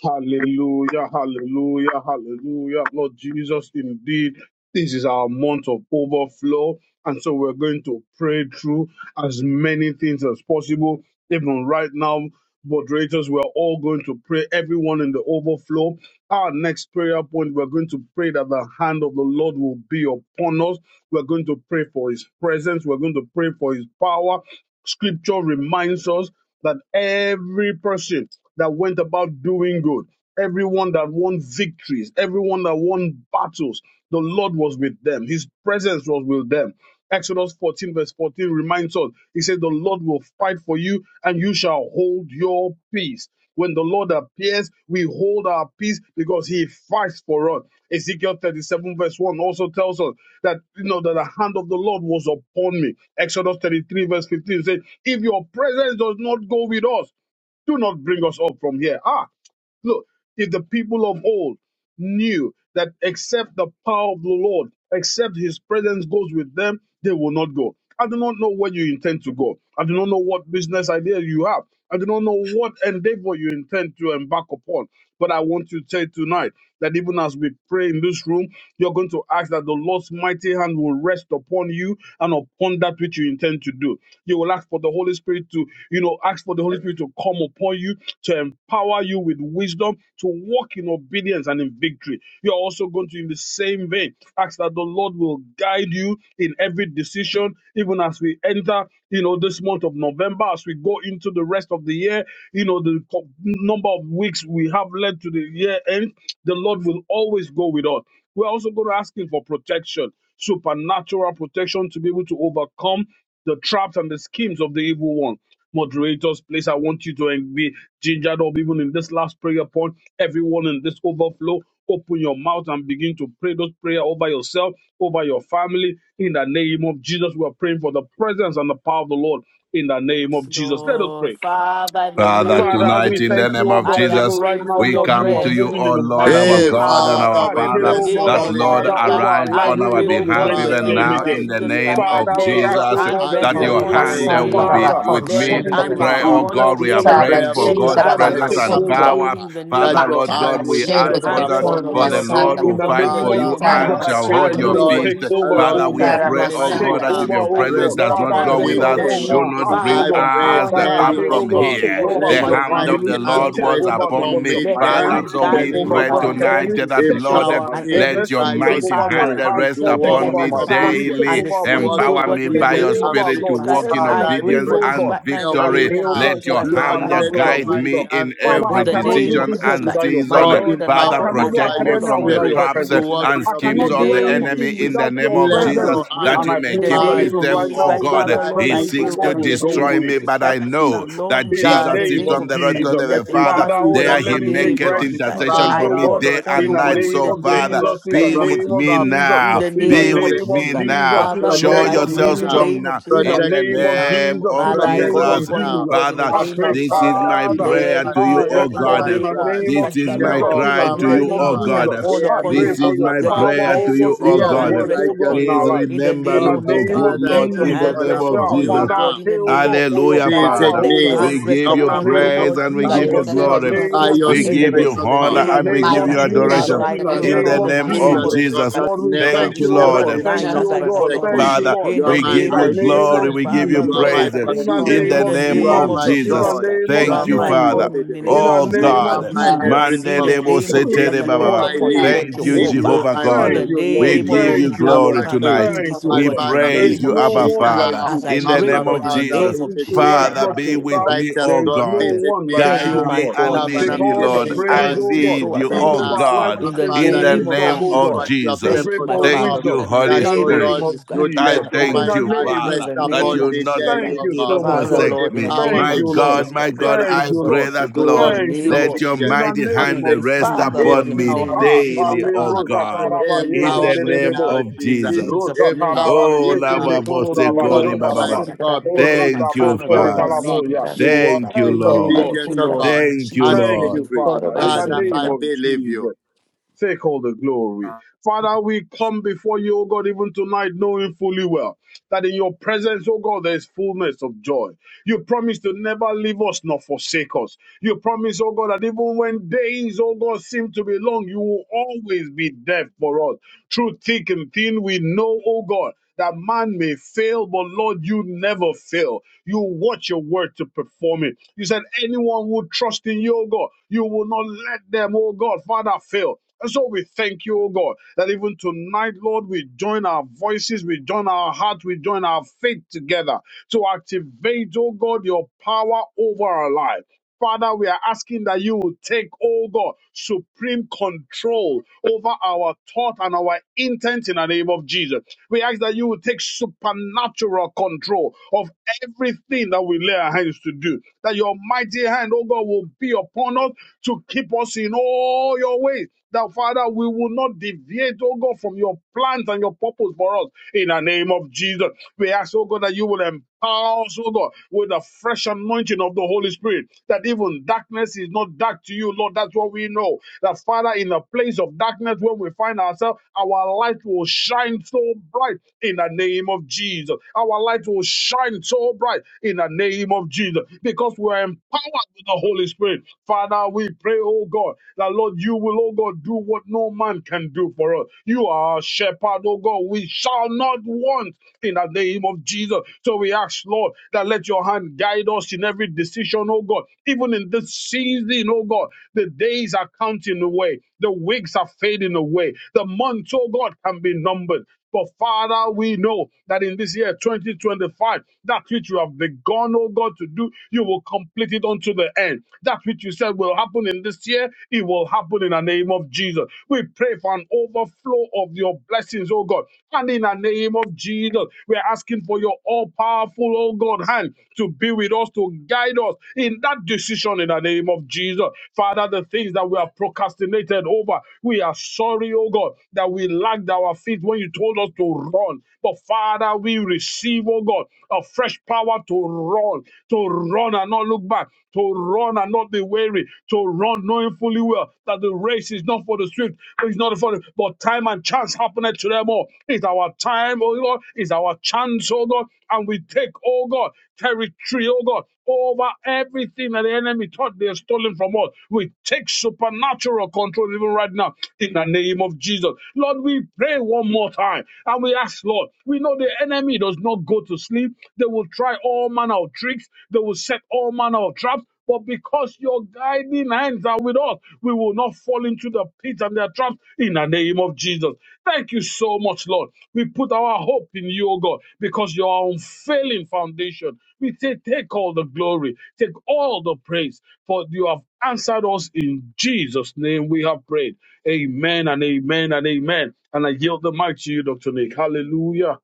Speaker 7: Hallelujah, hallelujah, hallelujah. Lord Jesus, indeed, this is our month of overflow. And so we're going to pray through as many things as possible. Even right now, moderators, we're all going to pray, everyone in the overflow. Our next prayer point, we're going to pray that the hand of the Lord will be upon us. We're going to pray for his presence. We're going to pray for his power scripture reminds us that every person that went about doing good, everyone that won victories, everyone that won battles, the Lord was with them. His presence was with them. Exodus 14, verse 14 reminds us, He said, The Lord will fight for you and you shall hold your peace. When the Lord appears, we hold our peace because he fights for us. Ezekiel 37 verse 1 also tells us that, you know, that the hand of the Lord was upon me. Exodus 33 verse 15 says, if your presence does not go with us, do not bring us up from here. Ah, Look, if the people of old knew that except the power of the Lord, except his presence goes with them, they will not go. I do not know where you intend to go. I do not know what business idea you have. I do not know what endeavor you intend to embark upon. But I want you to tell you tonight that even as we pray in this room, you're going to ask that the Lord's mighty hand will rest upon you and upon that which you intend to do. You will ask for the Holy Spirit to, you know, ask for the Holy Spirit to come upon you, to empower you with wisdom, to walk in obedience and in victory. You're also going to, in the same vein, ask that the Lord will will guide you in every decision, even as we enter, you know, this month of November, as we go into the rest of the year, you know, the co- number of weeks we have led to the year end, the Lord will always go with us. We're also going to ask Him for protection, supernatural protection to be able to overcome the traps and the schemes of the evil one moderators, please, I want you to be gingered up even in this last prayer point. Everyone in this overflow, open your mouth and begin to pray those prayer over yourself, over your family. In the name of Jesus, we are praying for the presence and the power of the Lord. In the name
Speaker 5: Yes,
Speaker 7: of Jesus, let us
Speaker 5: Lord.
Speaker 7: pray.
Speaker 5: Father, in the
Speaker 3: Father,
Speaker 5: name of
Speaker 7: Father,
Speaker 3: tonight
Speaker 7: we
Speaker 3: in the
Speaker 5: Jesus,
Speaker 7: thank you,
Speaker 3: name
Speaker 7: oh
Speaker 3: of
Speaker 7: God,
Speaker 5: I
Speaker 7: that
Speaker 5: am
Speaker 7: even
Speaker 3: Jesus,
Speaker 7: right
Speaker 5: praying
Speaker 7: now,
Speaker 5: for
Speaker 7: oh
Speaker 3: we
Speaker 5: your
Speaker 7: God, you
Speaker 3: come
Speaker 7: are
Speaker 3: to you,
Speaker 7: moving
Speaker 5: presence
Speaker 3: O
Speaker 7: in a
Speaker 3: Lord,
Speaker 5: and
Speaker 7: mighty
Speaker 3: our
Speaker 5: your
Speaker 1: Hey,
Speaker 7: way.
Speaker 3: God and
Speaker 5: power
Speaker 3: our
Speaker 1: Father,
Speaker 7: I
Speaker 1: we
Speaker 5: in
Speaker 7: pray,
Speaker 5: the
Speaker 3: Father,
Speaker 7: oh
Speaker 1: bless your
Speaker 7: God,
Speaker 3: that
Speaker 5: name
Speaker 7: that
Speaker 5: of
Speaker 1: holy
Speaker 3: Lord
Speaker 7: Father,
Speaker 1: name,
Speaker 5: Jesus Christ.
Speaker 7: over
Speaker 1: Abba
Speaker 7: our
Speaker 3: arise
Speaker 7: life,
Speaker 5: I
Speaker 3: on
Speaker 7: we
Speaker 1: Father.
Speaker 3: our
Speaker 7: will
Speaker 5: pray, oh
Speaker 7: not
Speaker 3: behalf
Speaker 5: God,
Speaker 7: remain
Speaker 5: in
Speaker 7: the
Speaker 5: the
Speaker 3: even
Speaker 1: Father,
Speaker 7: same
Speaker 5: name
Speaker 1: we
Speaker 3: now
Speaker 5: of
Speaker 3: in
Speaker 1: come
Speaker 7: again.
Speaker 3: the
Speaker 1: to
Speaker 5: Jesus
Speaker 1: you,
Speaker 3: name
Speaker 5: Christ,
Speaker 3: of
Speaker 7: Father,
Speaker 1: Almighty
Speaker 7: we
Speaker 5: let
Speaker 1: God,
Speaker 7: ask,
Speaker 5: your
Speaker 3: Jesus,
Speaker 7: oh
Speaker 5: hand
Speaker 7: God,
Speaker 1: and
Speaker 7: that
Speaker 5: rest
Speaker 3: that
Speaker 1: we
Speaker 7: you
Speaker 1: are
Speaker 3: your
Speaker 7: will,
Speaker 5: upon me
Speaker 7: oh
Speaker 3: hand
Speaker 7: God,
Speaker 3: uh,
Speaker 1: praying,
Speaker 6: Korabasanda,
Speaker 3: would be
Speaker 6: the
Speaker 5: daily.
Speaker 7: Father,
Speaker 1: Father,
Speaker 3: with
Speaker 5: Let
Speaker 1: in
Speaker 3: me.
Speaker 5: your
Speaker 7: come
Speaker 1: the
Speaker 7: into
Speaker 1: name
Speaker 5: hand
Speaker 6: Koroshindra,
Speaker 1: of
Speaker 7: my
Speaker 5: rest
Speaker 3: Pray, oh
Speaker 7: heart,
Speaker 5: upon me
Speaker 1: Jesus,
Speaker 3: God,
Speaker 7: Lord,
Speaker 3: we are
Speaker 7: come
Speaker 1: the
Speaker 5: daily.
Speaker 6: Itaba
Speaker 7: into
Speaker 3: praying
Speaker 1: prayer
Speaker 3: for
Speaker 7: play,
Speaker 1: for
Speaker 5: Let your
Speaker 7: oh
Speaker 3: God's
Speaker 1: God's
Speaker 6: Jindra,
Speaker 7: God,
Speaker 5: hand
Speaker 6: the
Speaker 7: and
Speaker 5: rest
Speaker 3: presence
Speaker 1: presence
Speaker 7: take
Speaker 3: and
Speaker 1: and
Speaker 5: upon me
Speaker 7: over.
Speaker 6: Masundra,
Speaker 3: power.
Speaker 5: daily
Speaker 1: power,
Speaker 5: in the name
Speaker 1: that
Speaker 3: Father,
Speaker 5: of
Speaker 1: your
Speaker 3: Lord
Speaker 5: Jesus.
Speaker 6: Mataba
Speaker 3: God,
Speaker 1: hand would
Speaker 3: we
Speaker 5: Let
Speaker 3: ask,
Speaker 5: your
Speaker 1: rest
Speaker 6: Shindra,
Speaker 3: oh
Speaker 6: the
Speaker 5: hand
Speaker 3: that
Speaker 5: rest
Speaker 1: upon
Speaker 3: for
Speaker 5: upon
Speaker 1: me,
Speaker 5: me
Speaker 3: the
Speaker 1: O God.
Speaker 3: Lord
Speaker 5: daily, oh
Speaker 7: In
Speaker 3: will
Speaker 6: Korabasanda,
Speaker 7: the
Speaker 5: God,
Speaker 3: fight
Speaker 5: in the
Speaker 7: name
Speaker 3: for
Speaker 7: of
Speaker 5: name
Speaker 1: Father,
Speaker 3: you
Speaker 5: of
Speaker 1: O
Speaker 5: Jesus
Speaker 6: Itara
Speaker 7: Jesus,
Speaker 3: and
Speaker 7: I
Speaker 1: Lord,
Speaker 3: shall
Speaker 5: Christ.
Speaker 7: pray
Speaker 3: hold
Speaker 5: I
Speaker 7: that you
Speaker 3: your
Speaker 6: Masundra,
Speaker 5: pray
Speaker 7: will
Speaker 1: Lord,
Speaker 5: for
Speaker 3: peace.
Speaker 7: take
Speaker 5: this, oh
Speaker 1: O
Speaker 5: God,
Speaker 7: over,
Speaker 1: Lord,
Speaker 3: Father,
Speaker 7: oh
Speaker 5: even
Speaker 3: we
Speaker 7: God.
Speaker 1: let
Speaker 6: Itara
Speaker 3: pray,
Speaker 5: in
Speaker 1: your
Speaker 5: the
Speaker 3: oh oh
Speaker 5: name
Speaker 7: Take
Speaker 1: mighty
Speaker 3: God,
Speaker 5: of
Speaker 6: Masandra,
Speaker 3: that if
Speaker 7: over,
Speaker 1: hand
Speaker 5: Jesus
Speaker 3: your
Speaker 5: Christ.
Speaker 7: oh
Speaker 3: presence
Speaker 7: God.
Speaker 1: rest
Speaker 3: does
Speaker 5: Let your
Speaker 7: Father,
Speaker 3: not
Speaker 7: I
Speaker 5: hand
Speaker 1: upon
Speaker 3: go
Speaker 5: rest
Speaker 3: with
Speaker 1: me
Speaker 7: pray, oh
Speaker 3: us,
Speaker 5: upon
Speaker 7: God, with
Speaker 5: me.
Speaker 3: do
Speaker 1: daily.
Speaker 7: our
Speaker 3: not
Speaker 6: Koroshindra,
Speaker 7: hearts, oh
Speaker 3: bring
Speaker 5: Father,
Speaker 1: I
Speaker 7: God.
Speaker 1: pray
Speaker 3: us
Speaker 5: empower me
Speaker 7: Father, I'm
Speaker 5: by
Speaker 3: up
Speaker 1: daily,
Speaker 5: your
Speaker 7: saying,
Speaker 1: O
Speaker 7: oh
Speaker 3: from
Speaker 7: God,
Speaker 5: spirit
Speaker 1: God,
Speaker 5: to
Speaker 7: take
Speaker 3: here.
Speaker 5: walk,
Speaker 7: over
Speaker 5: oh
Speaker 3: The
Speaker 1: let
Speaker 7: my
Speaker 5: God,
Speaker 1: your
Speaker 6: Koroshindra,
Speaker 5: in
Speaker 3: hand of
Speaker 7: family.
Speaker 3: the
Speaker 1: mighty hand
Speaker 3: Lord
Speaker 5: obedience
Speaker 7: Take
Speaker 3: was
Speaker 5: and
Speaker 1: rest
Speaker 7: over the
Speaker 5: victory.
Speaker 3: upon
Speaker 1: upon
Speaker 7: works
Speaker 3: me.
Speaker 7: of
Speaker 1: me
Speaker 5: Let
Speaker 7: my
Speaker 5: your
Speaker 3: Father,
Speaker 7: hand.
Speaker 1: daily
Speaker 5: hand
Speaker 3: so
Speaker 1: in
Speaker 7: Take
Speaker 1: the
Speaker 3: we
Speaker 5: guide me,
Speaker 1: name
Speaker 5: oh
Speaker 7: over
Speaker 1: of
Speaker 3: pray
Speaker 5: God,
Speaker 7: my
Speaker 5: in
Speaker 1: Jesus.
Speaker 5: every
Speaker 3: tonight
Speaker 7: academy.
Speaker 6: Arabasanda,
Speaker 3: that,
Speaker 7: Take
Speaker 5: decision
Speaker 7: over
Speaker 3: Lord,
Speaker 1: Empower
Speaker 7: my
Speaker 5: and
Speaker 1: me
Speaker 5: every
Speaker 7: business.
Speaker 3: let your
Speaker 1: by your
Speaker 5: season,
Speaker 7: Take
Speaker 3: mighty
Speaker 7: over
Speaker 5: Father.
Speaker 7: my
Speaker 3: hand
Speaker 1: spirit
Speaker 7: heart.
Speaker 3: rest
Speaker 1: to
Speaker 5: Protect me
Speaker 7: Take
Speaker 1: walk
Speaker 6: Ere
Speaker 5: from
Speaker 3: upon
Speaker 7: over
Speaker 5: the
Speaker 3: me
Speaker 1: in
Speaker 7: my
Speaker 6: Masandra.
Speaker 5: traps
Speaker 7: body. Take
Speaker 1: obedience,
Speaker 5: and
Speaker 3: daily.
Speaker 5: the
Speaker 7: over
Speaker 1: to
Speaker 7: my
Speaker 1: walk
Speaker 5: schemes,
Speaker 7: soul.
Speaker 5: oh
Speaker 3: Empower
Speaker 1: in
Speaker 5: God,
Speaker 3: me
Speaker 5: in the
Speaker 7: Take
Speaker 3: by
Speaker 1: obedience
Speaker 3: your
Speaker 5: name
Speaker 1: and
Speaker 5: of
Speaker 7: over,
Speaker 3: spirit to
Speaker 5: Jesus
Speaker 7: Lord,
Speaker 1: victory.
Speaker 3: walk
Speaker 5: Christ.
Speaker 3: in
Speaker 1: Father,
Speaker 5: I
Speaker 1: I
Speaker 5: pray
Speaker 7: everything,
Speaker 3: obedience
Speaker 5: for
Speaker 1: pray,
Speaker 7: oh
Speaker 5: this
Speaker 7: God.
Speaker 3: and
Speaker 5: right now in the
Speaker 1: help
Speaker 7: I
Speaker 1: me
Speaker 3: victory.
Speaker 5: name
Speaker 7: pray,
Speaker 5: of
Speaker 7: oh
Speaker 1: now.
Speaker 7: God,
Speaker 3: Let
Speaker 5: Jesus
Speaker 7: for
Speaker 3: your
Speaker 5: Christ.
Speaker 1: Lord,
Speaker 5: Father,
Speaker 3: hand
Speaker 5: I
Speaker 1: let
Speaker 5: pray
Speaker 1: your
Speaker 7: supernatural
Speaker 3: guide
Speaker 1: mighty
Speaker 3: me
Speaker 7: wisdom.
Speaker 1: hand
Speaker 3: in
Speaker 7: Father,
Speaker 1: rest
Speaker 5: in
Speaker 7: I
Speaker 3: every
Speaker 5: the
Speaker 1: upon
Speaker 7: cannot
Speaker 5: name
Speaker 7: do
Speaker 1: me
Speaker 5: of
Speaker 3: decision
Speaker 5: Jesus
Speaker 7: business
Speaker 1: daily.
Speaker 3: and
Speaker 5: Christ,
Speaker 7: without your
Speaker 5: my
Speaker 3: season.
Speaker 1: Oh,
Speaker 7: presence.
Speaker 5: Lord and my
Speaker 7: I
Speaker 3: Father, Father,
Speaker 1: empower
Speaker 5: God,
Speaker 1: me
Speaker 7: cannot
Speaker 5: as
Speaker 7: do
Speaker 5: I
Speaker 1: by
Speaker 3: protect me
Speaker 1: your
Speaker 5: call
Speaker 7: academia
Speaker 3: from
Speaker 5: upon
Speaker 3: the
Speaker 7: without
Speaker 5: you,
Speaker 1: spirit
Speaker 7: your
Speaker 5: God,
Speaker 3: traps
Speaker 1: to
Speaker 5: even
Speaker 3: uh,
Speaker 7: presence.
Speaker 5: tonight,
Speaker 1: walk
Speaker 3: and
Speaker 1: in
Speaker 7: I
Speaker 5: in
Speaker 3: schemes
Speaker 5: the
Speaker 7: cannot
Speaker 3: of
Speaker 7: do
Speaker 1: obedience
Speaker 3: the
Speaker 1: and
Speaker 5: name of
Speaker 3: enemy
Speaker 7: anything
Speaker 1: victory.
Speaker 3: in
Speaker 5: Jesus,
Speaker 3: the
Speaker 7: without
Speaker 3: name
Speaker 7: your
Speaker 3: of
Speaker 1: Let
Speaker 5: Father,
Speaker 7: presence.
Speaker 3: Jesus,
Speaker 5: we
Speaker 1: your
Speaker 5: pray.
Speaker 3: that
Speaker 1: hand
Speaker 7: And
Speaker 3: you
Speaker 7: I
Speaker 3: may
Speaker 5: In
Speaker 7: pray,
Speaker 5: the
Speaker 7: Lord,
Speaker 3: keep me
Speaker 7: that
Speaker 1: guide
Speaker 5: name
Speaker 7: even
Speaker 5: of
Speaker 3: safe,
Speaker 7: right
Speaker 1: me.
Speaker 5: Jesus
Speaker 7: now,
Speaker 3: oh
Speaker 7: oh
Speaker 5: Christ,
Speaker 7: God,
Speaker 3: God.
Speaker 5: Father,
Speaker 7: your
Speaker 1: Guide
Speaker 5: Lord,
Speaker 3: He
Speaker 5: I
Speaker 1: me
Speaker 7: presence,
Speaker 5: pray,
Speaker 7: oh
Speaker 3: seeks
Speaker 5: oh
Speaker 1: in
Speaker 3: to
Speaker 7: God,
Speaker 5: God, in
Speaker 7: will
Speaker 1: every
Speaker 5: the
Speaker 7: go
Speaker 5: name
Speaker 7: with
Speaker 3: destroy
Speaker 5: of
Speaker 7: me
Speaker 3: me,
Speaker 1: decision
Speaker 5: Jesus
Speaker 3: but
Speaker 5: Christ.
Speaker 3: I
Speaker 1: and
Speaker 3: know
Speaker 5: That
Speaker 1: season.
Speaker 5: Lord,
Speaker 3: that
Speaker 5: we
Speaker 7: in the
Speaker 5: pray
Speaker 3: Jesus
Speaker 5: in
Speaker 1: Guide
Speaker 5: the
Speaker 7: name
Speaker 3: sits
Speaker 5: name
Speaker 1: me
Speaker 7: of
Speaker 3: on
Speaker 5: of
Speaker 3: the
Speaker 5: Jesus
Speaker 3: right
Speaker 5: Christ.
Speaker 1: in
Speaker 3: side
Speaker 7: Jesus.
Speaker 3: of the
Speaker 5: Let
Speaker 1: every
Speaker 3: Father.
Speaker 5: empower
Speaker 7: Father,
Speaker 5: me, oh
Speaker 7: oh
Speaker 5: God,
Speaker 7: God,
Speaker 1: decision
Speaker 3: There
Speaker 5: in the
Speaker 3: he
Speaker 7: let me
Speaker 1: and
Speaker 7: make
Speaker 5: name of
Speaker 3: maketh
Speaker 7: right
Speaker 1: season.
Speaker 5: Jesus Christ.
Speaker 7: decisions,
Speaker 3: intercession
Speaker 5: I
Speaker 3: for
Speaker 7: oh
Speaker 1: Father,
Speaker 3: me
Speaker 7: God,
Speaker 5: call
Speaker 3: day
Speaker 5: upon you,
Speaker 7: in
Speaker 1: protect
Speaker 3: and
Speaker 5: oh
Speaker 7: the
Speaker 5: God,
Speaker 3: night.
Speaker 1: me
Speaker 5: in
Speaker 7: name
Speaker 3: So,
Speaker 5: the
Speaker 1: from
Speaker 7: of
Speaker 1: the
Speaker 5: name
Speaker 3: Father,
Speaker 5: of
Speaker 1: tra-
Speaker 7: Jesus,
Speaker 5: Jesus
Speaker 7: in
Speaker 5: Christ,
Speaker 7: the
Speaker 3: be
Speaker 5: even
Speaker 1: from
Speaker 5: for
Speaker 3: with
Speaker 1: the
Speaker 7: name of
Speaker 3: me
Speaker 5: today.
Speaker 1: traps
Speaker 7: Jesus,
Speaker 1: and
Speaker 5: In
Speaker 1: the
Speaker 3: now.
Speaker 5: the
Speaker 7: in the
Speaker 1: schemes
Speaker 3: Be
Speaker 5: name
Speaker 1: of
Speaker 5: of
Speaker 3: with
Speaker 1: the
Speaker 7: name
Speaker 5: Jesus
Speaker 7: of
Speaker 3: me
Speaker 5: Christ.
Speaker 1: enemy.
Speaker 3: now.
Speaker 7: Jesus, in
Speaker 5: Father,
Speaker 7: the
Speaker 3: Show
Speaker 5: Lord,
Speaker 1: Protect
Speaker 7: name
Speaker 5: I
Speaker 7: of
Speaker 1: me
Speaker 5: pray
Speaker 3: yourself
Speaker 5: in the
Speaker 1: now.
Speaker 7: Jesus,
Speaker 3: strong
Speaker 5: name of
Speaker 3: now
Speaker 5: Jesus
Speaker 7: in the
Speaker 5: Christ.
Speaker 3: in the
Speaker 1: Protect
Speaker 7: name
Speaker 1: me
Speaker 7: of
Speaker 1: now.
Speaker 3: name
Speaker 7: Jesus,
Speaker 3: of
Speaker 7: in
Speaker 5: Father,
Speaker 7: the
Speaker 5: I
Speaker 1: Protect
Speaker 7: name
Speaker 5: call
Speaker 1: me
Speaker 7: of
Speaker 3: Jesus.
Speaker 5: upon
Speaker 1: now.
Speaker 5: you,
Speaker 7: Jesus.
Speaker 5: God, in the
Speaker 3: Father,
Speaker 7: I
Speaker 5: name of
Speaker 7: pray,
Speaker 1: Abba,
Speaker 3: this
Speaker 5: Jesus
Speaker 3: is
Speaker 5: Christ.
Speaker 1: Father,
Speaker 3: my
Speaker 1: this
Speaker 7: Father,
Speaker 1: is
Speaker 3: prayer
Speaker 5: Let
Speaker 1: my
Speaker 5: it
Speaker 3: to
Speaker 5: be,
Speaker 7: ah,
Speaker 3: you,
Speaker 5: O
Speaker 1: prayer
Speaker 3: oh
Speaker 7: yes,
Speaker 5: God, in
Speaker 1: and
Speaker 5: the
Speaker 7: Lord,
Speaker 1: my
Speaker 7: in
Speaker 3: God.
Speaker 7: the
Speaker 5: name of
Speaker 1: cry.
Speaker 5: Jesus
Speaker 7: name
Speaker 3: This
Speaker 5: Christ,
Speaker 7: of
Speaker 3: is
Speaker 5: the
Speaker 3: my
Speaker 7: Jesus,
Speaker 5: Lord.
Speaker 7: in the
Speaker 3: cry
Speaker 1: Jehovah,
Speaker 5: In
Speaker 3: to
Speaker 5: the
Speaker 1: my
Speaker 3: you,
Speaker 7: name of
Speaker 5: name
Speaker 3: O
Speaker 5: of
Speaker 1: God.
Speaker 5: Jesus, I
Speaker 3: God.
Speaker 7: Jesus.
Speaker 5: call
Speaker 7: I
Speaker 1: Hear
Speaker 5: upon
Speaker 1: me,
Speaker 5: you, O
Speaker 7: pray
Speaker 3: This
Speaker 5: God.
Speaker 7: for
Speaker 3: is
Speaker 1: Abba
Speaker 7: your
Speaker 3: my
Speaker 5: Let your
Speaker 7: power,
Speaker 1: Father.
Speaker 3: prayer
Speaker 7: oh
Speaker 3: to
Speaker 7: God,
Speaker 3: you,
Speaker 5: presence,
Speaker 7: to
Speaker 3: O
Speaker 5: let
Speaker 7: do
Speaker 5: your
Speaker 1: Hear
Speaker 7: our
Speaker 1: me,
Speaker 5: hand
Speaker 3: God.
Speaker 7: work,
Speaker 5: rest
Speaker 7: oh God,
Speaker 1: righteous
Speaker 5: upon
Speaker 7: in
Speaker 5: me.
Speaker 7: our
Speaker 3: Please
Speaker 1: God.
Speaker 7: life.
Speaker 5: In the
Speaker 3: remember
Speaker 7: In
Speaker 3: me
Speaker 5: name
Speaker 7: the
Speaker 5: of
Speaker 1: Abba
Speaker 3: for
Speaker 5: Jesus
Speaker 7: name
Speaker 5: Christ,
Speaker 3: good,
Speaker 7: of
Speaker 1: Father,
Speaker 3: Lord,
Speaker 5: let your
Speaker 1: I
Speaker 3: in the
Speaker 7: Jesus.
Speaker 5: hand
Speaker 1: call
Speaker 3: name
Speaker 5: rest
Speaker 3: of
Speaker 7: Yeah,
Speaker 1: upon
Speaker 5: upon me,
Speaker 1: you
Speaker 5: O
Speaker 3: Jesus.
Speaker 7: Father, I
Speaker 5: God.
Speaker 1: now
Speaker 5: In
Speaker 7: pray,
Speaker 5: the
Speaker 7: oh
Speaker 5: name
Speaker 7: God,
Speaker 5: of
Speaker 7: for your
Speaker 5: Jesus
Speaker 3: Hallelujah,
Speaker 5: Christ,
Speaker 7: power,
Speaker 1: visit
Speaker 3: Father.
Speaker 5: let
Speaker 7: oh
Speaker 5: your
Speaker 1: me,
Speaker 7: God.
Speaker 5: hand
Speaker 3: We
Speaker 5: rest
Speaker 3: give
Speaker 1: not
Speaker 7: In
Speaker 3: you
Speaker 7: the
Speaker 1: by
Speaker 5: upon me,
Speaker 1: might,
Speaker 5: O
Speaker 7: name of
Speaker 1: not
Speaker 3: praise
Speaker 5: God,
Speaker 1: by
Speaker 3: and we
Speaker 5: that
Speaker 3: give
Speaker 1: power,
Speaker 3: you
Speaker 7: Jesus, in
Speaker 5: causes me
Speaker 7: the
Speaker 5: to
Speaker 3: glory.
Speaker 1: but
Speaker 7: name
Speaker 1: by
Speaker 5: defeat
Speaker 7: of
Speaker 5: my
Speaker 1: your
Speaker 3: We give
Speaker 1: spirit,
Speaker 7: Jesus,
Speaker 3: you
Speaker 5: enemies. In
Speaker 1: oh
Speaker 5: the
Speaker 7: in
Speaker 1: God.
Speaker 3: honor
Speaker 7: the
Speaker 5: name
Speaker 3: and
Speaker 5: of
Speaker 3: we
Speaker 1: I
Speaker 7: name
Speaker 5: Jesus
Speaker 3: give
Speaker 1: am
Speaker 7: of
Speaker 3: you
Speaker 5: Christ.
Speaker 1: praying,
Speaker 7: Jesus,
Speaker 5: Father,
Speaker 3: adoration
Speaker 1: Abba
Speaker 5: I
Speaker 7: in the
Speaker 5: pray, O
Speaker 3: in
Speaker 1: Father,
Speaker 5: God,
Speaker 7: name
Speaker 3: the
Speaker 5: in
Speaker 7: of
Speaker 5: the
Speaker 3: name
Speaker 1: that you
Speaker 5: name
Speaker 1: are
Speaker 3: of
Speaker 5: of
Speaker 7: Jesus.
Speaker 1: the
Speaker 5: Jesus
Speaker 1: God
Speaker 3: Jesus.
Speaker 1: that
Speaker 7: Lord,
Speaker 5: Christ,
Speaker 7: we
Speaker 5: even
Speaker 1: never
Speaker 5: for
Speaker 3: Thank
Speaker 7: thank
Speaker 3: you,
Speaker 7: you,
Speaker 5: this,
Speaker 1: would
Speaker 5: O
Speaker 7: oh
Speaker 5: God,
Speaker 1: never
Speaker 7: God.
Speaker 3: Lord.
Speaker 1: leave me
Speaker 7: Thank
Speaker 5: tonight
Speaker 7: you,
Speaker 1: nor
Speaker 5: as
Speaker 7: oh
Speaker 5: I call
Speaker 7: God.
Speaker 1: forsake
Speaker 5: upon you.
Speaker 7: Thank
Speaker 1: me.
Speaker 7: you,
Speaker 3: Father,
Speaker 7: Lord.
Speaker 5: In
Speaker 1: You are
Speaker 5: the
Speaker 3: we
Speaker 1: my
Speaker 7: In
Speaker 3: give
Speaker 5: name
Speaker 7: the
Speaker 5: of
Speaker 3: you
Speaker 1: hiding
Speaker 5: Jesus
Speaker 7: name of
Speaker 3: glory,
Speaker 1: place.
Speaker 5: Christ,
Speaker 3: we give you
Speaker 5: Father,
Speaker 1: You are
Speaker 7: Jesus.
Speaker 5: Lord,
Speaker 1: my
Speaker 5: I
Speaker 3: praise eh,
Speaker 5: pray.
Speaker 7: In the
Speaker 3: in
Speaker 1: pavilion.
Speaker 7: name
Speaker 3: the
Speaker 5: In
Speaker 7: of
Speaker 5: the
Speaker 3: name
Speaker 1: You are
Speaker 3: of
Speaker 5: name of
Speaker 1: my
Speaker 7: Jesus. In
Speaker 3: Jesus.
Speaker 7: the
Speaker 5: Jesus
Speaker 1: joy.
Speaker 5: Christ,
Speaker 7: name of
Speaker 1: You
Speaker 3: Thank
Speaker 1: are
Speaker 3: you,
Speaker 5: Father,
Speaker 1: my
Speaker 5: I
Speaker 3: Father.
Speaker 5: call
Speaker 7: Jesus.
Speaker 5: you in the name
Speaker 7: In
Speaker 1: confidence.
Speaker 5: of
Speaker 3: Oh
Speaker 7: the
Speaker 5: Jesus Christ,
Speaker 1: You
Speaker 5: even
Speaker 7: name of
Speaker 5: for
Speaker 1: are
Speaker 3: God,
Speaker 1: my
Speaker 5: this, oh
Speaker 7: Jesus.
Speaker 5: God.
Speaker 1: everything,
Speaker 5: In
Speaker 1: oh
Speaker 5: the
Speaker 1: God.
Speaker 3: Mandelebo
Speaker 5: name of Jesus,
Speaker 1: In
Speaker 3: Setere
Speaker 5: I
Speaker 1: you
Speaker 7: In
Speaker 5: call
Speaker 3: Baba.
Speaker 7: the
Speaker 1: I
Speaker 5: upon you, oh
Speaker 7: name
Speaker 1: live.
Speaker 5: God,
Speaker 7: of
Speaker 3: Thank you,
Speaker 1: In
Speaker 7: Jesus.
Speaker 5: Jehovah.
Speaker 1: you
Speaker 3: Jehovah
Speaker 1: I
Speaker 5: In
Speaker 3: God.
Speaker 5: the
Speaker 7: Thank
Speaker 1: move.
Speaker 7: you,
Speaker 3: We
Speaker 7: Lord.
Speaker 5: name
Speaker 1: In
Speaker 5: of
Speaker 3: give
Speaker 1: you
Speaker 3: you
Speaker 7: Thank
Speaker 5: Jesus
Speaker 1: I
Speaker 7: you,
Speaker 5: Christ,
Speaker 1: have
Speaker 3: glory
Speaker 1: my
Speaker 7: Lord.
Speaker 5: Father,
Speaker 1: being.
Speaker 3: tonight.
Speaker 5: do
Speaker 7: Thank
Speaker 5: this, oh
Speaker 7: you,
Speaker 1: My
Speaker 3: We
Speaker 5: God,
Speaker 7: Lord.
Speaker 5: in the
Speaker 1: Father,
Speaker 7: There
Speaker 3: praise
Speaker 7: is
Speaker 5: name
Speaker 3: you,
Speaker 5: of
Speaker 1: visit
Speaker 7: no
Speaker 3: Abba
Speaker 5: Jesus
Speaker 1: me
Speaker 7: one
Speaker 5: Christ.
Speaker 7: like
Speaker 3: Father,
Speaker 1: now.
Speaker 7: you,
Speaker 5: As I
Speaker 3: in the
Speaker 5: pray, oh
Speaker 3: name
Speaker 1: Abba,
Speaker 7: Jesus.
Speaker 5: God,
Speaker 3: of
Speaker 5: in the
Speaker 1: Father,
Speaker 7: From
Speaker 3: Jesus.
Speaker 5: name of
Speaker 7: east
Speaker 1: visit
Speaker 7: to
Speaker 5: Jesus
Speaker 1: me
Speaker 7: west,
Speaker 5: Christ,
Speaker 3: Father,
Speaker 5: I
Speaker 7: north
Speaker 1: now.
Speaker 3: be
Speaker 7: to
Speaker 5: pray.
Speaker 3: with
Speaker 6: Para
Speaker 7: south,
Speaker 3: me,
Speaker 1: Righteous
Speaker 3: oh
Speaker 7: there is
Speaker 1: God,
Speaker 7: no
Speaker 3: God.
Speaker 1: visit
Speaker 7: one
Speaker 1: me
Speaker 7: like
Speaker 5: Thank
Speaker 3: Guide
Speaker 7: you,
Speaker 5: you,
Speaker 7: O
Speaker 1: now.
Speaker 5: my
Speaker 3: me
Speaker 7: God.
Speaker 3: and
Speaker 6: or
Speaker 5: God,
Speaker 6: a
Speaker 5: in the
Speaker 3: lead
Speaker 7: Take
Speaker 1: Covenant
Speaker 6: ship
Speaker 5: name
Speaker 3: me,
Speaker 5: of
Speaker 7: all the
Speaker 6: that
Speaker 3: Lord.
Speaker 5: Jesus
Speaker 1: keeping
Speaker 5: Christ,
Speaker 7: praise,
Speaker 3: I
Speaker 1: God,
Speaker 5: just
Speaker 7: O
Speaker 5: is
Speaker 7: God.
Speaker 5: so
Speaker 3: need
Speaker 1: visit
Speaker 5: as
Speaker 3: you,
Speaker 5: I
Speaker 6: or
Speaker 1: me
Speaker 7: Even
Speaker 3: oh
Speaker 6: a
Speaker 7: over
Speaker 1: now.
Speaker 5: prayed.
Speaker 7: our
Speaker 6: suit
Speaker 7: life,
Speaker 3: God,
Speaker 7: we
Speaker 5: In
Speaker 1: And
Speaker 5: the
Speaker 7: pray
Speaker 3: in
Speaker 7: for
Speaker 1: Father,
Speaker 3: the
Speaker 5: name of
Speaker 7: wisdom,
Speaker 3: name
Speaker 7: O
Speaker 1: establish
Speaker 5: Jesus
Speaker 7: God.
Speaker 3: of
Speaker 1: what
Speaker 5: Christ.
Speaker 1: you have
Speaker 7: We
Speaker 3: Jesus.
Speaker 5: Thank
Speaker 7: pray
Speaker 5: you,
Speaker 1: purposed,
Speaker 5: my
Speaker 6: or
Speaker 7: for
Speaker 1: oh
Speaker 6: a
Speaker 3: Thank
Speaker 1: God.
Speaker 5: Father
Speaker 6: ship
Speaker 7: wisdom
Speaker 3: you,
Speaker 5: God. In
Speaker 6: that
Speaker 5: the
Speaker 7: in
Speaker 3: Holy
Speaker 1: That,
Speaker 7: the
Speaker 1: O
Speaker 5: name of
Speaker 3: Spirit.
Speaker 7: name
Speaker 1: Lord,
Speaker 7: of
Speaker 5: Jesus Christ,
Speaker 1: you'd
Speaker 3: I
Speaker 1: let
Speaker 7: Jesus.
Speaker 5: I
Speaker 1: your
Speaker 6: or a
Speaker 7: In
Speaker 3: thank
Speaker 1: might
Speaker 7: the
Speaker 3: you,
Speaker 5: overflow,
Speaker 1: hand
Speaker 5: God.
Speaker 7: name of
Speaker 5: In
Speaker 1: rest
Speaker 3: Father,
Speaker 5: the
Speaker 3: that
Speaker 5: name
Speaker 1: upon
Speaker 7: Jesus.
Speaker 3: you
Speaker 5: of
Speaker 1: me
Speaker 3: not
Speaker 5: Jesus
Speaker 1: daily,
Speaker 7: Thank
Speaker 3: leave
Speaker 1: O
Speaker 7: you
Speaker 3: me
Speaker 5: Christ.
Speaker 1: God.
Speaker 3: nor
Speaker 7: so much,
Speaker 5: Father,
Speaker 1: You'd
Speaker 7: Lord.
Speaker 3: forsake
Speaker 5: Lord, in
Speaker 3: me.
Speaker 5: the
Speaker 6: ship
Speaker 1: empower
Speaker 5: name
Speaker 7: Thank
Speaker 3: My
Speaker 5: of
Speaker 1: me
Speaker 7: you,
Speaker 1: by
Speaker 7: Lord.
Speaker 1: your
Speaker 5: Jesus
Speaker 3: God, my
Speaker 5: Christ.
Speaker 3: God,
Speaker 1: spirit, O
Speaker 7: Thank
Speaker 5: Even
Speaker 3: I
Speaker 7: you,
Speaker 5: for
Speaker 1: God,
Speaker 7: Lord.
Speaker 3: pray
Speaker 5: this, oh
Speaker 3: that,
Speaker 1: to
Speaker 5: God, in
Speaker 3: Lord,
Speaker 1: walk
Speaker 5: the
Speaker 7: Thank
Speaker 1: in
Speaker 7: you,
Speaker 5: name of
Speaker 3: let
Speaker 7: Lord.
Speaker 3: your
Speaker 5: Jesus
Speaker 7: In
Speaker 1: obedience
Speaker 7: the
Speaker 5: Christ.
Speaker 3: mighty
Speaker 1: and
Speaker 7: name
Speaker 3: hand
Speaker 5: Thank
Speaker 7: of
Speaker 5: you,
Speaker 1: victory.
Speaker 3: rest
Speaker 5: Father, Lord,
Speaker 7: Jesus.
Speaker 3: upon
Speaker 5: in the
Speaker 3: me
Speaker 1: Empower
Speaker 5: name of
Speaker 7: Ah,
Speaker 1: me
Speaker 7: ba
Speaker 5: Jesus
Speaker 1: now,
Speaker 3: daily,
Speaker 5: Christ.
Speaker 3: O
Speaker 7: libro
Speaker 5: I
Speaker 1: Father.
Speaker 3: God,
Speaker 5: call
Speaker 7: zataraba
Speaker 5: upon you,
Speaker 6: or
Speaker 3: in
Speaker 5: God,
Speaker 6: a
Speaker 5: in
Speaker 1: Empower
Speaker 3: the
Speaker 7: yekende
Speaker 5: for
Speaker 6: suit
Speaker 1: me
Speaker 7: de
Speaker 5: this,
Speaker 3: name
Speaker 5: oh
Speaker 6: that
Speaker 5: God.
Speaker 1: now,
Speaker 7: debo.
Speaker 3: of
Speaker 5: In
Speaker 1: Jesus.
Speaker 3: Jesus.
Speaker 7: Libro
Speaker 5: Jesus' name,
Speaker 1: Empower
Speaker 7: zataraba
Speaker 3: Oh,
Speaker 1: me
Speaker 5: I pray,
Speaker 1: now
Speaker 7: yekende
Speaker 5: God, in
Speaker 3: Lababose
Speaker 5: the
Speaker 1: to
Speaker 7: konoraba
Speaker 1: walk,
Speaker 6: or
Speaker 5: name
Speaker 6: a
Speaker 5: of
Speaker 3: Baba
Speaker 5: Jesus
Speaker 3: Bababa.
Speaker 7: yondaraba.
Speaker 1: Almighty
Speaker 6: suit
Speaker 5: Christ.
Speaker 6: that
Speaker 1: God,
Speaker 5: Thank you,
Speaker 1: in
Speaker 5: my
Speaker 3: Thank
Speaker 1: your
Speaker 3: you,
Speaker 7: Oradabo
Speaker 5: Father, God,
Speaker 6: or
Speaker 1: spirit,
Speaker 5: in
Speaker 1: of
Speaker 6: a
Speaker 5: the
Speaker 3: Father.
Speaker 6: suit
Speaker 1: God,
Speaker 5: name of
Speaker 7: jotalaboya.
Speaker 6: that
Speaker 1: to
Speaker 5: Jesus
Speaker 1: walk
Speaker 3: Thank
Speaker 5: Christ.
Speaker 3: you,
Speaker 1: in
Speaker 7: Thank you,
Speaker 3: Lord.
Speaker 7: Lord.
Speaker 5: Thank you,
Speaker 1: obedience, of
Speaker 5: Lord,
Speaker 1: God,
Speaker 5: in
Speaker 3: Thank you,
Speaker 1: and
Speaker 5: Jesus'
Speaker 7: Thank
Speaker 3: Lord.
Speaker 7: you,
Speaker 5: name.
Speaker 1: victory.
Speaker 6: or
Speaker 7: Father.
Speaker 6: a
Speaker 7: In the
Speaker 1: Father,
Speaker 6: suit
Speaker 5: Amen.
Speaker 7: name
Speaker 1: I
Speaker 6: that
Speaker 7: of
Speaker 1: believe you.
Speaker 7: Jesus. Take all the glory. Father, we come before you, O God, even tonight, knowing fully well that in your presence, O God, there is fullness of joy. You promise to never leave us nor forsake us. You promise, oh God, that even when days, oh God, seem to be long, you will always be there for us. Through thick and thin, we know, oh God, that man may fail, but Lord, you never fail. You watch your word to perform it. You said, anyone who trusts in you, oh God, you will not let them, oh God, Father, fail. And so we thank you, oh God, that even tonight, Lord, we join our voices, we join our hearts, we join our faith together to activate, oh God, your power over our life. Father, we are asking that you will take, oh God, supreme control over our thought and our intent in the name of Jesus. We ask that you will take supernatural control of everything that we lay our hands to do. That your mighty hand, oh God, will be upon us to keep us in all your ways. That Father, we will not deviate, oh God, from your plans and your purpose for us in the name of Jesus. We ask, oh God, that you will empower us, oh God, with a fresh anointing of the Holy Spirit, that even darkness is not dark to you, Lord. That's what we know. That, Father, in the place of darkness, when we find ourselves, our light will shine so bright in the name of Jesus. Our light will shine so bright in the name of Jesus because we're empowered with the Holy Spirit. Father, we pray, oh God, that Lord, you will, oh God, do what no man can do through for us. You are our shepherd, oh God. We shall not want in the name of Jesus. So we ask, Lord, that let your hand guide us in every decision, oh God. Even in this season, oh God, the days are counting away, the weeks are fading away, the months, oh God, can be numbered. But Father, we know that in this year 2025, that which you have begun, oh God, to do, you will complete it unto the end. That which you said will happen in this year, it will happen in the name of Jesus. We pray for an overflow of your blessings, oh God. And in the name of Jesus, we're asking for your all powerful, oh God, hand to be with us, to guide us in that decision in the name the name of Jesus. Father, the things that we are procrastinated over, we are sorry, oh God, that we lagged our feet when you told us to run. But Father, we receive, oh God, a fresh power to run, to run and not look back, to run and not be weary, to run knowing fully well that the race is not for the swift, it's not for the, but time and chance happeneth to them all. It's our time time, oh Lord, is our chance, oh God, and we take, oh God, territory, oh God, over everything that the enemy thought they had stolen from us. We take supernatural control even right now in the name of Jesus. Lord, we pray one more time and we ask, Lord, we know the enemy does not go to sleep. They will try all manner of tricks, they will set all manner of traps. But because your guiding hands are with us, we will not fall into the pit and their traps in the name of Jesus. Thank you so much, Lord. We put our hope in you, O God, because you are unfailing foundation. We say, take all the glory, take all the praise, for you have answered us in Jesus' name. We have prayed. Amen and amen and amen. And I yield the mic to you, Dr. Nick. Hallelujah.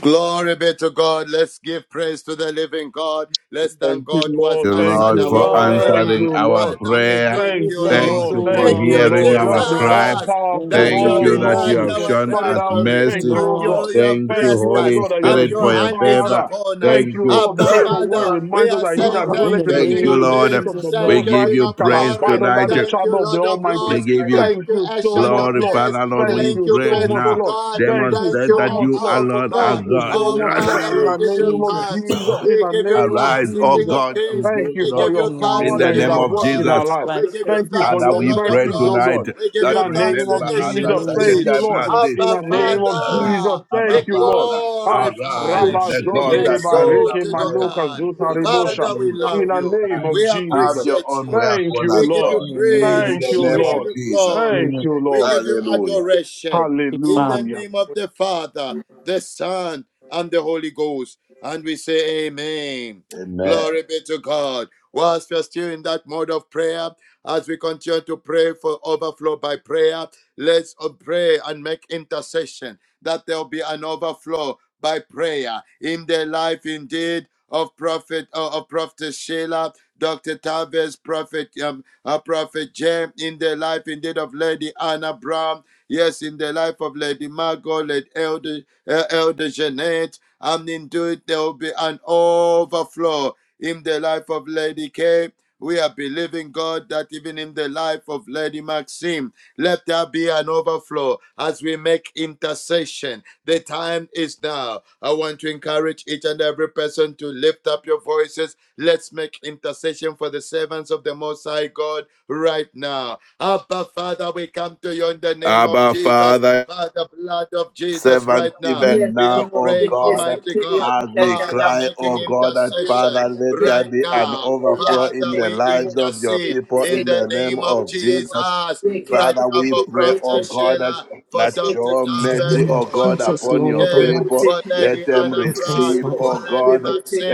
Speaker 1: Glory be to God. Let's give praise to the living God. Let's
Speaker 7: Thank
Speaker 1: thank
Speaker 7: you,
Speaker 1: God who has
Speaker 7: Lord.
Speaker 3: you,
Speaker 7: Thank
Speaker 5: Thank
Speaker 1: answered
Speaker 3: Lord,
Speaker 5: you,
Speaker 7: you,
Speaker 1: our
Speaker 3: for
Speaker 7: Lord.
Speaker 1: prayer.
Speaker 5: Lord.
Speaker 7: Thank
Speaker 3: answering
Speaker 7: you,
Speaker 3: our
Speaker 7: Lord.
Speaker 1: Father,
Speaker 5: We
Speaker 1: we
Speaker 5: give
Speaker 3: prayer.
Speaker 1: thank
Speaker 5: you
Speaker 7: Thank
Speaker 1: you,
Speaker 7: you,
Speaker 5: thanks,
Speaker 1: Lord.
Speaker 3: Thank
Speaker 5: O
Speaker 7: Lord.
Speaker 3: you for
Speaker 7: Thank
Speaker 1: Thank
Speaker 7: you,
Speaker 5: Lord.
Speaker 1: you,
Speaker 3: hearing
Speaker 5: Thank
Speaker 7: Lord. You
Speaker 5: you,
Speaker 3: our
Speaker 7: are the
Speaker 5: Lord.
Speaker 3: cry.
Speaker 7: all
Speaker 1: Jesus,
Speaker 5: In
Speaker 7: powerful,
Speaker 5: the
Speaker 1: that you
Speaker 3: Thank
Speaker 1: have
Speaker 7: all
Speaker 5: name
Speaker 3: you
Speaker 5: of
Speaker 3: that you
Speaker 1: enlarged
Speaker 7: knowing.
Speaker 3: have
Speaker 1: our
Speaker 5: Jesus,
Speaker 3: shown us
Speaker 7: Father, we
Speaker 1: territory
Speaker 7: thank
Speaker 3: mercy.
Speaker 7: you,
Speaker 1: and
Speaker 7: O
Speaker 5: Lord.
Speaker 7: God.
Speaker 1: you, you have
Speaker 3: Thank you,
Speaker 7: Thank you,
Speaker 1: blessed
Speaker 7: O
Speaker 3: Holy
Speaker 1: us
Speaker 7: God, that you're
Speaker 1: and
Speaker 7: a
Speaker 3: Spirit,
Speaker 1: your
Speaker 3: for
Speaker 7: good
Speaker 3: your
Speaker 1: hand is
Speaker 3: favor.
Speaker 7: father.
Speaker 1: upon us.
Speaker 3: Thank
Speaker 7: Thank you,
Speaker 3: you.
Speaker 7: Lord,
Speaker 1: Abba,
Speaker 7: because
Speaker 4: Thank
Speaker 7: your
Speaker 4: you,
Speaker 7: word
Speaker 1: Father,
Speaker 4: Father,
Speaker 1: we
Speaker 7: reminds us
Speaker 1: are
Speaker 7: that he
Speaker 1: saying
Speaker 7: that
Speaker 5: In
Speaker 1: thank
Speaker 7: dwelleth
Speaker 5: the
Speaker 7: in
Speaker 1: you,
Speaker 7: the
Speaker 3: Thank
Speaker 1: King
Speaker 3: you,
Speaker 1: of
Speaker 5: name
Speaker 7: secret
Speaker 5: of
Speaker 3: Lord.
Speaker 7: place
Speaker 1: Kings.
Speaker 7: of the
Speaker 5: Jesus,
Speaker 3: We
Speaker 5: God.
Speaker 1: Thank
Speaker 7: Most
Speaker 1: you,
Speaker 7: High
Speaker 3: give
Speaker 1: King
Speaker 3: you
Speaker 1: of
Speaker 7: shall
Speaker 3: praise
Speaker 1: Glory.
Speaker 7: abide under
Speaker 3: tonight.
Speaker 7: the
Speaker 1: Thank you,
Speaker 7: shadow of the
Speaker 1: Lord of
Speaker 4: for
Speaker 3: We
Speaker 7: Almighty.
Speaker 1: Lords.
Speaker 3: give you
Speaker 1: Thank
Speaker 7: Thank
Speaker 1: you,
Speaker 7: you so
Speaker 1: Ancient
Speaker 7: much,
Speaker 1: of
Speaker 3: glory,
Speaker 7: Lord.
Speaker 1: Days.
Speaker 3: Father, Lord.
Speaker 7: Thank
Speaker 1: Thank
Speaker 3: We
Speaker 7: you
Speaker 1: you,
Speaker 3: pray
Speaker 7: so much,
Speaker 1: faithful
Speaker 3: now.
Speaker 7: Lord.
Speaker 1: God.
Speaker 7: Thank you
Speaker 1: Thank
Speaker 3: Demonstrate
Speaker 1: you,
Speaker 7: so
Speaker 3: that
Speaker 1: all
Speaker 7: much,
Speaker 3: you
Speaker 7: Lord.
Speaker 1: powerful
Speaker 3: alone are
Speaker 1: God.
Speaker 7: Thank you
Speaker 5: In the
Speaker 3: God.
Speaker 7: so
Speaker 1: Our
Speaker 7: much, Lord.
Speaker 1: Father,
Speaker 7: In
Speaker 5: name
Speaker 1: we
Speaker 7: the
Speaker 5: of
Speaker 1: give you
Speaker 7: name of
Speaker 5: Jesus.
Speaker 1: thanks.
Speaker 7: Jesus, in
Speaker 1: We
Speaker 7: the
Speaker 1: give you
Speaker 7: name of
Speaker 1: thanks,
Speaker 3: Arise,
Speaker 1: the
Speaker 3: oh
Speaker 1: King of
Speaker 7: Jesus.
Speaker 3: God, and
Speaker 1: Kings.
Speaker 3: do
Speaker 4: your
Speaker 7: Thank
Speaker 3: it,
Speaker 7: you
Speaker 1: We
Speaker 3: Lord.
Speaker 7: for
Speaker 1: give you
Speaker 7: your
Speaker 5: In the
Speaker 1: thanks,
Speaker 3: In
Speaker 7: power
Speaker 1: the
Speaker 3: the
Speaker 7: that is
Speaker 1: King
Speaker 5: name
Speaker 3: name
Speaker 1: of
Speaker 7: at
Speaker 5: of
Speaker 3: of
Speaker 7: work in
Speaker 1: Glory.
Speaker 3: Jesus,
Speaker 7: our
Speaker 5: Jesus
Speaker 7: life.
Speaker 1: We
Speaker 5: Christ.
Speaker 1: give
Speaker 4: mercy.
Speaker 1: you
Speaker 7: Thank you for
Speaker 1: thanks,
Speaker 3: Father,
Speaker 1: the
Speaker 7: your
Speaker 3: we
Speaker 1: Lord of
Speaker 3: pray
Speaker 7: mercies, oh
Speaker 1: Lords.
Speaker 3: tonight
Speaker 7: God.
Speaker 1: We give
Speaker 7: In
Speaker 3: that
Speaker 1: you
Speaker 7: the
Speaker 1: thanks,
Speaker 7: name
Speaker 1: the
Speaker 3: remember
Speaker 7: of
Speaker 5: In the
Speaker 3: us
Speaker 1: Ancient
Speaker 3: at
Speaker 7: Jesus,
Speaker 1: of
Speaker 5: name
Speaker 3: such
Speaker 7: thank
Speaker 3: a
Speaker 5: of
Speaker 1: Days.
Speaker 7: you,
Speaker 3: time
Speaker 7: Lord.
Speaker 3: as
Speaker 5: Jesus.
Speaker 3: this.
Speaker 7: In the
Speaker 1: Abba,
Speaker 7: name of
Speaker 3: Yes,
Speaker 1: Father,
Speaker 7: Jesus,
Speaker 3: Abba
Speaker 1: be
Speaker 7: thank you, Lord.
Speaker 3: Father,
Speaker 7: Ah,
Speaker 3: arise,
Speaker 1: glorified,
Speaker 7: Rabba
Speaker 3: the
Speaker 1: be
Speaker 3: God
Speaker 5: Shaking
Speaker 3: that
Speaker 5: us,
Speaker 7: Zodeleba
Speaker 5: Lord.
Speaker 7: Reke
Speaker 3: answers
Speaker 1: exalted, O
Speaker 3: prayer.
Speaker 7: Manoka
Speaker 1: God.
Speaker 7: Zuta
Speaker 3: It falls
Speaker 7: Rebosha.
Speaker 1: Father, we
Speaker 3: you,
Speaker 7: In
Speaker 1: love
Speaker 7: the
Speaker 1: you.
Speaker 7: name
Speaker 3: Christ.
Speaker 7: of
Speaker 5: In
Speaker 1: We
Speaker 3: Have
Speaker 7: Jesus,
Speaker 3: your
Speaker 1: appreciate
Speaker 3: own way
Speaker 1: you.
Speaker 3: upon
Speaker 7: thank you,
Speaker 1: We
Speaker 3: us,
Speaker 1: give
Speaker 7: Lord.
Speaker 1: you
Speaker 3: Lord.
Speaker 5: in the name
Speaker 3: In
Speaker 5: of
Speaker 1: praise.
Speaker 7: Thank
Speaker 3: the
Speaker 7: you,
Speaker 1: We
Speaker 3: name
Speaker 5: Jesus.
Speaker 3: of
Speaker 1: give
Speaker 7: Lord.
Speaker 1: you
Speaker 3: Jesus.
Speaker 1: glory.
Speaker 7: Thank
Speaker 5: Amen. Thank
Speaker 7: you,
Speaker 1: We
Speaker 7: Lord.
Speaker 1: give you
Speaker 3: Hallelujah.
Speaker 1: adoration
Speaker 5: you,
Speaker 1: in
Speaker 5: Father.
Speaker 1: the
Speaker 7: Hallelujah.
Speaker 1: name of the Father, the Son, and the Holy Ghost. And we say, Amen.
Speaker 3: Amen.
Speaker 1: Glory be to God. Whilst we are still in that mode of prayer, as we continue to pray for overflow by prayer, let's uh, pray and make intercession that there will be an overflow by prayer in their life indeed of Prophet uh, of Prophet Sheila, Dr. Tavis, Prophet um, uh, Prophet Jam, in the life indeed of Lady Anna Brown. Yes, in the life of Lady Margot, Lady Elder uh, Elder Jeanette, and indeed there will be an overflow in the life of Lady K. We are believing, God, that even in the life of Lady Maxime, let there be an overflow as we make intercession. The time is now. I want to encourage each and every person to lift up your voices. Let's make intercession for the servants of the Most High God right now. Abba, Father, we come to you in the name of
Speaker 3: Abba
Speaker 1: Jesus,
Speaker 3: Father.
Speaker 1: by the blood of Jesus
Speaker 3: servant
Speaker 1: right now.
Speaker 3: even
Speaker 1: We are
Speaker 3: now, O
Speaker 1: praying,
Speaker 3: God,
Speaker 1: Almighty God.
Speaker 3: as we
Speaker 1: Father,
Speaker 3: cry,
Speaker 1: making
Speaker 3: O God, that
Speaker 1: intercession
Speaker 3: Father, let there
Speaker 1: right
Speaker 3: be an
Speaker 1: now
Speaker 3: overflow in
Speaker 1: Father,
Speaker 3: the
Speaker 1: we
Speaker 3: lives of your
Speaker 1: intercede
Speaker 3: people
Speaker 1: in
Speaker 3: in
Speaker 1: the
Speaker 3: the name
Speaker 1: name of
Speaker 3: of Jesus.
Speaker 1: Jesus right
Speaker 3: Father,
Speaker 1: now
Speaker 3: we
Speaker 1: for
Speaker 3: pray, O
Speaker 1: Prophet
Speaker 3: God, that
Speaker 1: Sheila, for
Speaker 3: that
Speaker 1: Dr.
Speaker 3: your
Speaker 8: In the
Speaker 1: Tavis,
Speaker 3: mercy,
Speaker 8: name of
Speaker 3: O
Speaker 1: for
Speaker 3: God,
Speaker 8: Jesus,
Speaker 1: Prophet
Speaker 3: upon your
Speaker 8: Lord
Speaker 1: Jeff,
Speaker 3: people,
Speaker 8: Almighty,
Speaker 1: for
Speaker 3: let
Speaker 1: Lady
Speaker 3: them
Speaker 1: Anna
Speaker 8: we pray
Speaker 1: Brown,
Speaker 3: receive,
Speaker 8: for
Speaker 1: for
Speaker 8: the
Speaker 3: O
Speaker 1: Lady
Speaker 3: God,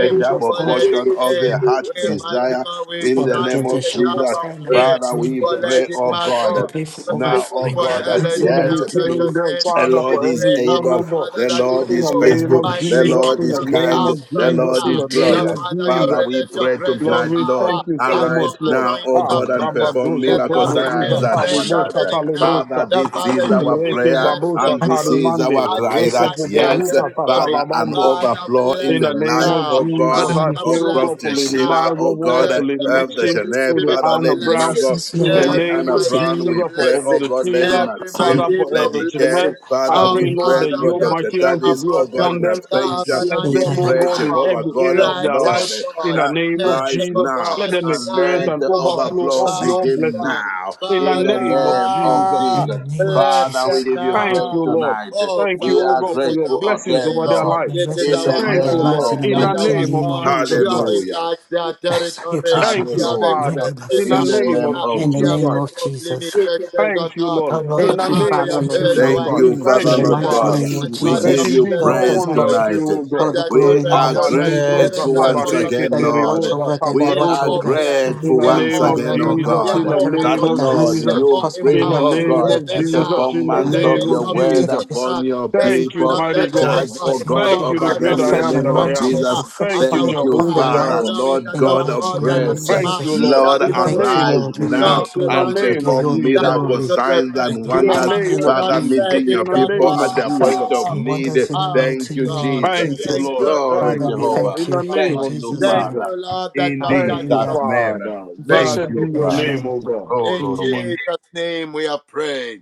Speaker 3: a
Speaker 8: Lord of
Speaker 3: double
Speaker 1: for
Speaker 8: God.
Speaker 1: Lady
Speaker 3: portion of
Speaker 8: In
Speaker 1: Kay.
Speaker 8: the
Speaker 3: the
Speaker 8: name of
Speaker 3: heart
Speaker 1: We
Speaker 8: Jesus,
Speaker 1: mighty
Speaker 8: Lord,
Speaker 3: desire
Speaker 1: God, we
Speaker 3: in
Speaker 8: for
Speaker 3: the
Speaker 8: the
Speaker 1: stand
Speaker 3: name
Speaker 1: in
Speaker 3: of
Speaker 1: the
Speaker 8: provision,
Speaker 1: gap
Speaker 3: Jesus.
Speaker 1: and
Speaker 8: prosper in the
Speaker 1: pray
Speaker 8: mighty
Speaker 3: Father,
Speaker 8: name
Speaker 3: we
Speaker 1: for
Speaker 8: of
Speaker 3: pray,
Speaker 1: Lady
Speaker 8: Jesus.
Speaker 3: O
Speaker 8: I
Speaker 3: God,
Speaker 1: Margot.
Speaker 8: pray for
Speaker 1: We might
Speaker 3: now,
Speaker 1: go
Speaker 8: overflow
Speaker 3: O
Speaker 8: in
Speaker 1: for
Speaker 3: God,
Speaker 8: their
Speaker 1: uh,
Speaker 3: that
Speaker 8: lives
Speaker 1: Lady
Speaker 8: in
Speaker 7: Let
Speaker 8: the
Speaker 7: me
Speaker 3: yes.
Speaker 8: mighty
Speaker 1: Elder
Speaker 7: pray
Speaker 8: name of
Speaker 7: there,
Speaker 1: Jeanette.
Speaker 3: The
Speaker 8: Jesus.
Speaker 7: Father,
Speaker 1: We
Speaker 3: Lord
Speaker 7: for
Speaker 3: is
Speaker 1: pray, our
Speaker 7: everyone,
Speaker 3: able.
Speaker 7: oh God.
Speaker 1: Father,
Speaker 3: The
Speaker 1: that
Speaker 3: Lord
Speaker 1: you
Speaker 7: In
Speaker 3: is
Speaker 7: the
Speaker 1: move
Speaker 8: And
Speaker 7: name
Speaker 3: faithful.
Speaker 7: of
Speaker 8: Rabbi
Speaker 3: The
Speaker 1: mightily
Speaker 8: Shake,
Speaker 7: Jesus,
Speaker 1: on
Speaker 3: Lord
Speaker 7: in
Speaker 3: is
Speaker 7: the
Speaker 1: their
Speaker 8: the
Speaker 3: kind.
Speaker 7: name
Speaker 1: behalf
Speaker 7: of
Speaker 8: Lord's
Speaker 3: The
Speaker 1: right
Speaker 7: Jesus,
Speaker 3: Lord
Speaker 7: in
Speaker 3: is
Speaker 1: now.
Speaker 7: the
Speaker 1: The
Speaker 7: name
Speaker 8: terrible.
Speaker 3: glorious.
Speaker 7: of
Speaker 1: Father, you
Speaker 3: Father,
Speaker 7: Jesus.
Speaker 3: we
Speaker 1: release your
Speaker 3: pray
Speaker 1: grace, your
Speaker 7: Lord,
Speaker 3: tonight,
Speaker 7: we
Speaker 3: Lord,
Speaker 1: power,
Speaker 7: thank you so
Speaker 1: and
Speaker 3: arise
Speaker 7: much,
Speaker 1: your
Speaker 7: Lord.
Speaker 3: now, O
Speaker 1: anointing
Speaker 7: Ah,
Speaker 8: Come,
Speaker 3: God,
Speaker 1: upon
Speaker 3: and
Speaker 7: Rabba
Speaker 1: them.
Speaker 8: Lord.
Speaker 3: perform
Speaker 1: Let
Speaker 7: Dozo
Speaker 3: miracle
Speaker 1: there
Speaker 8: My
Speaker 7: Tobo
Speaker 1: be
Speaker 3: signs
Speaker 7: Diza
Speaker 1: real
Speaker 8: glory,
Speaker 3: and
Speaker 7: Tabi
Speaker 1: change
Speaker 8: Bash.
Speaker 3: wonders.
Speaker 7: Boshata
Speaker 1: happening now.
Speaker 3: Father,
Speaker 7: Lebroska,
Speaker 1: The
Speaker 3: this
Speaker 1: Father,
Speaker 3: is
Speaker 1: you
Speaker 3: our
Speaker 1: indeed
Speaker 7: Reke
Speaker 3: prayer
Speaker 1: bless them,
Speaker 7: Babusa
Speaker 3: and
Speaker 1: O
Speaker 8: But
Speaker 3: this
Speaker 1: God,
Speaker 3: is
Speaker 7: Tarimande,
Speaker 3: our
Speaker 1: and you
Speaker 3: cry
Speaker 7: Reke
Speaker 3: that,
Speaker 1: enlarge
Speaker 8: Jesus,
Speaker 1: their
Speaker 3: yes,
Speaker 7: Poborita
Speaker 3: Father,
Speaker 1: territory.
Speaker 3: an
Speaker 7: Tatalabando,
Speaker 1: Father,
Speaker 3: overflow
Speaker 1: bless
Speaker 3: in
Speaker 7: in
Speaker 3: the
Speaker 7: the
Speaker 1: them
Speaker 7: name
Speaker 3: life,
Speaker 7: of
Speaker 1: now.
Speaker 3: O
Speaker 8: in
Speaker 3: God,
Speaker 7: Jesus,
Speaker 8: the
Speaker 7: I
Speaker 8: name
Speaker 1: Father,
Speaker 8: of
Speaker 7: pray,
Speaker 3: of
Speaker 7: O
Speaker 1: bless
Speaker 7: God, for
Speaker 3: Prophet
Speaker 1: them
Speaker 7: Lady
Speaker 3: Sheila,
Speaker 1: now.
Speaker 7: Margot
Speaker 3: O God,
Speaker 7: Ward,
Speaker 1: Bless
Speaker 7: for Lady
Speaker 1: them with
Speaker 3: of the
Speaker 7: Maxine,
Speaker 1: every
Speaker 3: Jeanette,
Speaker 7: Lady
Speaker 3: Father,
Speaker 1: spiritual
Speaker 7: Anna
Speaker 3: Lady
Speaker 7: Brown.
Speaker 1: blessing
Speaker 3: Margot,
Speaker 8: Jesus,
Speaker 7: In
Speaker 8: Lord
Speaker 7: the
Speaker 1: every
Speaker 7: name
Speaker 3: Anna
Speaker 7: of
Speaker 8: Almighty,
Speaker 3: Brown,
Speaker 1: financial
Speaker 3: we
Speaker 7: Jesus, for
Speaker 3: pray,
Speaker 7: Brother
Speaker 3: oh
Speaker 1: blessing,
Speaker 8: I
Speaker 3: God,
Speaker 8: pray
Speaker 3: Lady
Speaker 7: Sheila,
Speaker 8: for
Speaker 1: every
Speaker 8: Lord
Speaker 3: Maxine,
Speaker 7: Father, for
Speaker 1: material
Speaker 7: Elder
Speaker 3: Lady Care,
Speaker 1: blessing.
Speaker 7: Jeanette, I
Speaker 3: Father,
Speaker 1: Our
Speaker 3: we
Speaker 7: pray,
Speaker 8: Almighty.
Speaker 7: Lord, that
Speaker 1: Father,
Speaker 3: pray for
Speaker 7: your
Speaker 1: we are
Speaker 3: Dr.
Speaker 7: mighty
Speaker 1: calling
Speaker 7: hand to
Speaker 3: Tavis,
Speaker 7: be
Speaker 3: oh
Speaker 1: upon
Speaker 3: God,
Speaker 1: you,
Speaker 3: in
Speaker 7: upon them.
Speaker 3: absentia,
Speaker 7: Bless
Speaker 1: covenant
Speaker 3: we
Speaker 7: them, O
Speaker 1: keeping
Speaker 3: pray,
Speaker 7: God, in
Speaker 1: God,
Speaker 3: Jehovah
Speaker 7: every
Speaker 3: God,
Speaker 7: area
Speaker 3: that
Speaker 7: of their
Speaker 3: Lord,
Speaker 7: life.
Speaker 1: righteous
Speaker 7: In
Speaker 1: God,
Speaker 7: the
Speaker 3: uh,
Speaker 7: name of
Speaker 3: rise
Speaker 7: Jesus,
Speaker 1: merciful
Speaker 3: now
Speaker 7: let
Speaker 1: God,
Speaker 7: them
Speaker 3: and
Speaker 7: experience
Speaker 3: let
Speaker 1: kind
Speaker 7: an
Speaker 3: the
Speaker 1: God,
Speaker 7: overflow
Speaker 3: overflow
Speaker 7: of
Speaker 8: Jesus.
Speaker 7: your
Speaker 1: powerful
Speaker 3: begin
Speaker 7: blessings.
Speaker 1: God.
Speaker 3: now
Speaker 7: In the
Speaker 3: in the
Speaker 7: name of
Speaker 3: name of
Speaker 7: Jesus,
Speaker 8: In
Speaker 1: Father,
Speaker 8: the
Speaker 3: Jesus.
Speaker 8: name of
Speaker 1: bless
Speaker 3: Father,
Speaker 1: them
Speaker 3: we
Speaker 8: Jesus,
Speaker 3: give
Speaker 8: our
Speaker 3: you
Speaker 8: God.
Speaker 7: thank
Speaker 3: praise
Speaker 7: you,
Speaker 1: now.
Speaker 7: Lord.
Speaker 3: tonight.
Speaker 1: Oh,
Speaker 7: Thank
Speaker 3: We
Speaker 7: you, O
Speaker 1: Father,
Speaker 3: are
Speaker 7: God,
Speaker 1: this
Speaker 7: for
Speaker 1: is
Speaker 7: your
Speaker 3: grateful
Speaker 1: our
Speaker 7: blessings
Speaker 3: again,
Speaker 7: over
Speaker 8: I
Speaker 1: prayer.
Speaker 7: their
Speaker 8: send
Speaker 3: Lord,
Speaker 7: life.
Speaker 8: your
Speaker 1: This is
Speaker 3: in
Speaker 8: blessings
Speaker 3: the
Speaker 1: our
Speaker 8: upon
Speaker 7: Thank
Speaker 8: their
Speaker 7: you,
Speaker 3: name
Speaker 1: cry
Speaker 8: lives
Speaker 7: Lord.
Speaker 3: of
Speaker 8: in the
Speaker 7: In
Speaker 1: that
Speaker 7: the
Speaker 8: mighty
Speaker 1: our
Speaker 7: name of
Speaker 3: Jesus.
Speaker 8: name
Speaker 1: God,
Speaker 8: of
Speaker 7: Jesus
Speaker 1: you have
Speaker 7: Christ.
Speaker 8: Jesus.
Speaker 3: Hallelujah.
Speaker 1: enlarged their
Speaker 8: I send you
Speaker 1: territory.
Speaker 8: place your
Speaker 7: Thank
Speaker 1: You
Speaker 8: hands
Speaker 7: you,
Speaker 8: on
Speaker 1: have
Speaker 8: them,
Speaker 3: Hallelujah.
Speaker 8: anoint
Speaker 7: Father.
Speaker 8: them
Speaker 1: extended
Speaker 7: In the
Speaker 1: their
Speaker 3: In the
Speaker 8: afresh
Speaker 7: name
Speaker 3: name
Speaker 7: of
Speaker 1: border.
Speaker 3: of
Speaker 8: in the
Speaker 1: You
Speaker 7: Jesus
Speaker 1: have
Speaker 3: Jesus.
Speaker 8: name
Speaker 7: Christ.
Speaker 8: of
Speaker 1: removed
Speaker 8: Jesus.
Speaker 1: limitations, oh
Speaker 7: Thank you,
Speaker 1: God.
Speaker 8: Oh
Speaker 7: Lord.
Speaker 8: Lord,
Speaker 7: In
Speaker 1: That
Speaker 5: Thank
Speaker 7: the
Speaker 5: you,
Speaker 1: Father,
Speaker 7: name
Speaker 1: you
Speaker 5: Father,
Speaker 1: have
Speaker 7: of
Speaker 8: thank
Speaker 5: Lord.
Speaker 8: you
Speaker 1: heard
Speaker 5: In
Speaker 7: Jesus
Speaker 8: for
Speaker 5: the
Speaker 1: our
Speaker 3: Thank
Speaker 7: Christ.
Speaker 3: you,
Speaker 5: name of
Speaker 8: in
Speaker 3: Father,
Speaker 7: Thank
Speaker 8: the
Speaker 3: Lord
Speaker 7: you,
Speaker 5: Jesus,
Speaker 1: intercession.
Speaker 8: mighty
Speaker 5: we
Speaker 3: God.
Speaker 7: Father.
Speaker 8: name
Speaker 5: see
Speaker 8: of
Speaker 1: And
Speaker 5: you,
Speaker 3: We
Speaker 5: God.
Speaker 1: Father, you
Speaker 7: There's
Speaker 3: give
Speaker 1: have
Speaker 8: Jesus,
Speaker 3: you
Speaker 7: indeed
Speaker 1: blessed
Speaker 7: no
Speaker 8: Lord
Speaker 1: their
Speaker 3: praise
Speaker 7: one like
Speaker 8: Almighty,
Speaker 1: children
Speaker 3: tonight.
Speaker 7: you, O
Speaker 1: and
Speaker 8: Lord
Speaker 7: God.
Speaker 8: the
Speaker 1: their
Speaker 8: glory
Speaker 3: We
Speaker 8: in the
Speaker 1: children's
Speaker 3: are
Speaker 7: Abba,
Speaker 8: mighty
Speaker 1: children,
Speaker 8: name
Speaker 7: libro,
Speaker 8: of
Speaker 1: even
Speaker 3: grateful
Speaker 1: to the
Speaker 8: Jesus,
Speaker 3: once
Speaker 1: fourth and
Speaker 3: again,
Speaker 7: zakabareke,
Speaker 1: fifth
Speaker 8: that you
Speaker 3: Lord.
Speaker 7: terebo,
Speaker 8: watch over
Speaker 1: generation.
Speaker 8: them, you
Speaker 1: They
Speaker 3: We
Speaker 1: are
Speaker 8: watch
Speaker 3: are
Speaker 8: over
Speaker 7: zakabarodo.
Speaker 1: all
Speaker 8: their
Speaker 1: blessed.
Speaker 8: family,
Speaker 7: In
Speaker 3: grateful
Speaker 1: They
Speaker 7: the
Speaker 1: are
Speaker 3: once
Speaker 7: name
Speaker 1: all
Speaker 8: that
Speaker 7: of
Speaker 3: again,
Speaker 8: Lord
Speaker 3: oh
Speaker 1: favored. They
Speaker 7: Jesus,
Speaker 8: Almighty,
Speaker 3: God,
Speaker 1: are
Speaker 7: in the
Speaker 1: all
Speaker 8: whatever they
Speaker 3: that,
Speaker 7: name
Speaker 8: put
Speaker 7: of
Speaker 8: their
Speaker 1: anointed.
Speaker 3: Lord,
Speaker 8: hands to,
Speaker 1: They
Speaker 8: they
Speaker 7: Jesus,
Speaker 1: are
Speaker 8: will
Speaker 1: all
Speaker 3: you
Speaker 8: prosper in the
Speaker 7: in
Speaker 3: bring,
Speaker 7: the
Speaker 1: empowered.
Speaker 3: oh
Speaker 8: mighty
Speaker 7: name
Speaker 8: name
Speaker 3: God,
Speaker 8: of
Speaker 7: of
Speaker 3: a
Speaker 1: Even
Speaker 8: Jesus,
Speaker 7: Jesus,
Speaker 1: now,
Speaker 7: in the
Speaker 1: in
Speaker 8: that
Speaker 3: performance
Speaker 1: the
Speaker 3: of
Speaker 8: Lord
Speaker 7: name
Speaker 1: name
Speaker 3: your
Speaker 7: of
Speaker 5: name
Speaker 1: of
Speaker 8: Almighty,
Speaker 3: word
Speaker 8: they
Speaker 1: Jesus
Speaker 7: Jesus.
Speaker 8: be
Speaker 3: upon
Speaker 1: Christ,
Speaker 3: your
Speaker 1: the
Speaker 7: Thank
Speaker 1: Son
Speaker 7: you,
Speaker 8: Oh
Speaker 1: of
Speaker 3: people.
Speaker 8: Lord
Speaker 1: the
Speaker 7: mighty God.
Speaker 1: living
Speaker 3: Charge,
Speaker 8: Almighty,
Speaker 1: God,
Speaker 3: oh God,
Speaker 8: thank
Speaker 1: our
Speaker 7: Thank
Speaker 8: you
Speaker 7: you, the
Speaker 3: over
Speaker 8: for
Speaker 1: Father,
Speaker 7: great
Speaker 3: them in
Speaker 7: I
Speaker 1: this
Speaker 3: the
Speaker 8: fresh
Speaker 1: is
Speaker 7: am
Speaker 3: name
Speaker 7: that
Speaker 1: our
Speaker 3: of
Speaker 7: I am.
Speaker 8: anointing,
Speaker 1: prayer
Speaker 8: for
Speaker 3: Jesus.
Speaker 8: fresh
Speaker 7: Thank
Speaker 1: and
Speaker 7: you,
Speaker 3: Thank
Speaker 8: fire
Speaker 1: our
Speaker 3: you,
Speaker 8: upon
Speaker 7: Jehovah
Speaker 8: their
Speaker 1: cry,
Speaker 3: Father,
Speaker 7: Jireh.
Speaker 1: knowing
Speaker 8: lives
Speaker 3: Lord
Speaker 1: that
Speaker 8: in the
Speaker 3: God
Speaker 1: our
Speaker 3: of
Speaker 8: mighty
Speaker 1: God, you are
Speaker 8: name
Speaker 1: not
Speaker 8: of
Speaker 3: grace.
Speaker 1: a
Speaker 7: Thank
Speaker 1: man
Speaker 7: you,
Speaker 8: Jesus.
Speaker 7: Lord.
Speaker 1: that
Speaker 3: Lord,
Speaker 8: We
Speaker 7: In
Speaker 1: you
Speaker 7: the
Speaker 1: should
Speaker 8: thank you,
Speaker 7: name
Speaker 3: arise
Speaker 1: die,
Speaker 7: of
Speaker 8: Lord. We
Speaker 3: now
Speaker 1: nor
Speaker 7: Jesus.
Speaker 8: thank you,
Speaker 7: In
Speaker 1: the
Speaker 7: the
Speaker 3: and
Speaker 1: Son
Speaker 8: Lord.
Speaker 1: of
Speaker 8: We
Speaker 7: name
Speaker 8: give
Speaker 1: Man
Speaker 7: of
Speaker 8: you all
Speaker 3: perform
Speaker 8: the
Speaker 1: that
Speaker 7: Jesus.
Speaker 1: you
Speaker 3: miracles,
Speaker 8: glory.
Speaker 1: should
Speaker 3: signs,
Speaker 1: repent.
Speaker 8: And
Speaker 3: and
Speaker 8: Lord,
Speaker 7: In the
Speaker 3: wonders.
Speaker 1: Have
Speaker 7: name
Speaker 8: that
Speaker 1: you
Speaker 7: of
Speaker 3: Father,
Speaker 1: not
Speaker 7: Jesus.
Speaker 1: said
Speaker 3: meeting your
Speaker 7: In
Speaker 1: it,
Speaker 7: the
Speaker 8: there
Speaker 1: O
Speaker 8: will
Speaker 3: people
Speaker 8: be
Speaker 7: name
Speaker 3: at
Speaker 7: of
Speaker 3: their point
Speaker 7: Jesus.
Speaker 8: sacrifice
Speaker 3: of
Speaker 1: God?
Speaker 8: and
Speaker 3: need.
Speaker 8: wonders in the
Speaker 1: Oh
Speaker 8: mighty
Speaker 3: Thank
Speaker 1: my
Speaker 3: you,
Speaker 8: name
Speaker 1: God.
Speaker 8: of
Speaker 3: Jesus.
Speaker 7: Thank you,
Speaker 8: Jesus.
Speaker 1: Thank
Speaker 7: Lord.
Speaker 1: you that
Speaker 3: Glory,
Speaker 1: you
Speaker 8: Father,
Speaker 7: Thank
Speaker 1: have
Speaker 8: we
Speaker 7: you,
Speaker 1: done
Speaker 3: Jehovah.
Speaker 7: Lord.
Speaker 1: it,
Speaker 7: In
Speaker 8: thank
Speaker 7: the
Speaker 8: you
Speaker 1: oh
Speaker 3: Thank
Speaker 8: in
Speaker 7: name
Speaker 1: God.
Speaker 7: of
Speaker 3: you,
Speaker 8: Jesus'
Speaker 1: Thank
Speaker 8: name.
Speaker 7: Jesus.
Speaker 1: you,
Speaker 3: Father.
Speaker 1: Lord, that you have
Speaker 3: Indeed.
Speaker 7: Thank
Speaker 1: done it,
Speaker 7: you,
Speaker 8: Hallelujah.
Speaker 1: oh God.
Speaker 7: Father.
Speaker 5: Thank you,
Speaker 3: Thank you,
Speaker 1: Father,
Speaker 7: Blessed
Speaker 5: Father.
Speaker 7: be
Speaker 1: we
Speaker 7: your
Speaker 1: bless
Speaker 5: Jesus.
Speaker 8: Amen.
Speaker 7: name, O God.
Speaker 1: you.
Speaker 3: oh,
Speaker 1: In
Speaker 3: Lord.
Speaker 5: Amen.
Speaker 1: Jesus' name we are praying.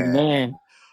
Speaker 3: Amen.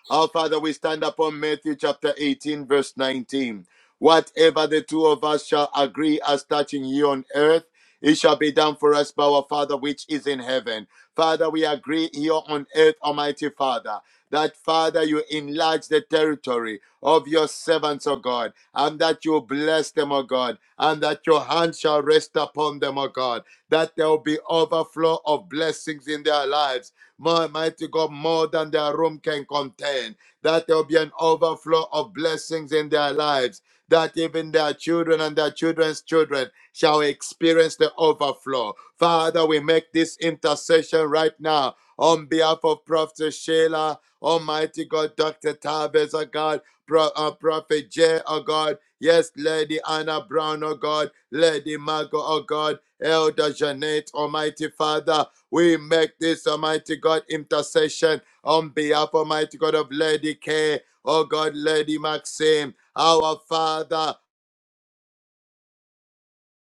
Speaker 1: Our Father, we stand upon Matthew chapter 18, verse 19. Whatever the two of us shall agree as touching you on earth, it shall be done for us by our Father which is in heaven. Father, we agree here on earth, Almighty Father, that Father, you enlarge the territory of your servants, O God, and that you bless them, O God, and that your hand shall rest upon them, O God, that there will be overflow of blessings in their lives mighty God, more than their room can contain. That there will be an overflow of blessings in their lives. That even their children and their children's children shall experience the overflow. Father, we make this intercession right now on behalf of Prophet Sheila, Almighty God, Dr. Tavis, oh God, Pro, uh, Prophet Jay, oh God, yes, Lady Anna Brown, oh God, Lady Margot, oh God, Elder Jeanette, Almighty Father, we make this Almighty God intercession on behalf Almighty God of Lady K, oh God, Lady Maxim, our Father.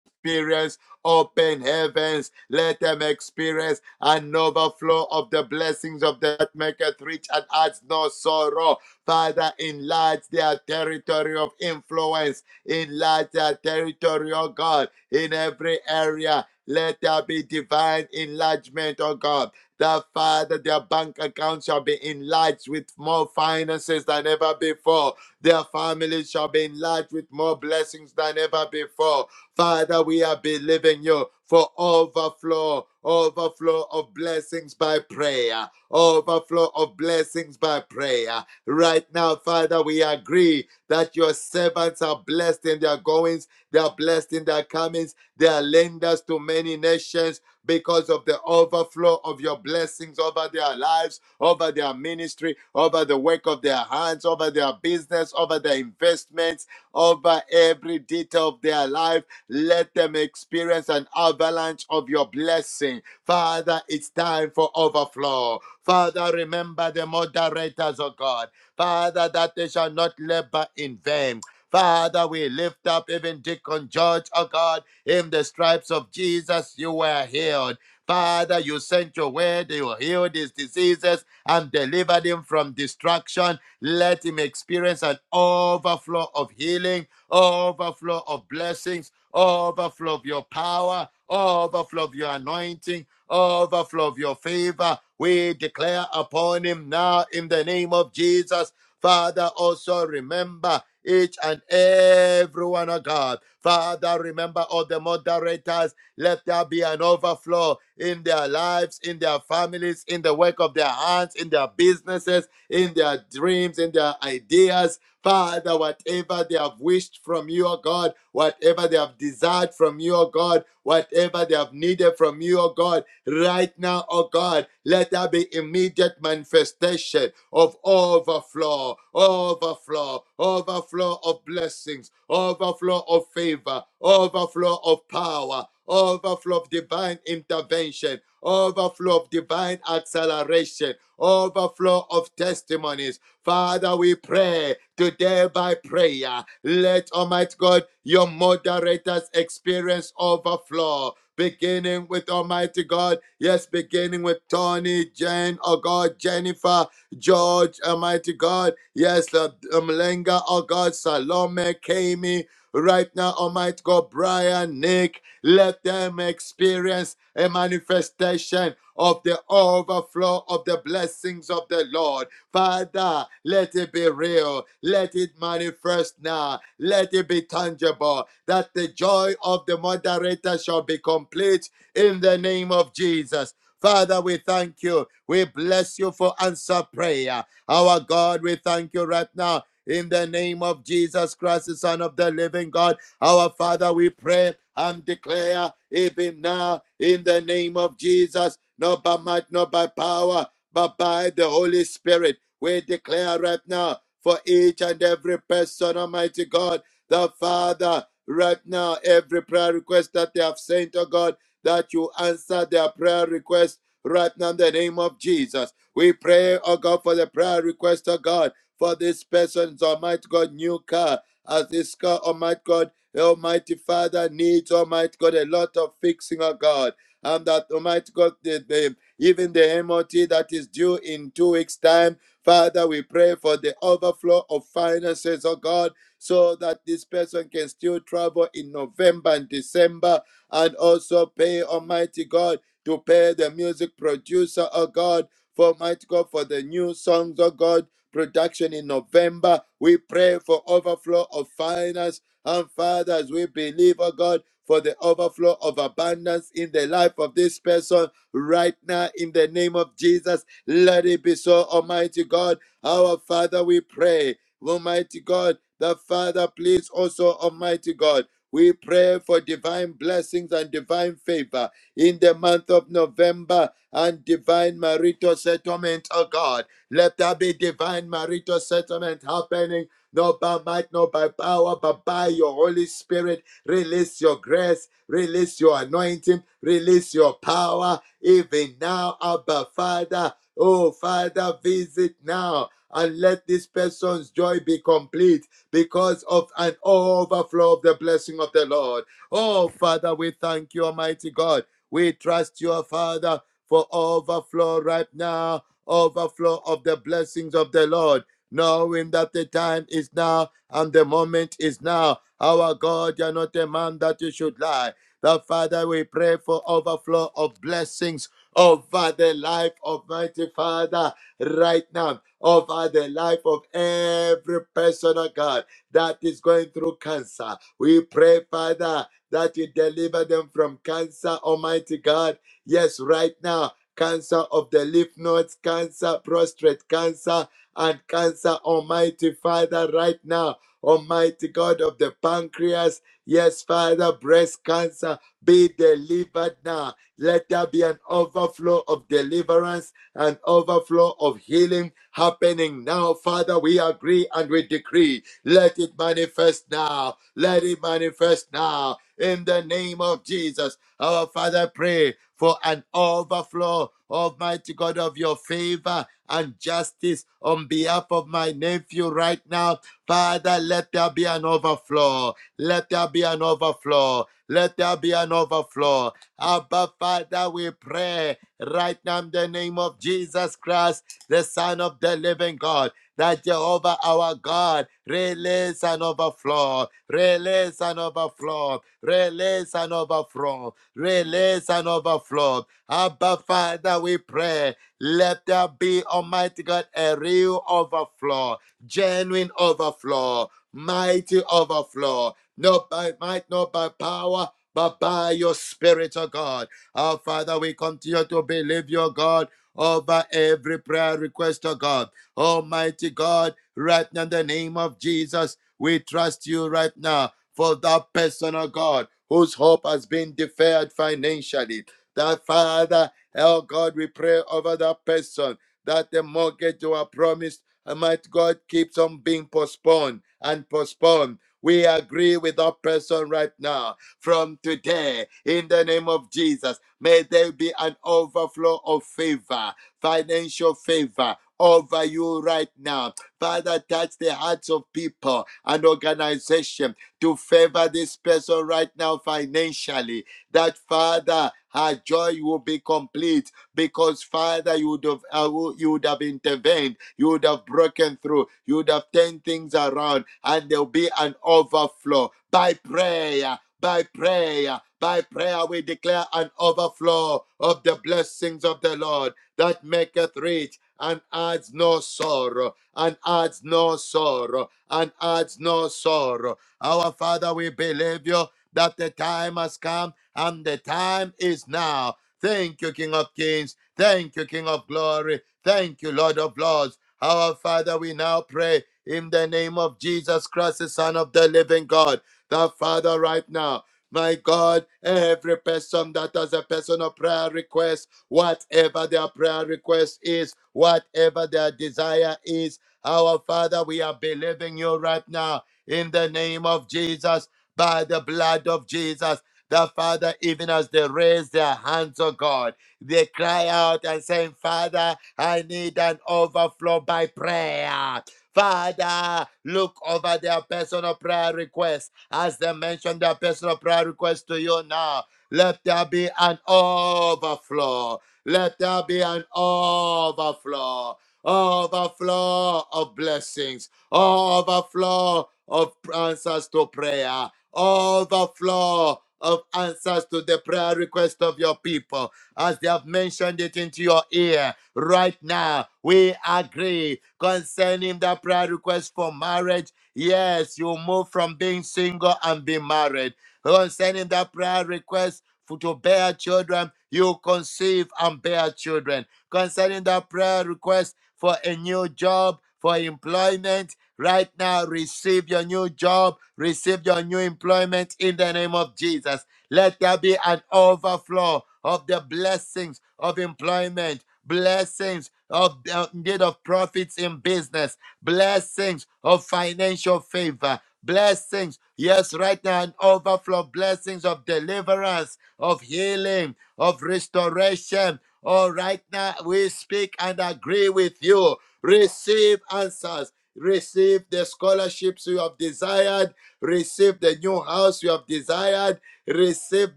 Speaker 1: Experience open heavens, let them experience an overflow of the blessings of that maketh rich and adds no sorrow. Father, enlarge their territory of influence, enlarge their territory, oh God, in every area. Let there be divine enlargement, oh God. That Father, their bank account shall be enlarged with more finances than ever before. Their families shall be enlarged with more blessings than ever before. Father, we are believing you for overflow, overflow of blessings blessings by prayer, overflow of blessings by prayer. Right now, Father, we agree that your servants are blessed in their goings, they are blessed in their comings, they are lenders to many nations because of the overflow of your blessings over their lives, over their ministry, over the work of their hands, over their business, over their investments, over every detail of their life. Let them experience an avalanche of your blessing. Father, it's time for overflow. Father, remember the moderators of God. Father, that they shall not labor in vain. Father, we lift up even Deacon George, oh God, in the stripes of Jesus, you were healed. Father, you sent your word, you healed his diseases and delivered him from destruction. Let him experience an overflow of healing, overflow of blessings, overflow of your power, overflow of your anointing, overflow of your favor. We declare upon him now in the name of Jesus. Father, also remember each and every one of God. Father, remember all the moderators. Let there be an overflow in their lives, in their families, in the work of their hands, in their businesses, in their dreams dreams and their ideas. Father, whatever they have wished from you, O God, whatever they have desired from you, O God, whatever they have needed from you, O God, right now, O God, let there be immediate manifestation of overflow, overflow, overflow of blessings, overflow of favor, overflow of power, overflow of divine intervention, overflow of divine acceleration, overflow of testimonies. Father, we pray today by prayer. Let Almighty God, your moderators experience overflow. Beginning with Almighty God, yes, beginning with Tony, Jane, oh God, Jennifer, George, Almighty God, yes, uh, Mlenga, oh God, Salome, Kami, Right now, Almighty God, Brian, Nick, let them experience a manifestation of the overflow of the blessings of the Lord. Father, let it be real. Let it manifest now. Let it be tangible. That the joy of the moderator shall be complete in the name of Jesus. Father, we thank you. We bless you for answer prayer. Our God, we thank you right now in the name of Jesus Christ, the Son of the living God. Our Father, we pray and declare even now in the name of Jesus, not by might, not by power, but by the Holy Spirit. We declare right now for each and every person, Almighty God, the Father, right now, every prayer request that they have sent, to God, that you answer their prayer request right now in the name of Jesus. We pray, oh God, for the prayer request, oh God for this person's Almighty God new car. As this car, Almighty God, Almighty Father needs Almighty God a lot of fixing, oh God. And that Almighty God, the, the, even the MOT that is due in two weeks' time, Father, we pray for the overflow of finances, oh God, so that this person can still travel in November and December and also pay Almighty God to pay the music producer, oh God, for Almighty God, for the new songs, oh God, production in November. We pray for overflow of finance. And Father, as we believe, oh God, for the overflow of abundance in the life of this person right now, in the name of Jesus, let it be so, Almighty God. Our Father, we pray, Almighty God, the Father, please also, Almighty God. We pray for divine blessings and divine favor in the month of November and divine marital settlement, oh God. Let there be divine marital settlement happening, not by might, not by power, but by your Holy Spirit. Release your grace, release your anointing, release your power, even now, Abba Father. Oh, Father, visit now and let this person's joy be complete because of an overflow of the blessing of the Lord. Oh, Father, we thank you, Almighty God. We trust you, Father, for overflow right now overflow of the blessings of the Lord, knowing that the time is now and the moment is now. Our God, you are not a man that you should lie. The Father, we pray for overflow of blessings over the life of mighty Father right now, over the life of every person, oh God, that is going through cancer. We pray, Father, that you deliver them from cancer, Almighty God. Yes, right now, cancer of the lymph nodes, cancer, prostate cancer, and cancer, Almighty Father, right now. Almighty God of the pancreas, yes, Father, breast cancer be delivered now. Let there be an overflow of deliverance and overflow of healing happening now. Father, we agree and we decree. Let it manifest now. Let it manifest now. In the name of Jesus, our Father, pray for an overflow Almighty God, of your favor and justice on behalf of my nephew right now. Father, let there be an overflow. Let there be an overflow. Let there be an overflow. Abba, Father, we pray right now in the name of Jesus Christ, the Son of the living God, that Jehovah our God release an overflow, release an overflow, release an overflow, release an overflow Abba, Father, we pray. Let there be, Almighty God, a real overflow, genuine overflow, mighty overflow, not by might, not by power, but by your Spirit, O God. Our Father, we continue to believe your God over every prayer request, O God. Almighty God, right now in the name of Jesus, we trust you right now for that person, O God, whose hope has been deferred financially. That Father, oh God, we pray over that person that the mortgage you are promised, uh, might God, keeps on being postponed and postponed. We agree with that person right now. From today, in the name of Jesus, may there be an overflow of favor, financial favor over you right now. Father, touch the hearts of people and organization to favor this person right now financially. That Father, her that joy will be complete because Father, you would have I will- you would have intervened, you would have broken through, you would have turned things around, and there'll be an overflow by prayer. By prayer, by prayer, we declare an overflow of the blessings of the Lord that maketh rich and adds no sorrow, and adds no sorrow, and adds no sorrow. Our Father, we believe you that the time has come and the time is now. Thank you, King of Kings. Thank you, King of Glory. Thank you, Lord of Lords. Our Father, we now pray in the name of Jesus Christ, the Son of the living God. The Father, right now. My God, every person that has a personal prayer request, whatever their prayer request is, whatever their desire is, our Father, we are believing you right now in the name of Jesus, by the blood of Jesus. The Father, even as they raise their hands, oh God, they cry out and saying, Father, I need an overflow by prayer. Father, look over their personal prayer requests as they mention their personal prayer requests to you now. Let there be an overflow. Let there be an overflow. Overflow of blessings. Overflow of answers to prayer. Overflow of answers to the prayer request of your people as they have mentioned it into your ear right now. We agree concerning the prayer request for marriage. Yes, you move from being single and be married. Concerning the prayer request for to bear children, you conceive and bear children. Concerning the prayer request for a new job, for employment right now. Receive your new job, receive your new employment in the name of Jesus. Let there be an overflow of the blessings of employment, blessings of the indeed of profits in business, blessings of financial favor. Blessings, yes, right now, an overflow of blessings of deliverance, of healing, of restoration. Oh, right now, we speak and agree with you Receive answers. Receive the scholarships you have desired. Receive the new house you have desired. Receive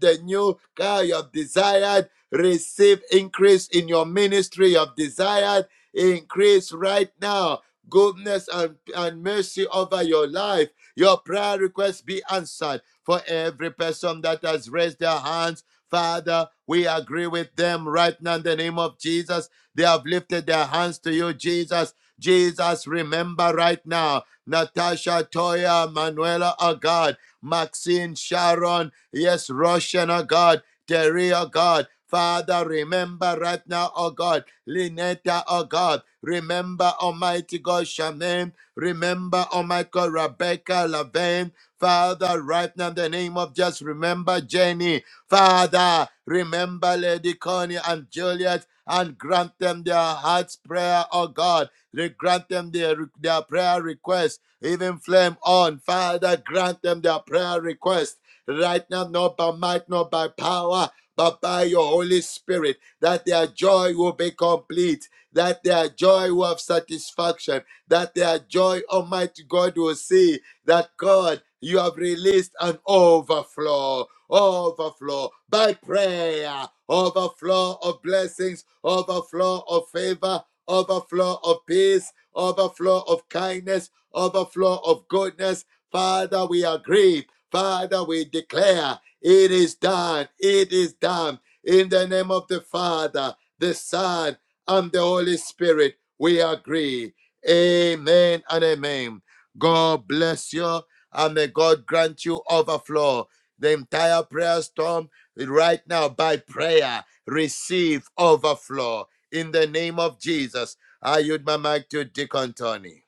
Speaker 1: the new car you have desired. Receive increase in your ministry you have desired. Increase right now goodness and, and mercy over your life. Your prayer requests be answered for every person that has raised their hands. Father, we agree with them right now in the name of Jesus. They have lifted their hands to you, Jesus. Jesus, remember right now Natasha, Toya, Manuela, oh God, Maxine, Sharon, yes, Russian, oh God, Terry, oh God. Father, remember right now, oh God, Lynetta, oh God, remember Almighty God, Shaman, remember Almighty God, Rebecca, Laven. Father, right now, in the name of just remember Jenny. Father, remember Lady Connie and Juliet and grant them their heart's prayer, oh God. Re- Grant them their, their prayer request. Even flame on. Father, grant them their prayer request right now, not by might, not by power, but by your Holy Spirit, that their joy will be complete, that their joy will have satisfaction, that their joy, Almighty God, will see that God, you have released an overflow, overflow by prayer, overflow of blessings, overflow of favor, overflow of peace, overflow of kindness, overflow of goodness. Father, we agree Father, we declare it is done. It is done. In the name of the Father, the Son, and the Holy Spirit, we agree. Amen and amen. God bless you and may God grant you overflow. The entire prayer storm right now by prayer, receive overflow in the name of Jesus. I yield my mic to Deacon Tony.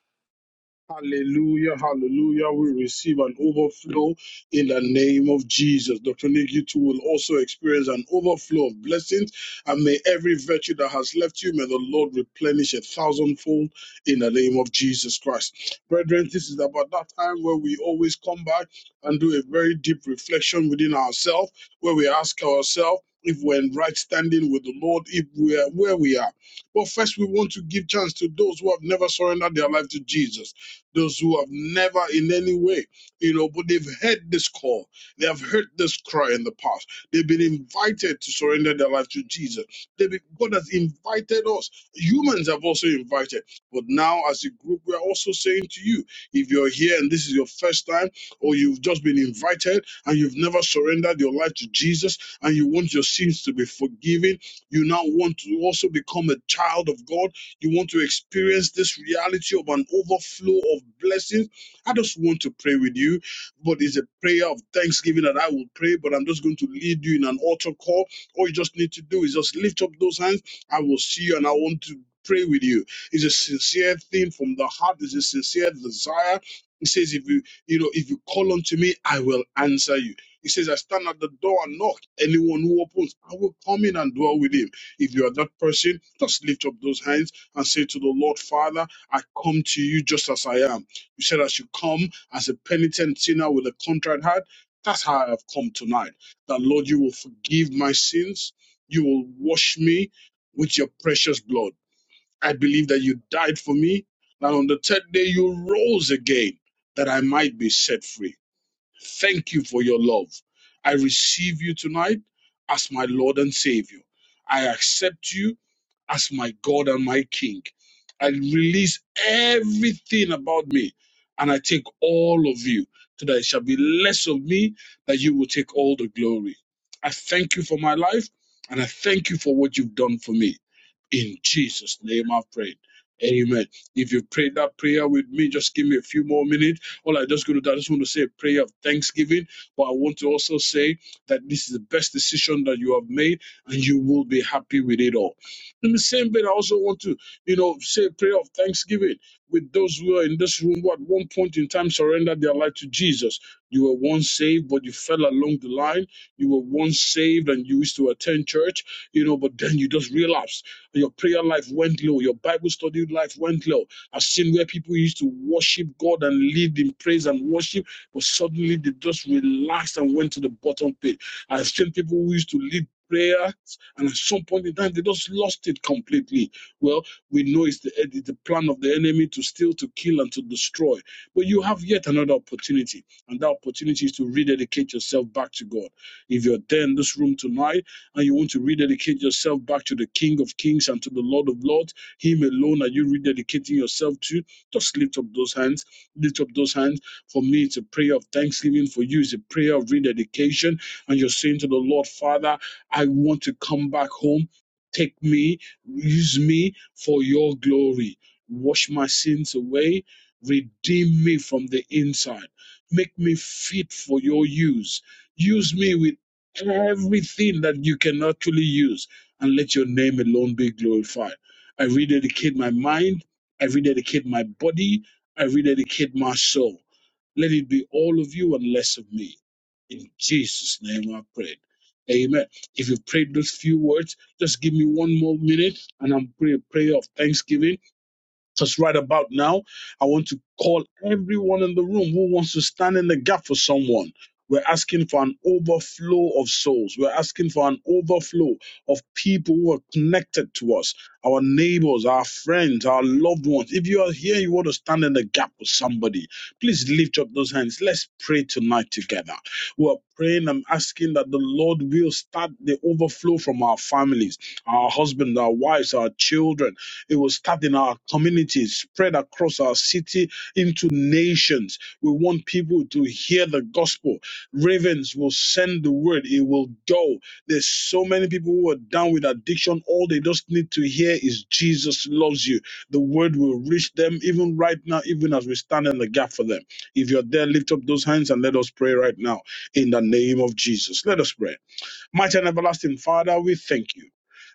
Speaker 7: Hallelujah, hallelujah. We receive an overflow in the name of Jesus. Dr. Nick, you too will also experience an overflow of blessings. And may every virtue that has left you, may the Lord replenish a thousandfold in the name of Jesus Christ. Brethren, this is about that time where we always come back and do a very deep reflection within ourselves, where we ask ourselves, if we're in right standing with the Lord, if we are where we are. But first, we want to give chance to those who have never surrendered their life to Jesus those who have never in any way, you know, but they've heard this call, they have heard this cry in the past. They've been invited to surrender their life to Jesus. They've been, God has invited us. Humans have also invited. But now, as a group, we are also saying to you, if you're here and this is your first time, or you've just been invited and you've never surrendered your life to Jesus, and you want your sins to be forgiven, you now want to also become a child of God you want to experience this reality of an overflow of blessings. I just want to pray with you, but it's a prayer of thanksgiving that I will pray, but I'm just going to lead you in an altar call. All you just need to do is just lift up those hands. I will see you and I want to pray with you. It's a sincere thing from the heart, it's a sincere desire. He says, if you, you know, if you call unto me, I will answer you. He says, I stand at the door and knock. Anyone who opens, I will come in and dwell with him. If you are that person, just lift up those hands and say to the Lord, Father, I come to you just as I am. You said I should come as a penitent sinner with a contrite heart. That's how I have come tonight. That Lord, you will forgive my sins. You will wash me with your precious blood. I believe that you died for me. That on the third day you rose again, that I might be set free. Thank you for your love. I receive you tonight as my Lord and Savior. I accept you as my God and my King. I release everything about me and I take all of you so that it shall be less of me that you will take all the glory. I thank you for my life and I thank you for what you've done for me. In Jesus' name I've prayed. Amen. If you prayed that prayer with me, just give me a few more minutes all I'm just going to do, I just want to say a prayer of thanksgiving, but I want to also say that this is the best decision that you have made and you will be happy with it all. In the same vein, I also want to, you know, say a prayer of thanksgiving with those who are in this room who at one point in time surrendered their life to Jesus. You were once saved, but you fell along the line. You were once saved and you used to attend church, you know, but then you just relapsed. Your prayer life went low. Your Bible study life went low. I've seen where people used to worship God and lead in praise and worship, but suddenly they just relaxed and went to the bottom pit. I've seen people who used to lead prayer, and at some point in time, they just lost it completely. Well, we know it's the, it's the plan of the enemy to steal, to kill, and to destroy. But you have yet another opportunity, and that opportunity is to rededicate yourself back to God. If you're there in this room tonight and you want to rededicate yourself back to the King of Kings and to the Lord of Lords, Him alone are you rededicating yourself to, just lift up those hands. Lift up those hands. For me, it's a prayer of thanksgiving. For you, it's a prayer of rededication. And you're saying to the Lord, Father, I want to come back home. Take me, use me for your glory. Wash my sins away. Redeem me from the inside. Make me fit for your use. Use me with everything that you can actually use and let your name alone be glorified. I rededicate my mind. I rededicate my body. I rededicate my soul. Let it be all of you and less of me. In Jesus' name I prayed. Amen. If you prayed those few words, just give me one more minute and I'm pray a prayer of thanksgiving because right about now, I want to call everyone in the room who wants to stand in the gap for someone. We're asking for an overflow of souls. We're asking for an overflow of people who are connected to us, our neighbors, our friends, our loved ones. If you are here, you want to stand in the gap for somebody, please lift up those hands. Let's pray tonight together. We're praying and asking that the Lord will start the overflow from our families, our husbands, our wives, our children it will start in our communities, spread across our city into nations. We want people to hear the gospel. Ravens will send the word, it will go. There's so many people who are down with addiction. All they just need to hear is Jesus loves you. The word will reach them even right now, even as we stand in the gap for them. If you're there, lift up those hands and let us pray right now in the name of Jesus. Let us pray. Mighty and everlasting Father, we thank you.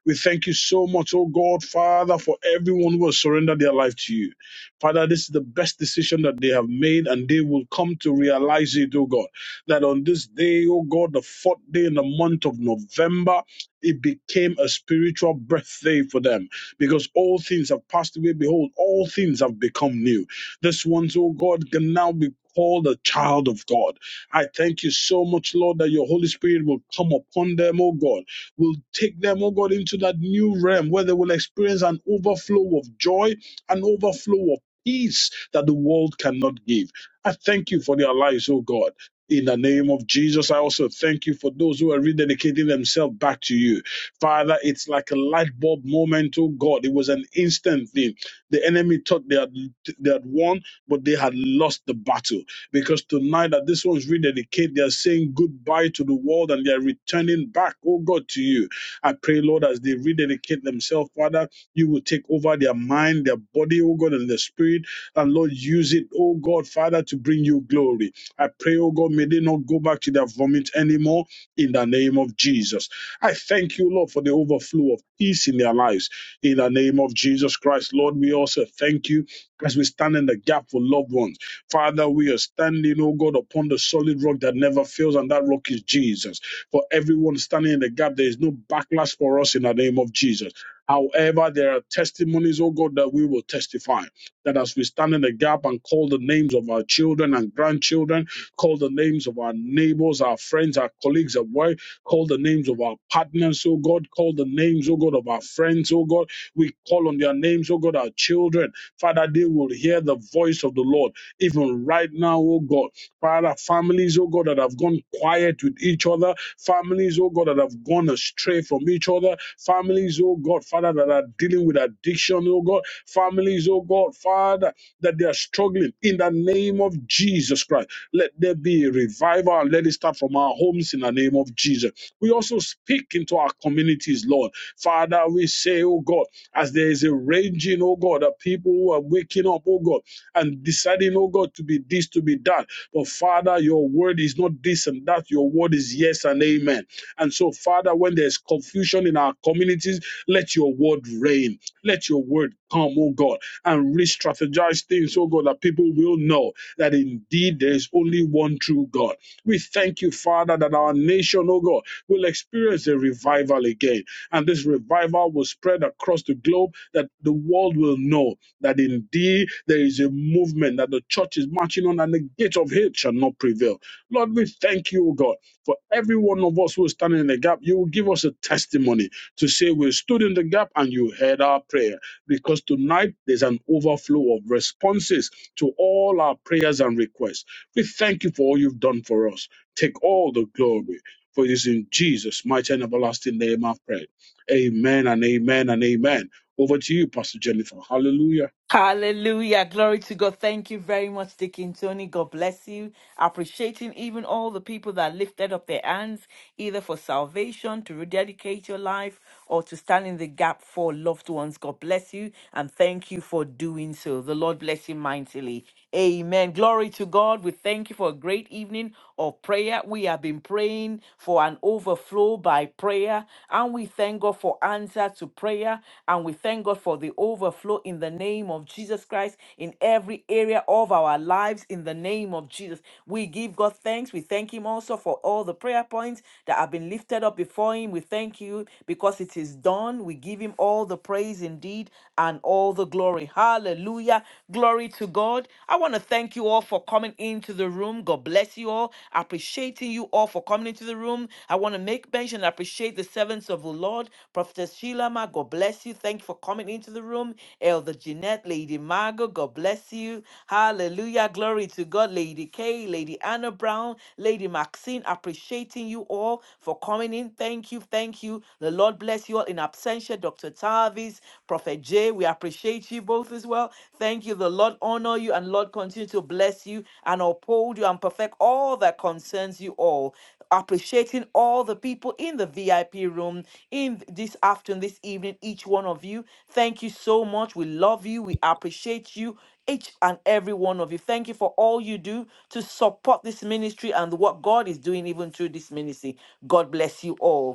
Speaker 7: We thank you so much, oh God, Father, for everyone who has surrendered their life to you. Father, this is the best decision that they have made, and they will come to realize it, oh God. That on this day, oh God, the fourth day in the month of November, it became a spiritual birthday for them because all things have passed away. Behold, all things have become new. This one, O God, can now be called a child of God. I thank you so much, Lord, that your Holy Spirit will come upon them, oh God, will take them, oh God, into that new realm where they will experience an overflow of joy, an overflow of peace that the world cannot give. I thank you for their lives, oh God. In the name of Jesus, I also thank you for those who are rededicating themselves back to you. Father, it's like a light bulb moment, oh God. It was an instant thing. The enemy thought they had, they had won, but they had lost the battle because tonight that this one's rededicated, they are saying goodbye to the world and they are returning back, oh God, to you. I pray, Lord, as they rededicate themselves, Father. You will take over their mind, their body, oh God, and their spirit. And Lord, use it, oh God, Father, to bring you glory. I pray, oh God, may they not go back to their vomit anymore in the name of Jesus. I thank you, Lord, for the overflow of peace in their lives. In the name of Jesus Christ, Lord, we also thank you as we stand in the gap for loved ones. Father, we are standing, oh God, upon the solid rock that never fails, and that rock is Jesus. For everyone standing in the gap, there is no backlash for us in the name of Jesus. However, there are testimonies, oh God, that we will testify. That as we stand in the gap and call the names of our children and grandchildren, call the names of our neighbors, our friends, our colleagues at work, call the names of our partners, oh God, call the names, oh God, of our friends, oh God. We call on their names, oh God, our children. Father, they will hear the voice of the Lord. Even right now, oh God. Father, families, oh God, that have gone quiet with each other, families, oh God, that have gone astray from each other, families, oh God, Father, that are dealing with addiction, oh God, families, oh God, Father, that they are struggling in the name of Jesus Christ. Let there be a revival and let it start start from our homes in the name of Jesus. We also speak into our communities, Lord. Father, we say, oh God, as there is a raging, oh God, that people who are waking up, oh God, and deciding, oh God, to be this, to be that. But Father, your word is not this and that. Your word is yes and amen. And so, Father, when there's confusion in our communities, let your word reign. Let your word come, oh God, and re strategize things, oh God, that people will know that indeed there is only one true God. We thank you, Father, that our nation, oh God, will experience a revival again. And this revival will spread across the globe, that the world will know that indeed there is a movement that the church is marching on, and the gate of hate shall not prevail. Lord, we thank you, O God, for every one of us who is standing in the gap, you will give us a testimony to say we stood in the gap and you heard our prayer. Because tonight there's an overflow of responses to all our prayers and requests. We thank you for all you've done for us. Take all the glory. For it is in Jesus' mighty and everlasting name I've prayed. Amen and amen and amen. Over to you, Pastor Jennifer. Hallelujah.
Speaker 5: Hallelujah. Glory to God. Thank you very much, Deacon Tony. God bless you. Appreciating even all the people that lifted up their hands, either for salvation, to rededicate your life, or to stand in the gap for loved ones. God bless you and thank you for doing so. The Lord bless you mightily. Amen. Glory to God. We thank you for a great evening of prayer. We have been praying for an overflow by prayer. And we thank God for answer to prayer. And we thank God for the overflow in the name of Jesus Christ in every area of our lives in the name of Jesus. We give God thanks. We thank Him also for all the prayer points that have been lifted up before Him. We thank you because it is done. We give Him all the praise indeed and all the glory. Hallelujah. Glory to God. I want to thank you all for coming into the room. God bless you all. Appreciating you all for coming into the room. I want to make mention, and appreciate the servants of the Lord. Prophetess Sheila, Ma, God bless you. Thank you for coming into the room. Elder Jeanette, Lady Margot, God bless you. Hallelujah. Glory to God. Lady Kay, Lady Anna Brown, Lady Maxine, appreciating you all for coming in. Thank you. Thank you. The Lord bless you all in absentia. Dr. Tavis, Prophet Jay, we appreciate you greet you both as well. Thank you. The Lord honor you and Lord continue to bless you and uphold you and perfect all that concerns you all. Appreciating all the people in the VIP room in this afternoon, this evening, each one of you. Thank you so much. We love you. We appreciate you each and every one of you. Thank you for all you do to support this ministry and what God is doing even through this ministry. God bless you all.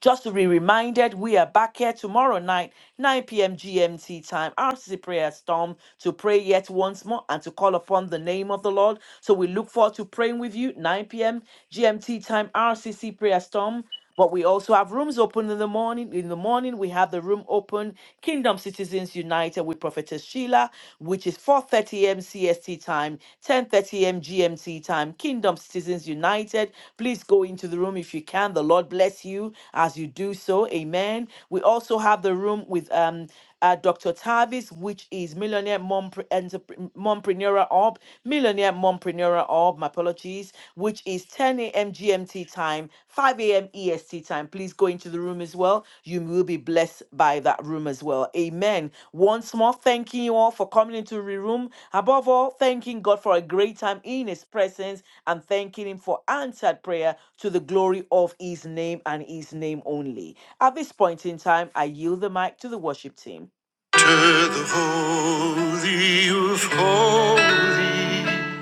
Speaker 5: Just to be reminded, we are back here tomorrow night, 9 p.m. GMT time, RCC Prayer Storm, to pray yet once more and to call upon the name of the Lord. So we look forward to praying with you, 9 p.m. GMT time, RCC Prayer Storm. But we also have rooms open in the morning. In the morning, we have the room open, Kingdom Citizens United with Prophetess Sheila which is 4:30 a.m. CST time, 10:30 a.m. GMT time. Kingdom Citizens United, please go into the room if you can. The Lord bless you as you do so. Amen. We also have the room with um uh, Dr. Tavis, which is Millionaire Mompreneur Entrep- Mompreneur Orb, Millionaire Mompreneur Orb, my apologies, which is 10 a.m. GMT E S T time, 5 a.m. EST time. Please go into the room as well. You will be blessed by that room as well. Amen. Once more, thanking you all for coming into the room. Above all, thanking God for a great time in His presence and thanking Him for answered prayer to the glory of His name and His name only. At this point in time, I yield the mic to the worship team.
Speaker 3: To the Holy of Holies.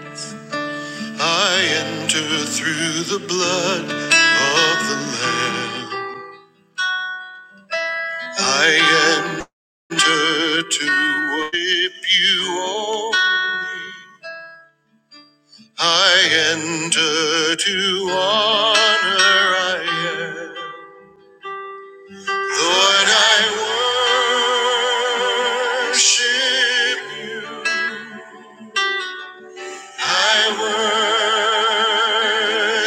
Speaker 3: I enter through the blood of the Lamb. I enter to worship you all. I enter to honor I am. Lord, I worship you. I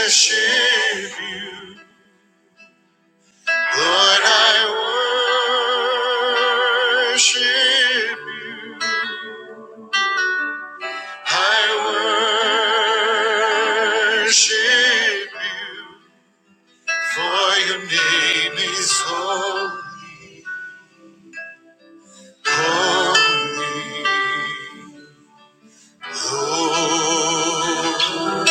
Speaker 3: worship you. Lord, I worship you. I worship you, for your name is holy. Holy. Lord,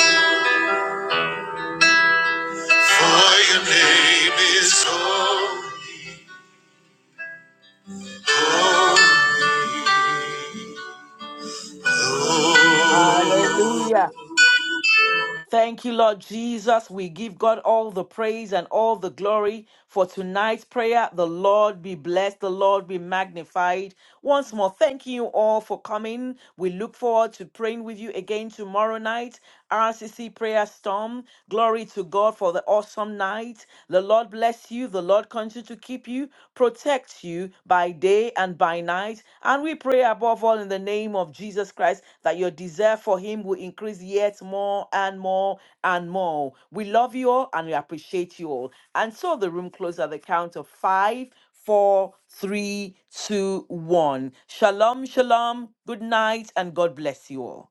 Speaker 3: for your name is holy. Holy.
Speaker 5: Hallelujah.
Speaker 3: Lord.
Speaker 5: Thank you, Lord Jesus. We give God all the praise and all the glory for tonight's prayer. The Lord be blessed. The Lord be magnified. Once more, thank you all for coming. We look forward to praying with you again tomorrow night. RCC prayer storm. Glory to God for the awesome night. The Lord bless you. The Lord continue to keep you protects you by day and by night. And we pray above all in the name of Jesus Christ that your desire for him will increase yet more and more and more. We love you all and we appreciate you all. And so the room closes at the count of five, four, three, two, one. Shalom, shalom, good night, and God bless you all.